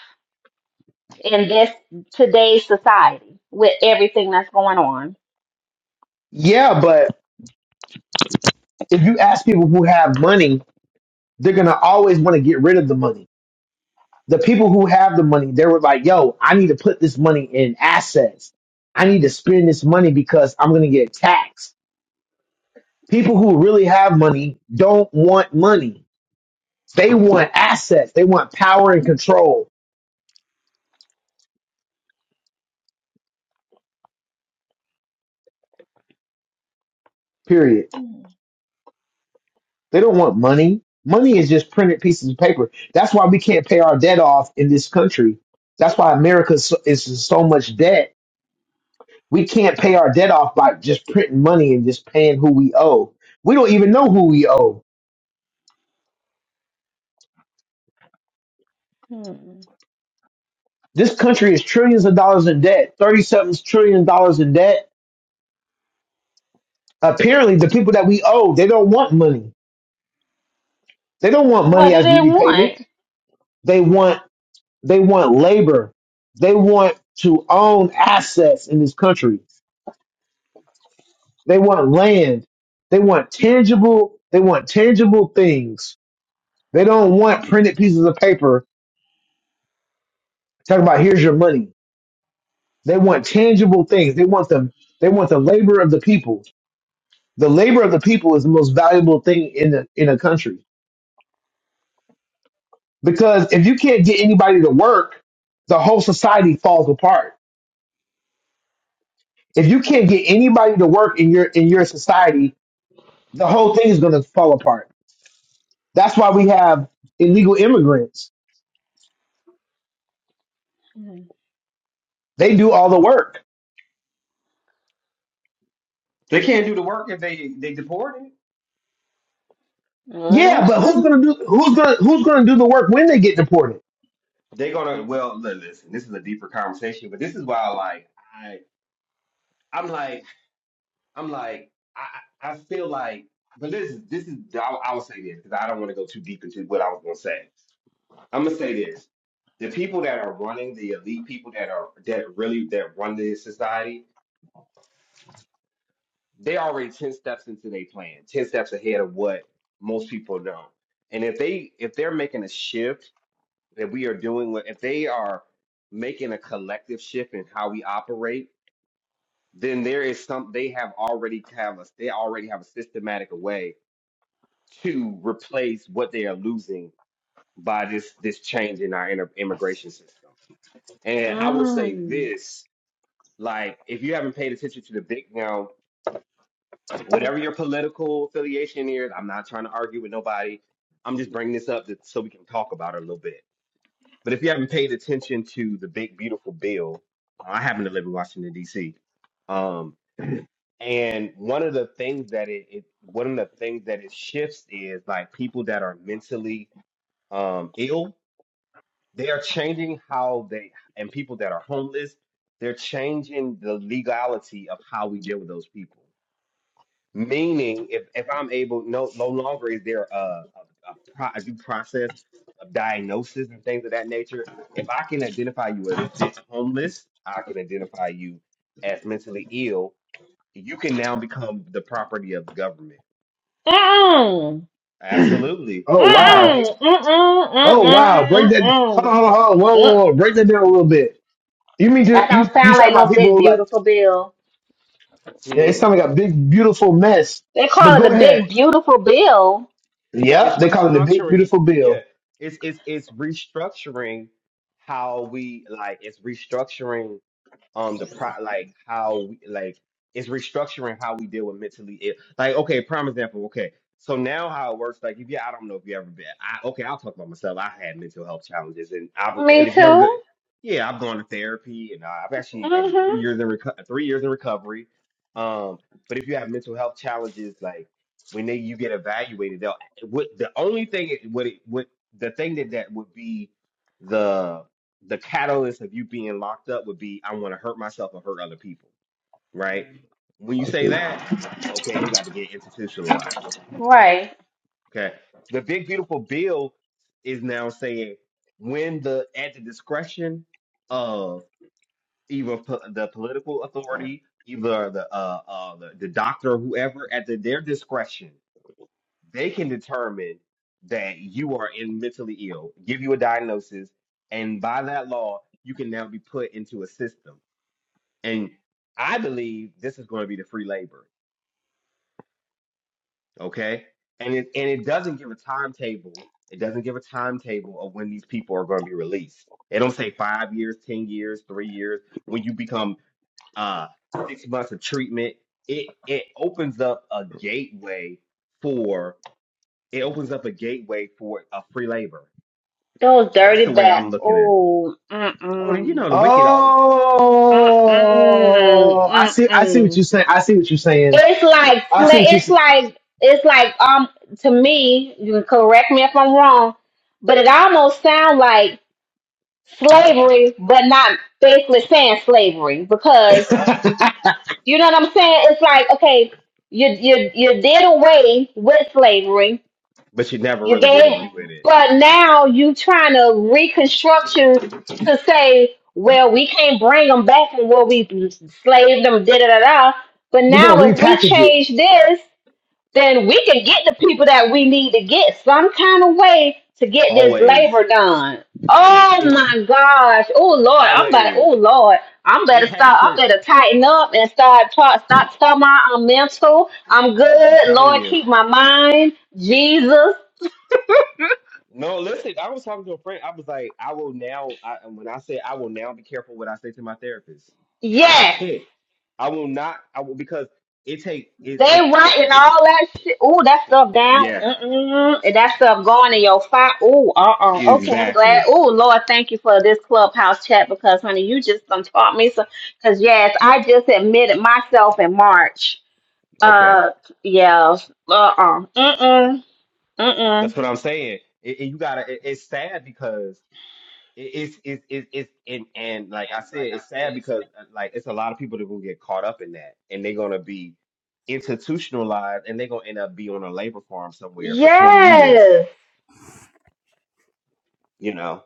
in this today's society with everything that's going on. yeah, but if you ask people who have money, they're gonna always want to get rid of the money the people who have the money, they were like, yo, I need to put this money in assets. I need to spend this money because I'm going to get taxed. People who really have money don't want money. They want assets. They want power and control, period. They don't want money. Money is just printed pieces of paper. That's why we can't pay our debt off in this country. That's why America is so, is in so much debt. We can't pay our debt off by just printing money and just paying who we owe. We don't even know who we owe This country is trillions of dollars in debt, 30 something trillion dollars in debt. Apparently, the people that we owe, they don't want money. They don't want money as repayment. They want they want labor. They want to own assets in this country. They want land. They want tangible, they want tangible things. They don't want printed pieces of paper talking about here's your money. They want tangible things. They want them, they want the labor of the people. the labor of the people is the most valuable thing in a, in a country because if you can't get anybody to work, the whole society falls apart. If you can't get anybody to work in your in your society, the whole thing is going to fall apart. That's why we have illegal immigrants. They do all the work. they can't do the work if they they deported. Yeah, but who's going to do who's going to who's going to do the work when they get deported? They gonna well. li- Listen, this is a deeper conversation, but this is why like I. I'm like. I'm like, I I feel like, but this is this is I'll, I'll say this because I don't want to go too deep into what I was gonna say. I'm gonna say this: the people that are running the elite people that are that really that run the society, they already ten steps into their plan, ten steps ahead of what most people know. And if they if they're making a shift that we are doing, what if they are making a collective shift in how we operate, then there is some they have already have a they already have a systematic way to replace what they are losing by this this change in our inter- immigration system. And I will say Mm. this: like, if you haven't paid attention to the big now, whatever your political affiliation is, I'm not trying to argue with nobody. I'm just bringing this up that, so we can talk about it a little bit. But if you haven't paid attention to the big beautiful bill, I happen to live in Washington D.C. Um, and one of the things that it, it one of the things that it shifts is like people that are mentally um, ill, they are changing how they and people that are homeless, they're changing the legality of how we deal with those people. Meaning, if if I'm able, no, no longer is there a, a, a, pro, a due process of diagnosis and things of that nature. If I can identify you as di- homeless, I can identify you as mentally ill. You can now become the property of the government. Mm Absolutely, mm Oh under that wow! big. mm mm mm Oh Oh mm wow! Break mm yeah. that. Hold mm. on, hold on, hold on. Whoa, Uh-uh. whoa, whoa! Break that down a little bit. You mean to, That you don't you sound talking like no about big people who like? beautiful bill. Yeah, it Hmm? sounds like a big, beautiful mess. They call But it go the big ahead. beautiful bill. Well, Yep, it's they call it the big, restructuring. beautiful Yeah, bill. it's it's it's restructuring how we like. It's restructuring um the pro like how we like it's restructuring how we deal with mentally ill. Like, okay, prime example. Okay, so now how it works, like if you, I don't know if you ever been. I okay, I'll talk about myself. I had mental health challenges, and I was, and if you ever go, yeah, I've gone to therapy, and I've actually I'm three years in reco- three years in recovery. Um, but if you have mental health challenges, like when they you get evaluated, they'll what the only thing it- what it what the thing that that would be the catalyst of you being locked up would be I want to hurt myself or hurt other people, right? When you say that, okay, you got to get institutionalized. Okay. The big beautiful bill is now saying when the at the discretion of either po- the political authority, either the uh, uh the, the doctor or whoever at the, their discretion, they can determine that you are in mentally ill, give you a diagnosis, and by that law, you can now be put into a system And I believe this is going to be the free labor, okay? And it and it doesn't give a timetable. It doesn't give a timetable of when these people are going to be released. It don't say five years, ten years, three years. When you become uh six months of treatment, it it opens up a gateway for it opens up a gateway for a free labor. Those That's dirty the way bat. I'm looking at. it. Oh, Oh, and you mm-mm. know the wicked always, Mm-mm. Oh, I see. I see what Mm-mm. you're saying. I see what you're saying. It's like I fla- see what you're it's saying. like it's like um to me, you can correct me if I'm wrong, but it almost sounds like slavery, but not basically saying slavery because. You know what I'm saying? It's like, okay, you you you did away with slavery. but you never You really did gave, away with it. but now you trying to reconstruct you to say, well, we can't bring them back from where we slaved them, da da da da. But We're gonna now if we repackage it. change this then we can get the people that we need to get some kind of way to get this Always, labor done. it, Oh it my gosh. Oh Lord, I'm about always. oh Lord. I'm better It has start I'm to. better tighten up and start talk stop telling my I'm mental. I'm I'm good. telling Lord you. keep my mind. Jesus. No, listen. I was talking to a friend. I was like, I will now. I, and when I say I will now be careful what I say to my therapist. I Yes. can't. I will not. I will because it take it and, They and, writing and all that shit. Ooh, that stuff down. yeah, Mm-mm. And that stuff going in your fire. Ooh, uh-uh. Okay, I'm glad. exactly. Ooh, Lord, thank you for this clubhouse chat because, honey, you just done taught me so. Because, yes, I just admitted myself in March. Okay, Uh, yeah. Uh-uh. Mm-mm. Mm-mm. that's what I'm saying. And and you gotta. It, it's sad because it's it's it's it's and and like I said, it's sad because uh, like it's a lot of people that gonna get caught up in that, and they're gonna be institutionalized, and they're gonna end up be on a labor farm somewhere for twenty years, Yes. you know.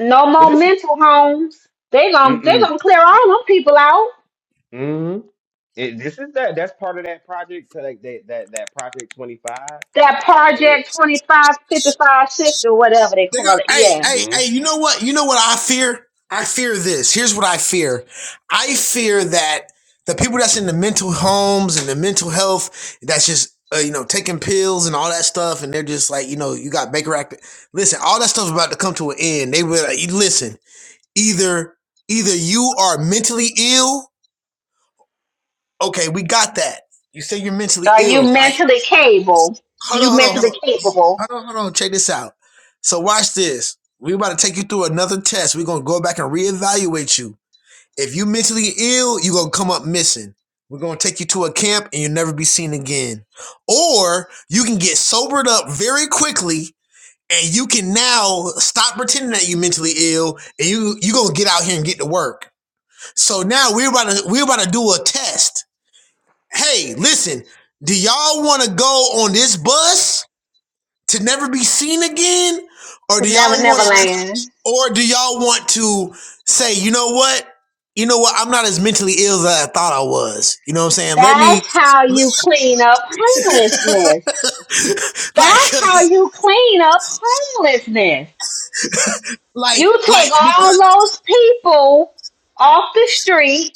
No But more this is mental homes. They gon' mm they mm gonna clear all them people out. mm. it, this is that that's part of that project to like that that that project twenty five. That It, Project 25, 55, 60, whatever they They're call gonna, it. hey, Yeah. hey, hmm hey, you know what? You know what I fear? I fear this. Here's what I fear. I fear that the people that's in the mental homes and the mental health that's just uh, you know taking pills and all that stuff and they're just like you know you got Baker Act. Listen, all that stuff's about to come to an end. They will like, listen. Either either you are mentally ill. Okay, we got that. You say you're mentally Are you ill, right? mentally capable? Hold You on, hold on, hold mentally on. capable Hold on, hold on. Check this out. So watch this. We about to take you through another test. We're gonna go back and reevaluate you. If you ill, you're gonna come up missing. We're gonna take you to a camp and you'll never be seen again. Or you can get sobered up very quickly and you can now stop pretending that you're mentally ill and you you gonna get out here and get to work. So now we're about to we're about to do a test. Hey, listen, do y'all wanna go on this bus? to never be seen again, or to do y'all Never want Never Land. to, or do y'all want to say, you know what, you know what, I'm not as mentally ill as I thought I was. You know what I'm saying? Let me, That's how you clean up like, homelessness. That's how you clean up homelessness. like, You take like, all because, those people off the street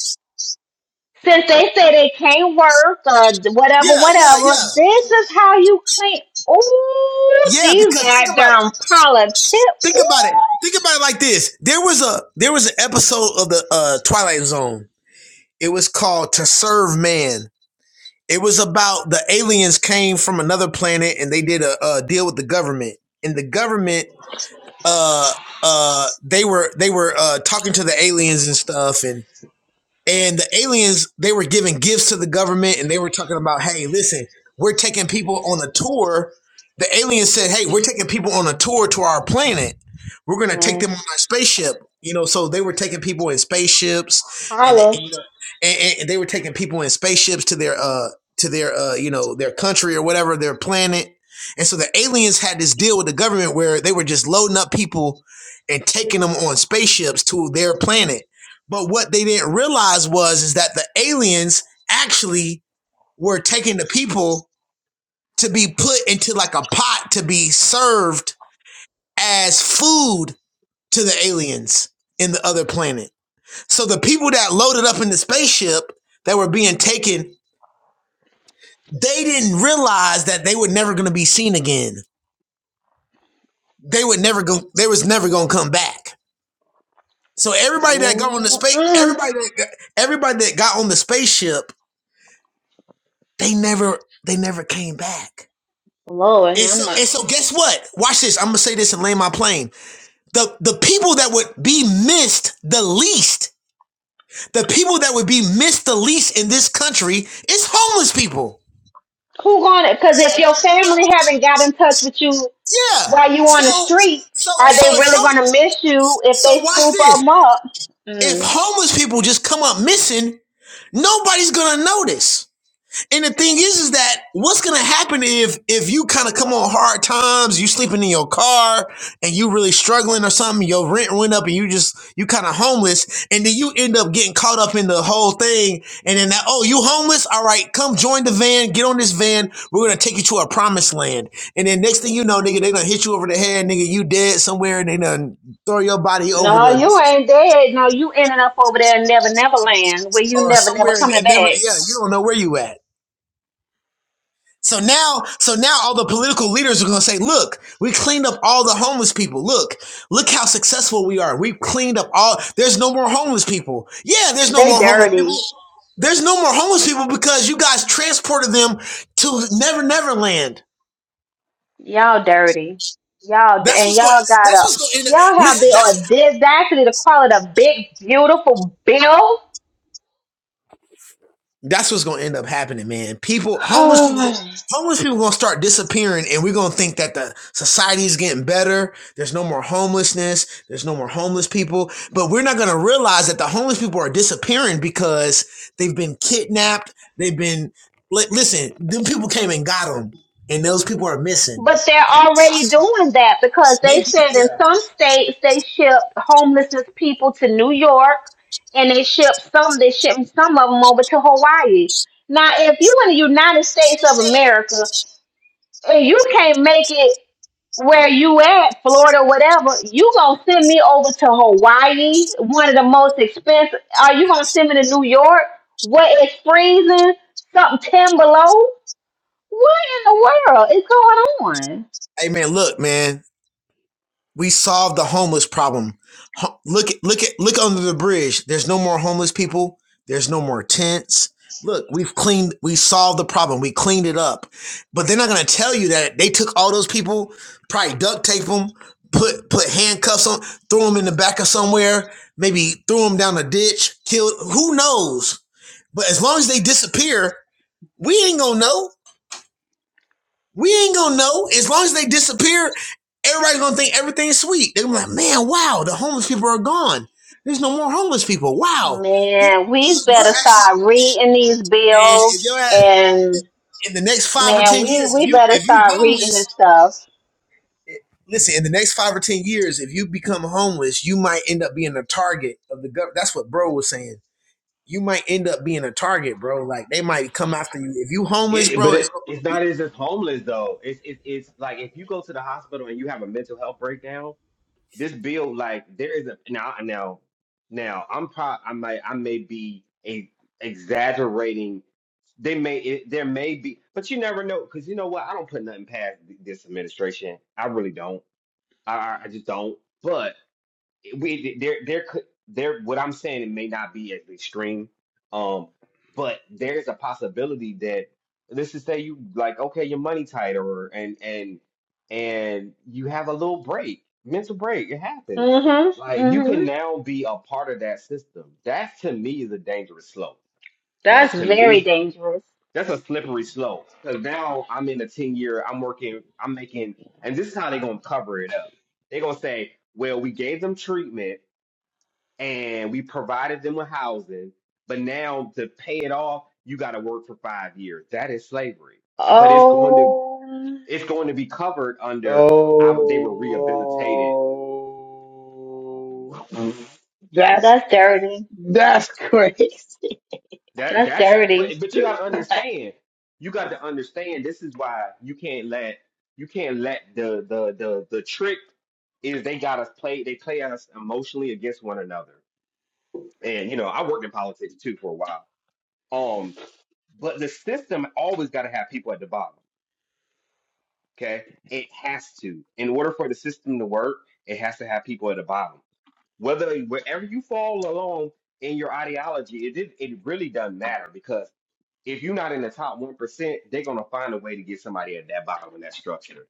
since they say they can't work or whatever, yeah, yeah, whatever. yeah, This is how you clean. Ooh, yeah. these Because think about it. goddamn politics. Think about it. Think about it like this. There was a there was an episode of the uh, Twilight Zone. It was called To Serve Man It was about the aliens came from another planet and they did a, a deal with the government. And the government, uh, uh, they were they were uh talking to the aliens and stuff, and. And the aliens, they were giving gifts to the government and they were talking about, hey, listen, we're taking people on a tour. The aliens said, hey, we're taking people on a tour to our planet. We're going to take Ooh, mm, them on our spaceship. You know, so they were taking people in spaceships and, and, holla. you know, and, and- and they were taking people in spaceships to their, uh, to their, uh, you know, their country or whatever, their planet. And so the aliens had this deal with the government where they were just loading up people and taking them on spaceships to their planet but what they didn't realize was is that the aliens actually were taking the people to be put into like a pot to be served as food to the aliens in the other planet. So the people that loaded up in the spaceship that were being taken, they didn't realize that they were never going to be seen again. They would never go. They was never going to come back. So everybody that got on the space, Mm-mm. everybody that got, everybody that got on the spaceship, they never they never came back Lord And have so, and so mercy. guess what? Watch this. I'm gonna say this and land my plane. The the people that would be missed the least, the people that would be missed the least in this country is homeless people. Who gonna? Because if your family haven't got in touch with you Yeah. while you So on the street, so are so they if really gonna miss you if so they watch scoop this. them up? If Mm. homeless people just come up missing, nobody's gonna notice. And the thing is, is that what's gonna happen if if you kind of come on hard times, you sleeping in your car, and you really struggling or something, your rent went up, and you just you kind of homeless, and then you end up getting caught up in the whole thing, and then that oh you homeless, all right, come join the van, get on this van, we're gonna take you to our promised land, and then next thing you know, nigga, they gonna hit you over the head, nigga, you dead somewhere, and they gonna throw your body over No, the you ditch ain't dead. No, you ending up over there in Never Never Land where you or never never somewhere, and, coming and never, back. yeah, you don't know where you at. So now, so now all the political leaders are going to say, look, we cleaned up all the homeless people. Look, look how successful we are. We've cleaned up all, there's no more homeless people. Yeah, there's no They more homeless people. dirty. There's no more homeless people because you guys transported them to Never Never Land. Y'all dirty. Y'all d- That's and what's going, y'all got that's up. what's going Y'all have listen, the that's, audacity to call it a big, beautiful bill. That's what's gonna end up happening, man. People, homeless people, homeless people gonna start disappearing, and we're gonna think that the society is getting better. There's no more homelessness. There's no more homeless people, but we're not gonna realize that the homeless people are disappearing because they've been kidnapped. They've been listen. Them people came and got them, and those people are missing. But they're already doing that because they They, said in yeah. some states they ship homelessness people to New York and they ship some they ship some of them over to Hawaii. Now if you in the United States of America and you can't make it where you at, Florida, whatever, you gonna send me over to Hawaii, one of the most expensive are you gonna send me to New York where it's freezing, something ten below? What in the world is going on? Hey man, look, man. We solved the homeless problem. Ho- Look, at look at look under the bridge. There's no more homeless people. There's no more tents. Look, we've cleaned. We solved the problem. We cleaned it up. But they're not gonna tell you that they took all those people, probably duct tape them, put put handcuffs on, threw them in the back of somewhere, maybe threw them down a ditch, killed. Who knows? But as long as they disappear, we ain't gonna know. We ain't gonna know. As long as they disappear, everybody's gonna think everything's sweet. They're gonna be like, man, wow, the homeless people are gone. There's no more homeless people. Wow. Man, we better We're actually start reading these and bills if you're at and in the next five or man, ten we years, if we you better if you start reading homeless, this stuff. listen, in the next five or ten years, if you become homeless, you might end up being a target of the government. That's what bro was saying. You might end up being a target, bro. Like they might come after you. If you homeless, it bro, but it's it it's not as just homeless though. It's it's it's like if you go to the hospital and you have a mental health breakdown this bill, like there is a now now now I'm pro I might I may be a, exaggerating. They may it, there may be, but you never know because you know what I don't put nothing past th- this administration. I really don't. I I I just don't. But we there there could there what I'm saying it may not be as extreme, um, but there's a possibility that let's just say you like okay your money tight or and and and you have a little break, mental break. It happens. hmm Like you hmm can now be a part of that system. That to me is a dangerous slope. That's Like to very me, dangerous. that's a slippery slope. Cause now I'm in a ten year. I'm working. I'm making. And this is how they're gonna cover it up. They're gonna say, well, we gave them treatment and we provided them with housing, but now to pay it off, you got to work for five years. That is slavery, and but it's going to Oh, it's going to be covered Oh, under I, they were rehabilitated. that's that's dirty. that's crazy. That That's that's but dirty. but you got to understand. You got to understand. This is why you can't let you can't let the the the the trick is they got us play they play us emotionally against one another. And you know I worked in politics too for a while. Um, but the system always got to have people at the bottom Okay. It has to. In order for the system to work, it has to have people at the bottom. Whether wherever you fall along in your ideology, it did, it really doesn't matter because if you're not in the top one percent, they're gonna find a way to get somebody at that bottom in that structure.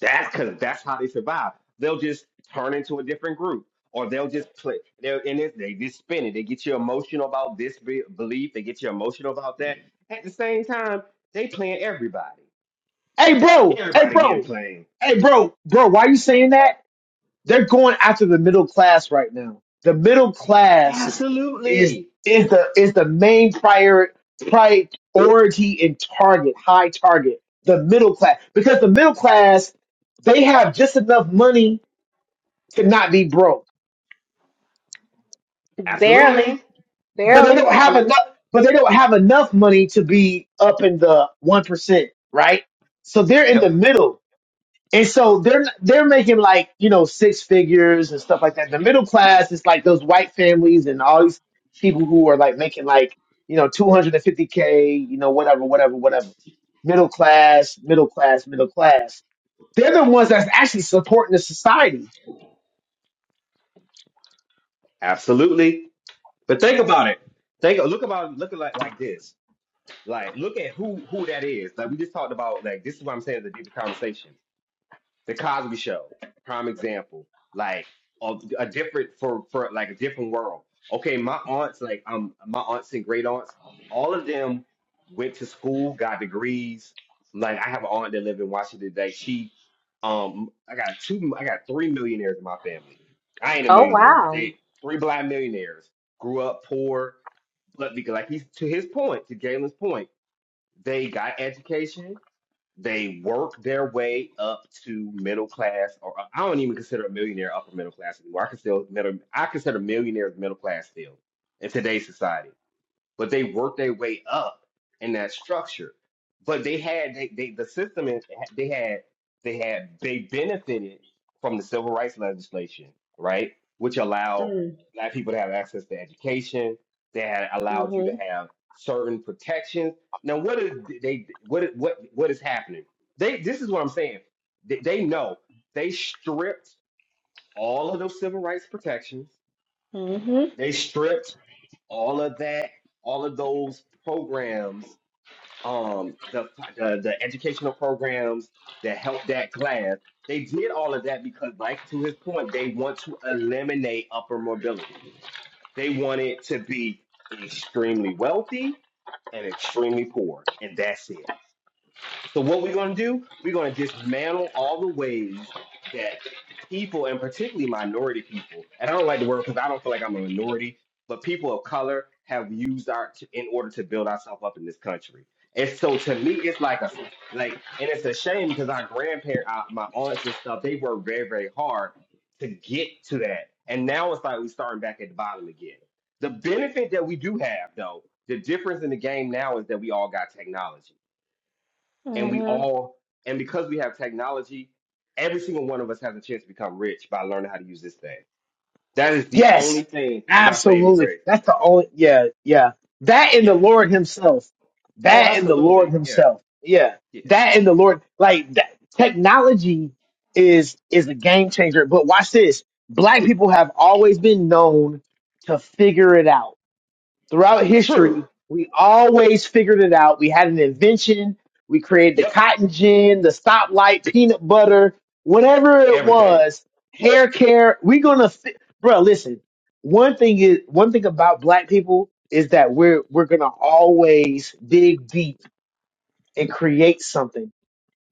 That's because that's how they survive. They'll just turn into a different group, or they'll just play. They're in it. They just spin it. They get you emotional about this be- belief. They get you emotional about that. At the same time, they playing everybody. Hey, bro. Hey, Everybody getting bro. played Hey, bro. Bro, why are you saying that? They're going after the middle class right now. The middle class is Absolutely. is the is the main prior priority and target, high target, the middle class. Because the middle class, they have just enough money to not be broke. Barely. Absolutely. But they Barely. don't have But- enough but they don't have enough money to be up in the one percent, right? So they're in the Yep. middle And so they're they're making like you know six figures and stuff like that. The middle class is like those white families and all these people who are like making like you know two hundred and fifty k, you know whatever, whatever, whatever. Middle class, middle class, middle class. They're the ones that's actually supporting the society Absolutely. But think about it. Think look about look at like like this. Like look at who who that is. Like we just talked about like this is what I'm saying is a deeper conversation. The Cosby Show, prime example, like a, a different for for like a different world. Okay, my aunts, like um, my aunts and great aunts, all of them went to school, got degrees. Like I have an aunt that live in Washington. Like she, um, I got two, I got three millionaires in my family. I ain't a Oh millionaire, but wow. they three black millionaires grew up poor, but because like he's to his point, to Galen's point, they got education they work their way up to middle class, or I don't even consider a millionaire upper middle class anymore. I consider middle, I consider millionaires middle class still in today's society but they worked their way up in that structure. But they had they, they the system is they had they had they benefited from the civil rights legislation, right? Which allowed Mm, black people to have access to education. They had allowed you to hmm have certain protections. Now, what is they what what what is happening? They this is what I'm saying. They, they know they stripped all of those civil rights protections. hmm They stripped all of that, all of those programs, um, the the, the educational programs that help that class, they did all of that because, like to his point, they want to eliminate upper mobility. They want it to be extremely wealthy and extremely poor, and that's it. So what we're going to do, we're going to dismantle all the ways that people, and particularly minority people, and I don't like the word because I don't feel like I'm a minority, but people of color have used our t- in order to build ourselves up in this country. And so to me, it's like a sl- like, and it's a shame because our grandparents, my aunts and stuff, they worked very, very hard to get to that. And now it's like we're starting back at the bottom again. The benefit that we do have, though, the difference in the game now is that we all got technology and we hmm all and because we have technology every single one of us has a chance to become rich by learning how to use this thing that is the Yes, only thing is our saving absolutely. grace That's the only. Yeah, yeah. That in the yeah Lord Himself. oh That in the Lord absolutely yeah Himself. Yeah. yeah That in the Lord. Like that, technology is is a game changer. But watch this. Black people have always been known to figure it out throughout true history, we always figured it out. We had an invention. We created the yep cotton gin, the stoplight, peanut butter, whatever it everything was, hair care. We're gonna, fi- bro. Listen, one thing is one thing about black people is that we're we're gonna always dig deep and create something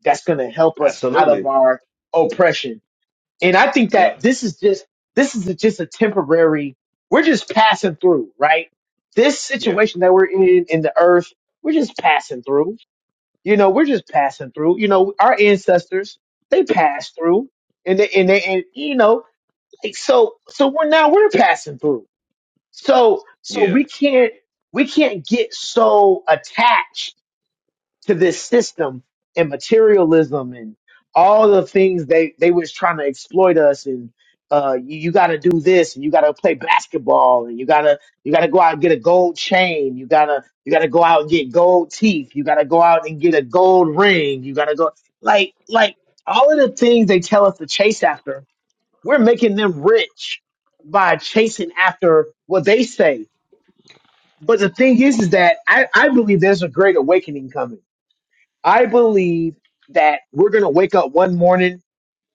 that's gonna help us out of absolutely our oppression and I think that yep this is just this is just a temporary. We're just passing through, right? This yeah situation that we're in in the earth, we're just passing through. You know, we're just passing through. You know, our ancestors they passed through, and they and they and you know, like so so we're now we're passing through. So so yeah we can't we can't get so attached to this system and materialism and all the things they they was trying to exploit us and uh you, you got to do this and you got to play basketball and you got to you got to go out and get a gold chain you got to you got to go out and get gold teeth you got to go out and get a gold ring you got to go like like all of the things they tell us to chase after we're making them rich by chasing after what they say but the thing is is that I, I believe there's a great awakening coming I believe that we're going to wake up one morning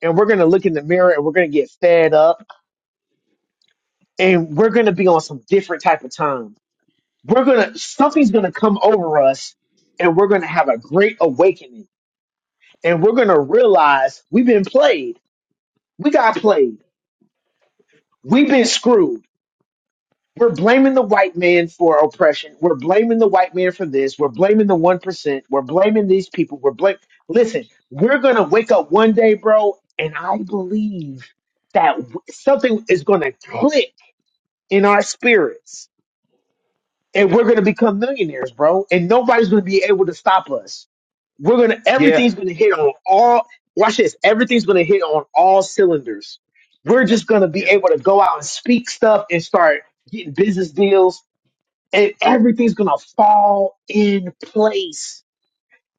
and we're going to look in the mirror and we're going to get fed up and we're going to be on some different type of time. We're going to, something's going to come over us and we're going to have a great awakening and we're going to realize we've been played. We got played. We've been screwed. We're blaming the white man for oppression. We're blaming the white man for this. We're blaming the 1%. We're blaming these people. We're blame. Listen, we're going to wake up one day, bro, and I believe that w- something is going to click in our spirits and we're going to become millionaires, bro. And nobody's going to be able to stop us. We're going to, yeah everything's going to hit on all, watch this, everything's going to hit on all cylinders. We're just going to be yeah able to go out and speak stuff and start getting business deals and everything's gonna fall in place.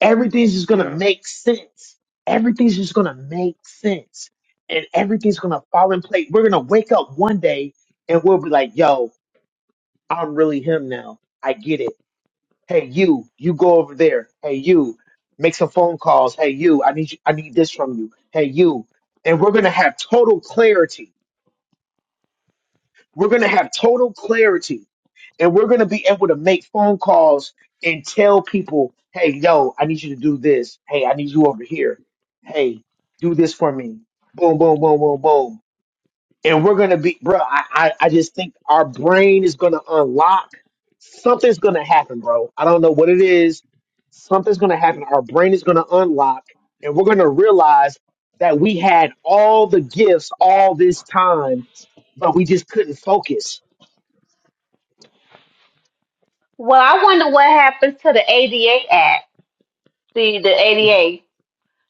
Everything's just gonna yeah make sense. Everything's just gonna make sense, and everything's gonna fall in place. We're gonna wake up one day and we'll be like, "Yo, I'm really him now. I get it. Hey, you, you go over there. Hey, you, make some phone calls. Hey, you, I need you, I need this from you. Hey, you." And we're gonna have total clarity We're going to have total clarity and we're going to be able to make phone calls and tell people, hey, yo, I need you to do this. Hey, I need you over here. Hey, do this for me. Boom, boom, boom, boom, boom. And we're going to be, bro, I, I, I just think our brain is going to unlock. Something's going to happen, bro. I don't know what it is. Something's going to happen. Our brain is going to unlock and we're going to realize that we had all the gifts all this time, but we just couldn't focus Well, I wonder what happens to the ADA Act. See the what's, ADA.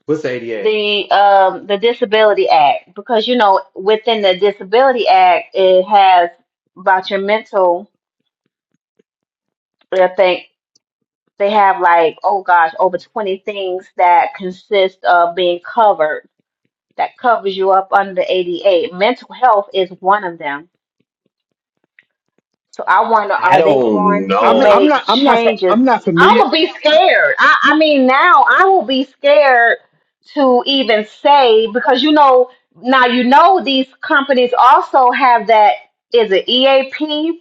what's ada the um the disability act because you know within the disability act it has about your mental I think they have like oh gosh over 20 things that consist of being covered that covers you up under the ADA mental health is one of them So I wonder, i are they going don't to I'm not, I'm know not make I'm not fa- changes? I'm not I familiar, would be scared. I, I mean, now I will be scared to even say because you know now you know these companies also have that is it EAP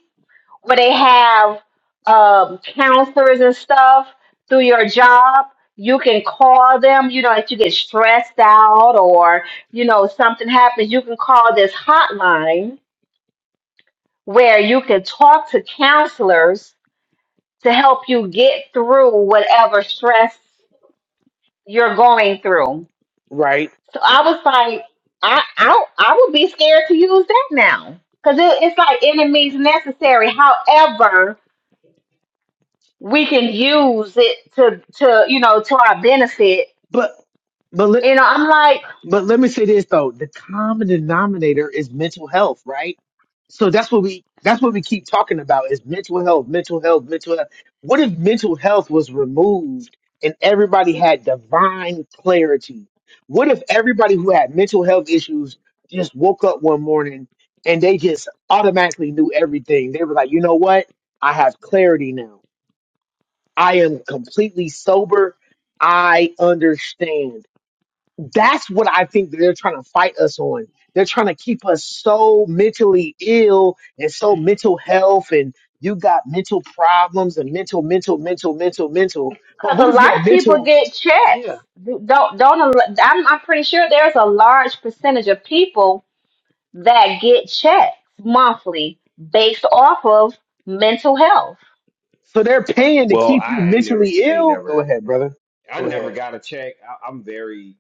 where they have um, counselors and stuff through your job. You can call them. You know, if you get stressed out or you know something happens, you can call this hotline where you can talk to counselors to help you get through whatever stress you're going through. right? So I was like, I I, I would be scared to use that now because it, it's like enemies necessary. However, we can use it to to you know to our benefit. But but let You know, I'm like but let me say this though: the common denominator is mental health, right? So that's what we that's what we keep talking about is mental health, mental health, mental health. What if mental health was removed and everybody had divine clarity? What if everybody who had mental health issues just woke up one morning and they just automatically knew everything? They were like, you know what? I have clarity now I am completely sober. I understand. That's what I think that they're trying to fight us on. They're trying to keep us so mentally ill and so mental health and you got mental problems and mental, mental, mental, mental, mental. But because a what if lot your of people mental, get yeah. checks. Don't don't. al- I'm I'm pretty sure there's a large percentage of people that get checks monthly based off of mental health. So they're paying to well keep you i ain't never mentally i ain't ill? Go never ahead, brother. i Go ahead. never got a check I, i'm very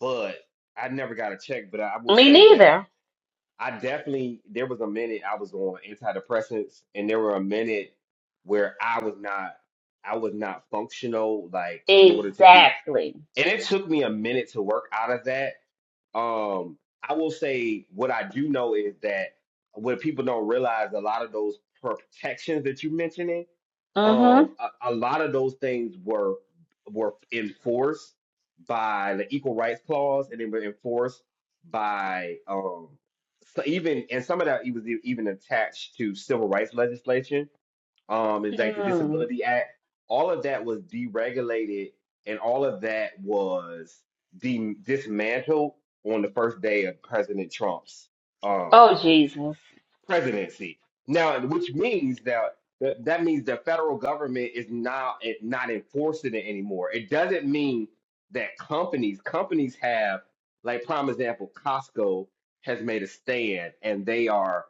but i never got a check but i will Me say that neither. I definitely there was a minute I was on antidepressants, and there were a minute where I was not I was not functional, like in order to be. Exactly. And it took me a minute to work out of that. Um, I will say what I do know is that what people don't realize a lot of those protections that you mentioning um Mm-hmm. a, a lot of those things were were enforced by the equal rights clause and they were enforced by um so even and some of that it was e- even attached to civil rights legislation um and like the Mm. disability act all of that was deregulated and all of that was de- dismantled on the first day of president trump's um Oh Jesus. presidency. Now, which means that that that means the federal government is now it- not enforcing it anymore. It doesn't mean that companies companies have like prime example, Costco has made a stand and they are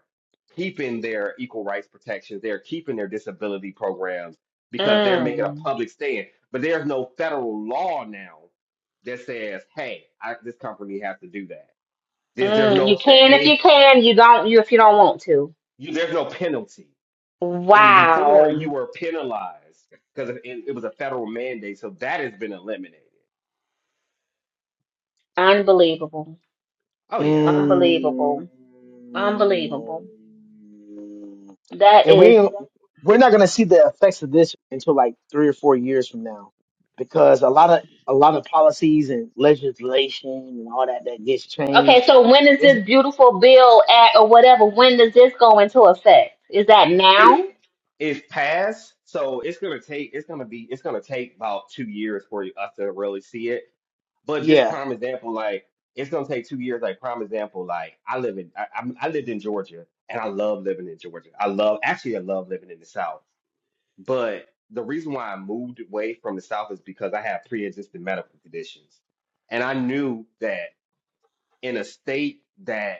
keeping their equal rights protections. They're keeping their disability programs because they're making a Mm. public stand. But there's no federal law now that says, "Hey, I, this company has to do that." There's, there's Mm. You no that can if you they can. You don't. You if you don't want to. you, there's no penalty and before Wow. you were penalized because it, it was a federal mandate, so that has been eliminated. Unbelievable. Oh yeah, Mm. Unbelievable. Unbelievable. That And we is ain't- we're not gonna see the effects of this until like three or four years from now, because a lot of a lot of policies and legislation and all that that gets okay. changed. So when is It's, this beautiful bill at or whatever? When does this go into effect? Is that now? it it's passed, so it's gonna take it's gonna be it's gonna take about two years for us to really see it. But just yeah, prime example, like it's gonna take two years. Like prime example, like I live in I, I'm- I lived in Georgia, and I love living in Georgia. I love actually I love living in the South, but the reason why I moved away from the South is because I had pre-existing medical conditions, and I knew that. in a state that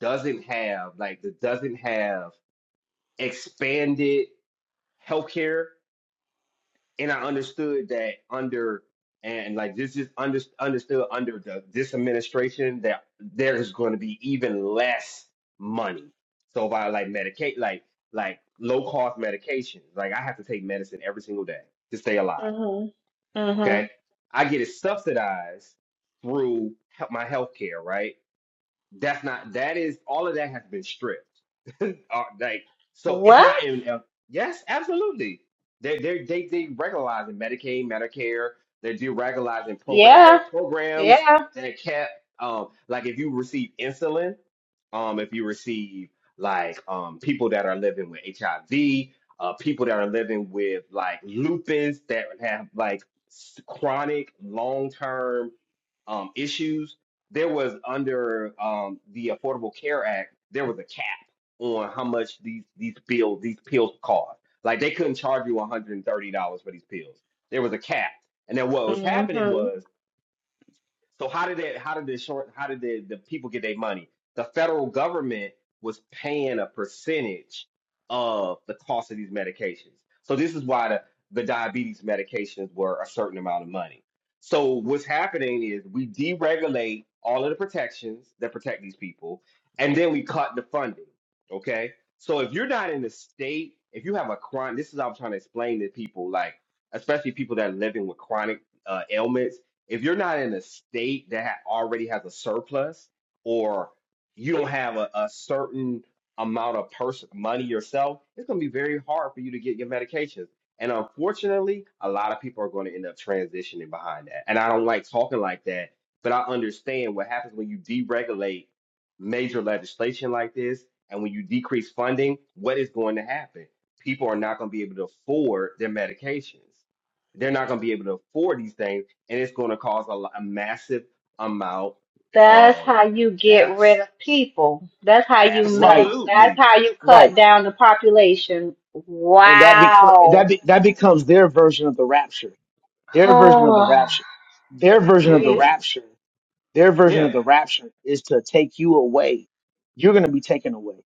doesn't have like that doesn't have expanded healthcare, and I understood that under and like this is under, understood under the, this administration that there is going to be even less money. So by like medicate like like low cost medication, like I have to take medicine every single day to stay alive. Mm-hmm. Mm-hmm. Okay, I get it subsidized through he- my healthcare, right? That's not. That is all of that has been stripped. Uh, like so, it's What? not in. uh, yes, absolutely. They are they are they they regularizing Medicaid, Medicare. They're deregularizing program Yeah, the programs yeah. that kept um like if you receive insulin, um if you receive like um people that are living with HIV, uh people that are living with like lupus that have like s- chronic long term um, issues, there was under um, the Affordable Care Act, there was a cap on how much these these pills these pills cost. Like they couldn't charge you $130 for these pills. There was a cap. And then what was happening hmm was so how did it? How did the short? How did the, the people get their money? The federal government was paying a percentage of the cost of these medications. So this is why the, the diabetes medications were a certain amount of money. So what's happening is we deregulate all of the protections that protect these people, and then we cut the funding. Okay. So if you're not in the state, if you have a chronic, this is how I'm trying to explain to people, like especially people that are living with chronic uh, ailments if you're not in a state that ha- already has a surplus or you don't have a, a certain amount of person money yourself, it's going to be very hard for you to get your medications. And unfortunately, a lot of people are going to end up transitioning behind that. And I don't like talking like that, but I understand what happens when you deregulate major legislation like this and when you decrease funding, what is going to happen? People are not going to be able to afford their medications. They're not going to be able to afford these things and it's going to cause a, lo- a massive amount That's of how you get deaths. rid of people. That's how you right, minim that's Absolutely. how you cut right, down the population. and that become that Wow. be, that becomes their version of the rapture. Their version of the Oh, rapture. Their version of the hmm jeez. rapture. Their version Yeah. of the rapture is to take you away. You're gonna be taken away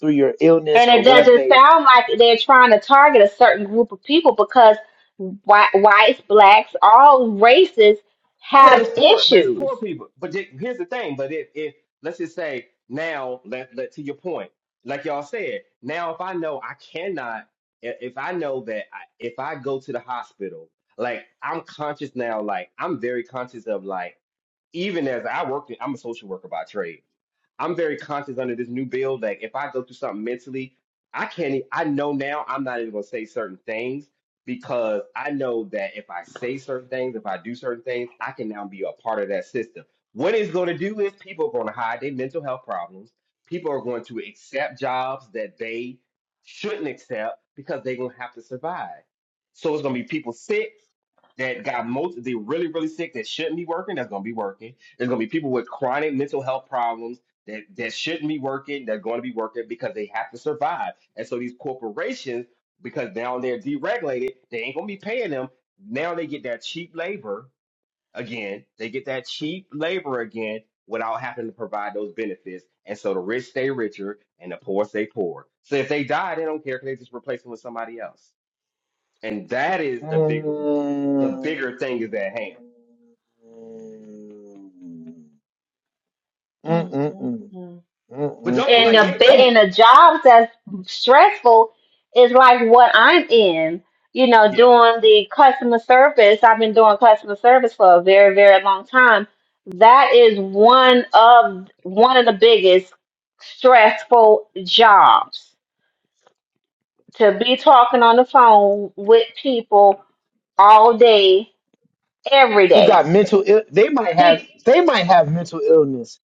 through your illness And or it whatever doesn't they. sound like they're trying to target a certain group of people because whi whites, blacks, all races Oh, have it's poor, but it's issues. poor people. But th- here's the thing. But if, if let's just say now, let, let to your point, like y'all said, now if I know I cannot, i- if I know that I, if I go to the hospital, like I'm conscious now, like I'm very conscious of like even as I work, in- I'm a social worker by trade I'm very conscious under this new bill that if I go through something mentally, I can't. e- I know now I'm not even gonna say certain things because I know that if I say certain things, if I do certain things, I can now be a part of that system. What it's gonna do is people are gonna hide their mental health problems. People are going to accept jobs that they shouldn't accept because they're gonna have to survive. So it's gonna be people sick that got most the really really sick that shouldn't be working that's going to be working there's going to be people with chronic mental health problems that that shouldn't be working they're going to be working because they have to survive and so these corporations because now they're deregulated they ain't going to be paying them now they get that cheap labor again they get that cheap labor again without having to provide those benefits and so the rich stay richer and the poor stay poor so if they die they don't care because they just replace them with somebody else and that is the bigger the bigger Mm-mm-mm. thing is at hand. Mm-mm-mm. Mm-mm-mm. But don't and Mm-mm-mm. like a yeah, bit get That- in it. a job that's stressful is like what I'm in. You know, Yeah. doing the customer service. I've been doing customer service for a very, very long time. That is one of one of the biggest stressful jobs to be talking on the phone with people all day, every Who got day. mental ill? They might People, have. They might have mental illness.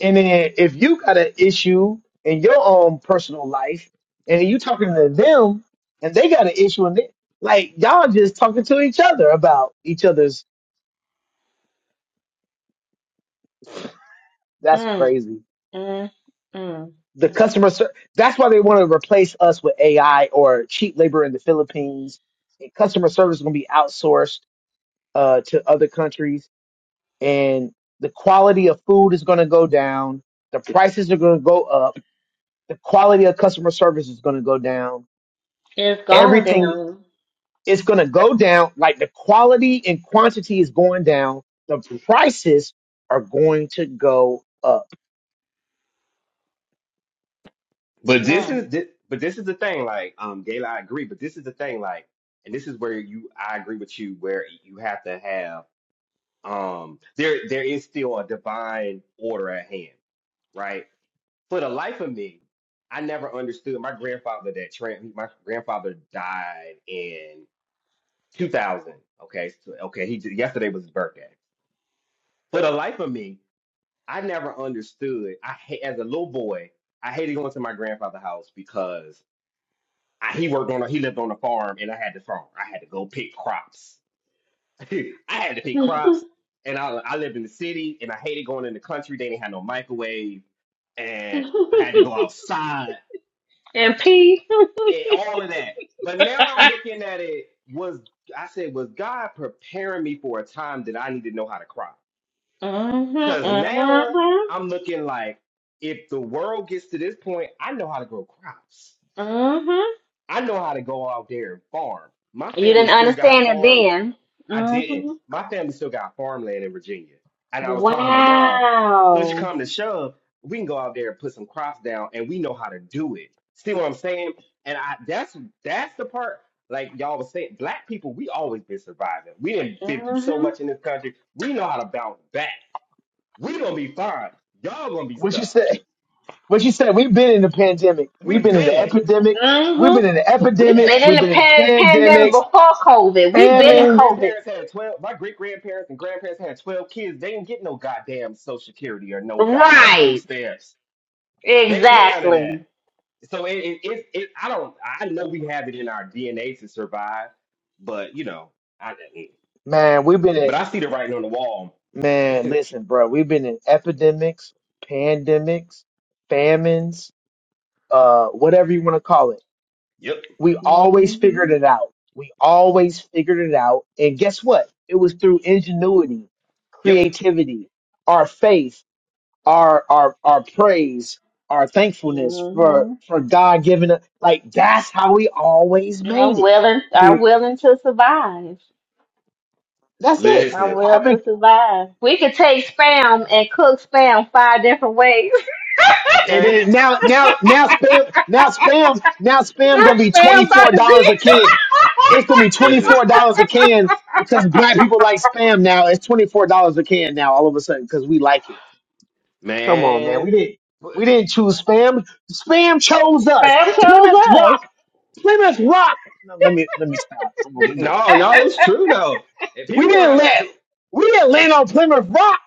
And then if you got an issue in your own personal life, and you talking to them, and they got an issue, and they like y'all just talking to each other about each other's. That's mm, crazy. mm, mm. the customer ser- that's why they want to replace us with AI or cheap labor in the Philippines. And customer service is going to be outsourced uh, to other countries, and the quality of food is going to go down. The prices are going to go up. The quality of customer service is going to go down. It's gone Everything down. is going to go down. Like the quality and quantity is going down. The prices are going to go up. But this is this, but this is the thing, like, um, Gayla, I agree, but this is the thing, like, and this is where you I agree with you, where you have to have um there there is still a divine order at hand, right? For the life of me, I never understood my grandfather that tran my grandfather died in 2000. Okay, so, okay, he j- yesterday was his birthday. For the life of me, I never understood. I ha- as a little boy, I hated going to my grandfather's house because I, he worked on a, he lived on a farm, and I had the farm. I had to go pick crops. I had to pick crops, and I I lived in the city, and I hated going in the country. They didn't have no microwave, and I had to go outside And, and all of that. But now I'm looking at it. Was I said was God preparing me for a time that I need to know how to crop? hmm Cause now hmm I'm looking like if the world gets to this point, I know how to grow crops. hmm I know how to go out there and farm. My You family didn't still got understand it farm. then. I didn't. hmm My family still got farmland in Virginia. And I was talking to my mom, push Wow. come to shove, we can go out there and put some crops down and we know how to do it. See what I'm saying? And I that's that's the part like y'all was saying, black people, we always been surviving. We done been through so hmm much in this country. We know how to bounce back. We gonna be fine. Y'all gonna be What you stuck. say? But you said we've been in the pandemic. We We've been in the been, epidemic. We've hmm been in the We've epidemic. been yeah, in We've the been in pan- pandemic man. pandemics, before COVID. We've Hey, been in my famine. COVID. grandparents had twelve. My great grandparents and grandparents had twelve kids. They didn't get no goddamn social security or no goddamn food Right. stamps. They didn't get none of Exactly. that. So it, it, it, it I don't. I know we have it in our DNA to survive, but you know, I. Man, we've been in But I see the writing on the wall. man. Listen, bro, we've been in epidemics, pandemics, famines, uh, whatever you want to call it. yep, We always figured hmm it out. We always figured it out. And guess what? It was through ingenuity, yep. creativity, our faith our our our praise, our thankfulness for hmm for God giving us like that's how we always made Our it. willing, our Through willing to survive. that's it. Our Listen, will to Having survive. We could take spam and cook spam five different ways. and okay, then now now now spam now spam now spam That gonna be twenty spam by four the dollars a beach. can. It's gonna be twenty listen, four dollars a can because black people like spam now. It's twenty four dollars a can now all of a sudden because we like it. Come on, man. man. We didn't we didn't choose spam. Spam chose us. spam chose Plymouth us. Rock. Plymouth Rock. No, let me let me stop. Come on, let me No, no, Let it's true though. If We people gonna didn't have a let pe- we didn't land on Plymouth Rock.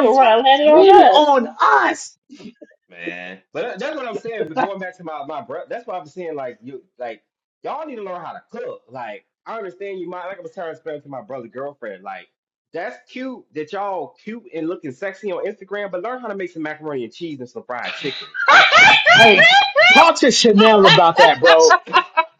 it Rock run, let it on landed us. on us. man, but that- that's what I'm saying. But going back to my my breath, that's why I'm saying like you like y'all need to learn how to cook. Like I understand you might like I was trying to explain to my brother girlfriend like that's cute that y'all cute and looking sexy on Instagram, but learn how to make some macaroni and cheese and some fried chicken. Hey, talk to Chanel about that, bro.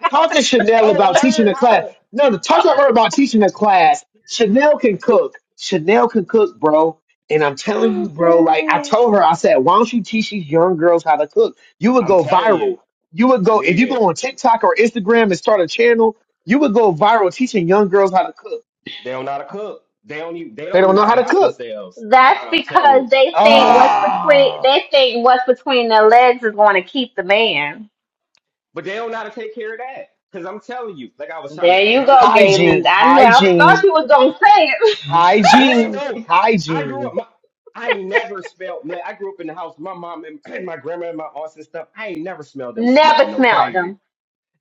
Talk to Chanel Don't about teaching learn the how class. to. No, no, talk to her about teaching the class. Chanel can cook. Chanel can cook, bro. And I'm telling you, Oh, bro, like I gosh. told her, I said, why don't you teach these young girls how to cook? You would I'm go telling viral. you, You would go if need you it. go on TikTok or Instagram and start a channel, you would go viral teaching young girls how to cook. They don't know how to cook. They don't even they They don't even don't know know how how to to wash cook. themselves. That's And I'm telling because you. they think what's between Ah, they think what's between their legs is going to keep the man. But they don't know how to take care of that. Cause I'm telling you, like I was trying to, There and you I'm not. go, Galen. hygiene, I knew I Nah. thought hygiene, you was gonna say it. No, hygiene, no. I grew up. hygiene. My, I never smelled. Like, I grew up in the house. My mom and, and my grandma and my aunts and stuff. I ain't never smelled them Never smelling no smelled crazy. them.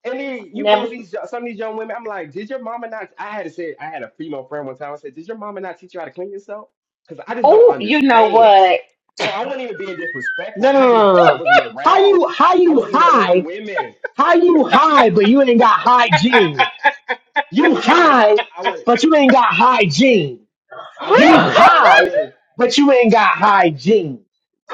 And then you Never. go Sm- these some of these young women. I'm like, did your mama not? I had to say. I had a female friend one time. I said, did your mama not teach you how to clean yourself? Because I just don't oh, you know understand. what? No, I wasn't even being disrespectful. No, no, I no, no, just no. I no. wasn't How around. you, how I you wasn't high, around women. how you high, but you ain't got hygiene. That's You what I'm saying. high, I would. but you ain't got hygiene. I wasn't You around high, women. but you ain't got hygiene.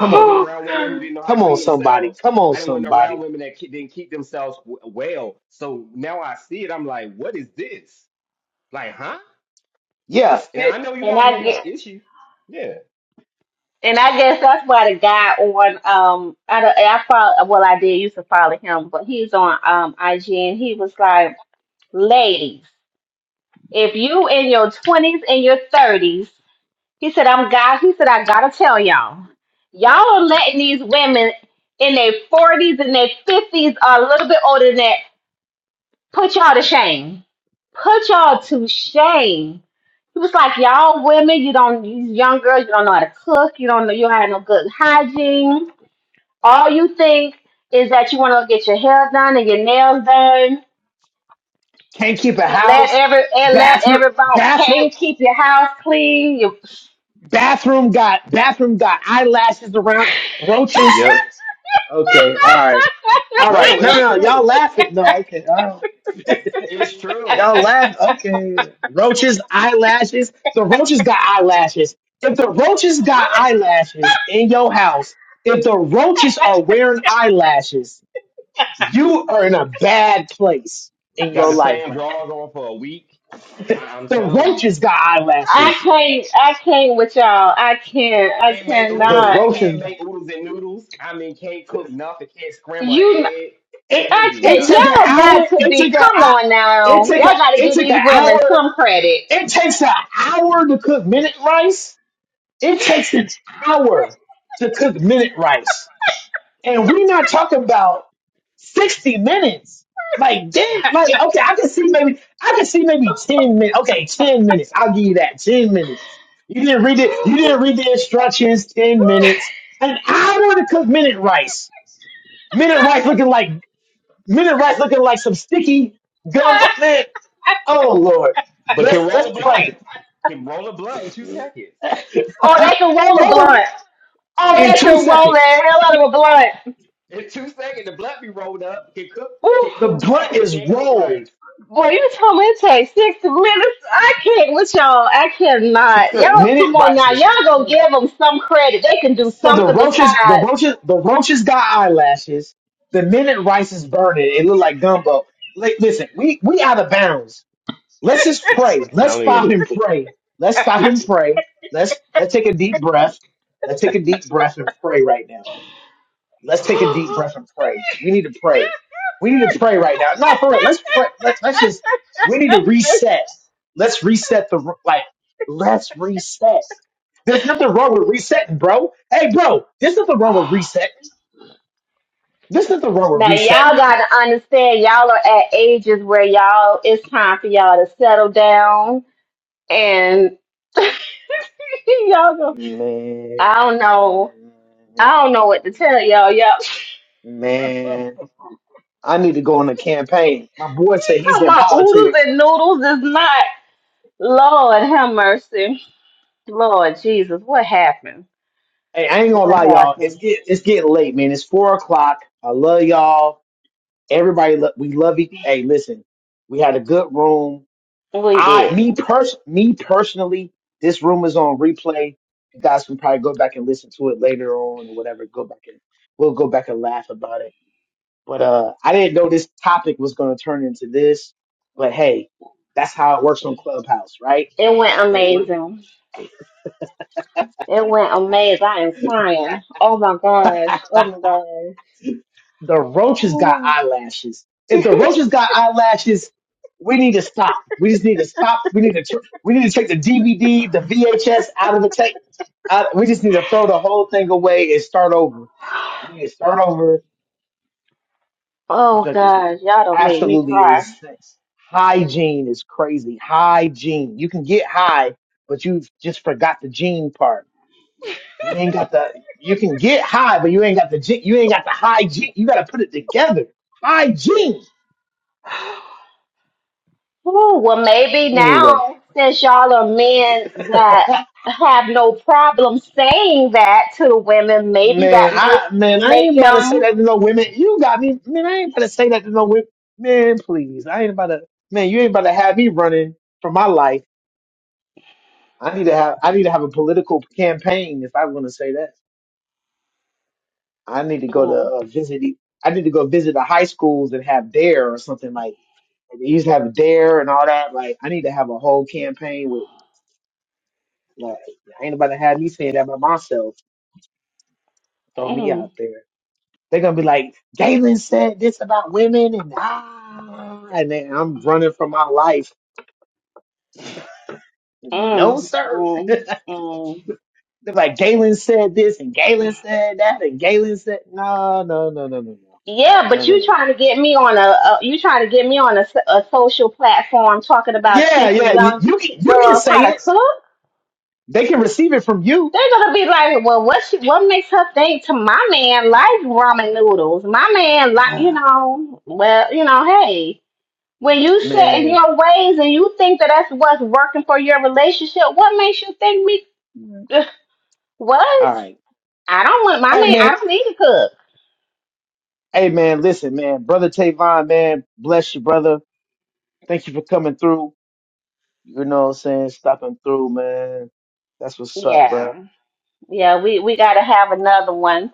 I on wasn't now. around women who didn't know how to Come on, clean somebody. themselves. Come on, I didn't want no around somebody. women that ke- didn't keep themselves w- well. So now I see it. I'm like, what is this? Like, huh? Yeah, And fit. I know you and got may I have issue. Yeah. And I guess that's why the guy on um I don't- I follow well I did used to follow him, but he's on um IG and he was like, ladies, if you in your twenties and your thirties," he said I'm God. He said I gotta tell y'all, y'all are letting these women in their forties and their fifties are a little bit older than that put y'all to shame, put y'all to shame. He was like, y'all women, you don't, you young girls, you don't know how to cook, you don't know, you don't have no good hygiene all you think is that you want to get your hair done and your nails done Can't keep a and let house. every and let Bathroom, everybody bathroom. paint, keep your house clean. You... Bathroom got bathroom got eyelashes around roaches. Yep. Okay, all right, all right. No, No, it's no, y'all true. laughing. No, okay, all right. It's true. Y'all And laugh. Okay, roaches, eyelashes. The roaches got eyelashes. If the roaches got eyelashes in your house, if the roaches are wearing eyelashes, you are in a bad place in got your the life same right drawers on for a week. I- I'm now. The telling you. roaches got I eyelashes. can't. I can't with y'all. I can't. I Can't make The oodles and cannot. roaches can't got. make oodles and noodles. I mean, can't cook nothing. Can't scramble an You. egg. it Can't I do it can't. take an nothing. Y'all got hour. to It be. take a Come hou- on it now. take a Y'all got to it give take an these women hour. some credit. It takes an hour to cook minute rice. It takes an hour to cook minute rice, and we not talking about sixty minutes. Like damn, like okay, I can see maybe I can see maybe ten minutes. Okay, ten minutes. I'll give you that. Ten minutes. You didn't read it. You didn't read the instructions. Ten minutes. An hour to cook minute rice. Minute rice looking like Minute rice looking like some sticky gum. Man, oh Lord, But let's can roll let's a blunt. pray, Can roll a blunt in two seconds. Oh, they can roll a brother. blunt. Oh, In they Can, two can roll the seconds, hell out of a blunt. in two seconds, the blunt be rolled up. Can cook. Ooh, Can the cook crack, blunt but is can't cook rolled rice. boy, you told me it takes six minutes. I can't with y'all. I to cannot. cook. Y'all Minute come on rice now. is Y'all gonna crazy. give them some credit. They can do So the something roaches, the besides. roaches, the roaches got eyelashes. The minute rice is burning. It look like gumbo. Like, listen, we we out of bounds. Let's just pray. I'm Let's telling you. stop and pray. Let's stop and pray. Let's let's take a deep breath. Let's take a deep breath and pray right now Let's take a deep breath and pray. We need to pray. We need to pray right now. No, for real. Let's pray. Let, let's just, we need to reset. Let's reset the, like, let's reset. There's nothing wrong with resetting, bro. Hey, bro, there's nothing wrong with resetting. There's nothing wrong with Now y'all resetting. gotta understand y'all are at ages where y'all it's time for y'all to settle down. And y'all go, Man. I don't know. I don't know what to tell y'all. Y'all Man. I need to go on a campaign. My boy said he's in my oodles politics. and noodles is not Lord have mercy. Lord Jesus, what happened? Hey, I ain't gonna lie, What y'all. It's happened? get, it's getting late, man. It's four o'clock. I love y'all. Everybody, lo- we love each. Hey, listen, we had a good room. We I, did. me pers- me personally, this room is on replay. You guys can probably go back and listen to it later on or whatever. Go back and we'll go back and laugh about it. But uh, I didn't know this topic was going to turn into this. But hey, that's how it works on Clubhouse, right? It went It works. amazing. It went amazing. I am crying. Oh my gosh. Oh my gosh. The roaches got Oh, eyelashes. If the roaches got eyelashes, we need to stop. We just need to stop. We need to tr- we need to take the DVD, the VHS out of the tape. Out we just need to throw the whole thing away and start over. We need to start over. oh Junk is gosh. Y'all don't make me absolutely cry. insane. Hygiene is crazy. Hygiene. You can get high, but you just forgot the gene part. You ain't got the. You can get high, but you ain't got the. gen- You ain't got the hygiene. You got to put it together. Hygiene Ooh, well, maybe Anyway, now, since y'all are men that have no problem saying that to the women, maybe man, that may I man, I make ain't about to say them. that to no women. You got me, man. I ain't about to say that to no women. Man, please, I ain't about to. Man, you ain't about to have me running for my life. I need to have. I need to have a political campaign if I am going to say that. I need to go to Mm, uh, visit. the- I need to go visit the high schools and have dare or something like. They used to have dare and all that. Like, I need to have a whole campaign with. Like, I ain't about to have me saying that by myself. Throw me mm, out there. They're gonna be like, Galen said this about women, and ah, and then I'm running for my life. No, mm, sir. mm, They're mm. like, Galen said this, and Galen said that, and Galen said, no, no, no, no, no, no, Yeah, no, but no. you no. trying to get me on a, a you trying to get me on a, s- a social platform talking about Yeah, teaching yeah, you, young you can ki- you can girls how say to it. cook? They can receive it from you. They're gonna be like, well, what she, what makes her think to my man like ramen noodles? My man like, you Ah, know, well, you know, hey. When you set in man, your ways and you think that that's what's working for your relationship, what makes you think me? What? all right. I don't want my Hey name. man, I don't need to cook. hey man, listen, man, brother Tavon, man, bless you, brother. Thank you for coming through. You know what I'm saying? Stopping through, man. That's what's up, bro. Yeah, yeah. We we got to have another one,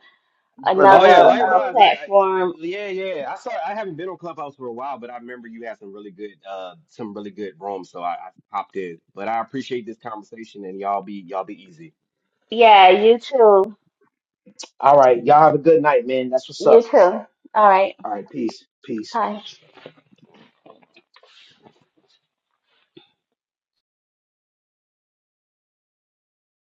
brother Oh yeah, another uh, likewise. Tavon. Like, I, platform. yeah, yeah. I saw. I haven't been on Clubhouse for a while, but I remember you had some really good, uh, some really good rooms, so I, I popped in. But I appreciate this conversation, and y'all be y'all be easy. Yeah, you too. All right. Y'all have a good night, man. That's what's You up. too. All right. All right. Peace. Peace. Bye.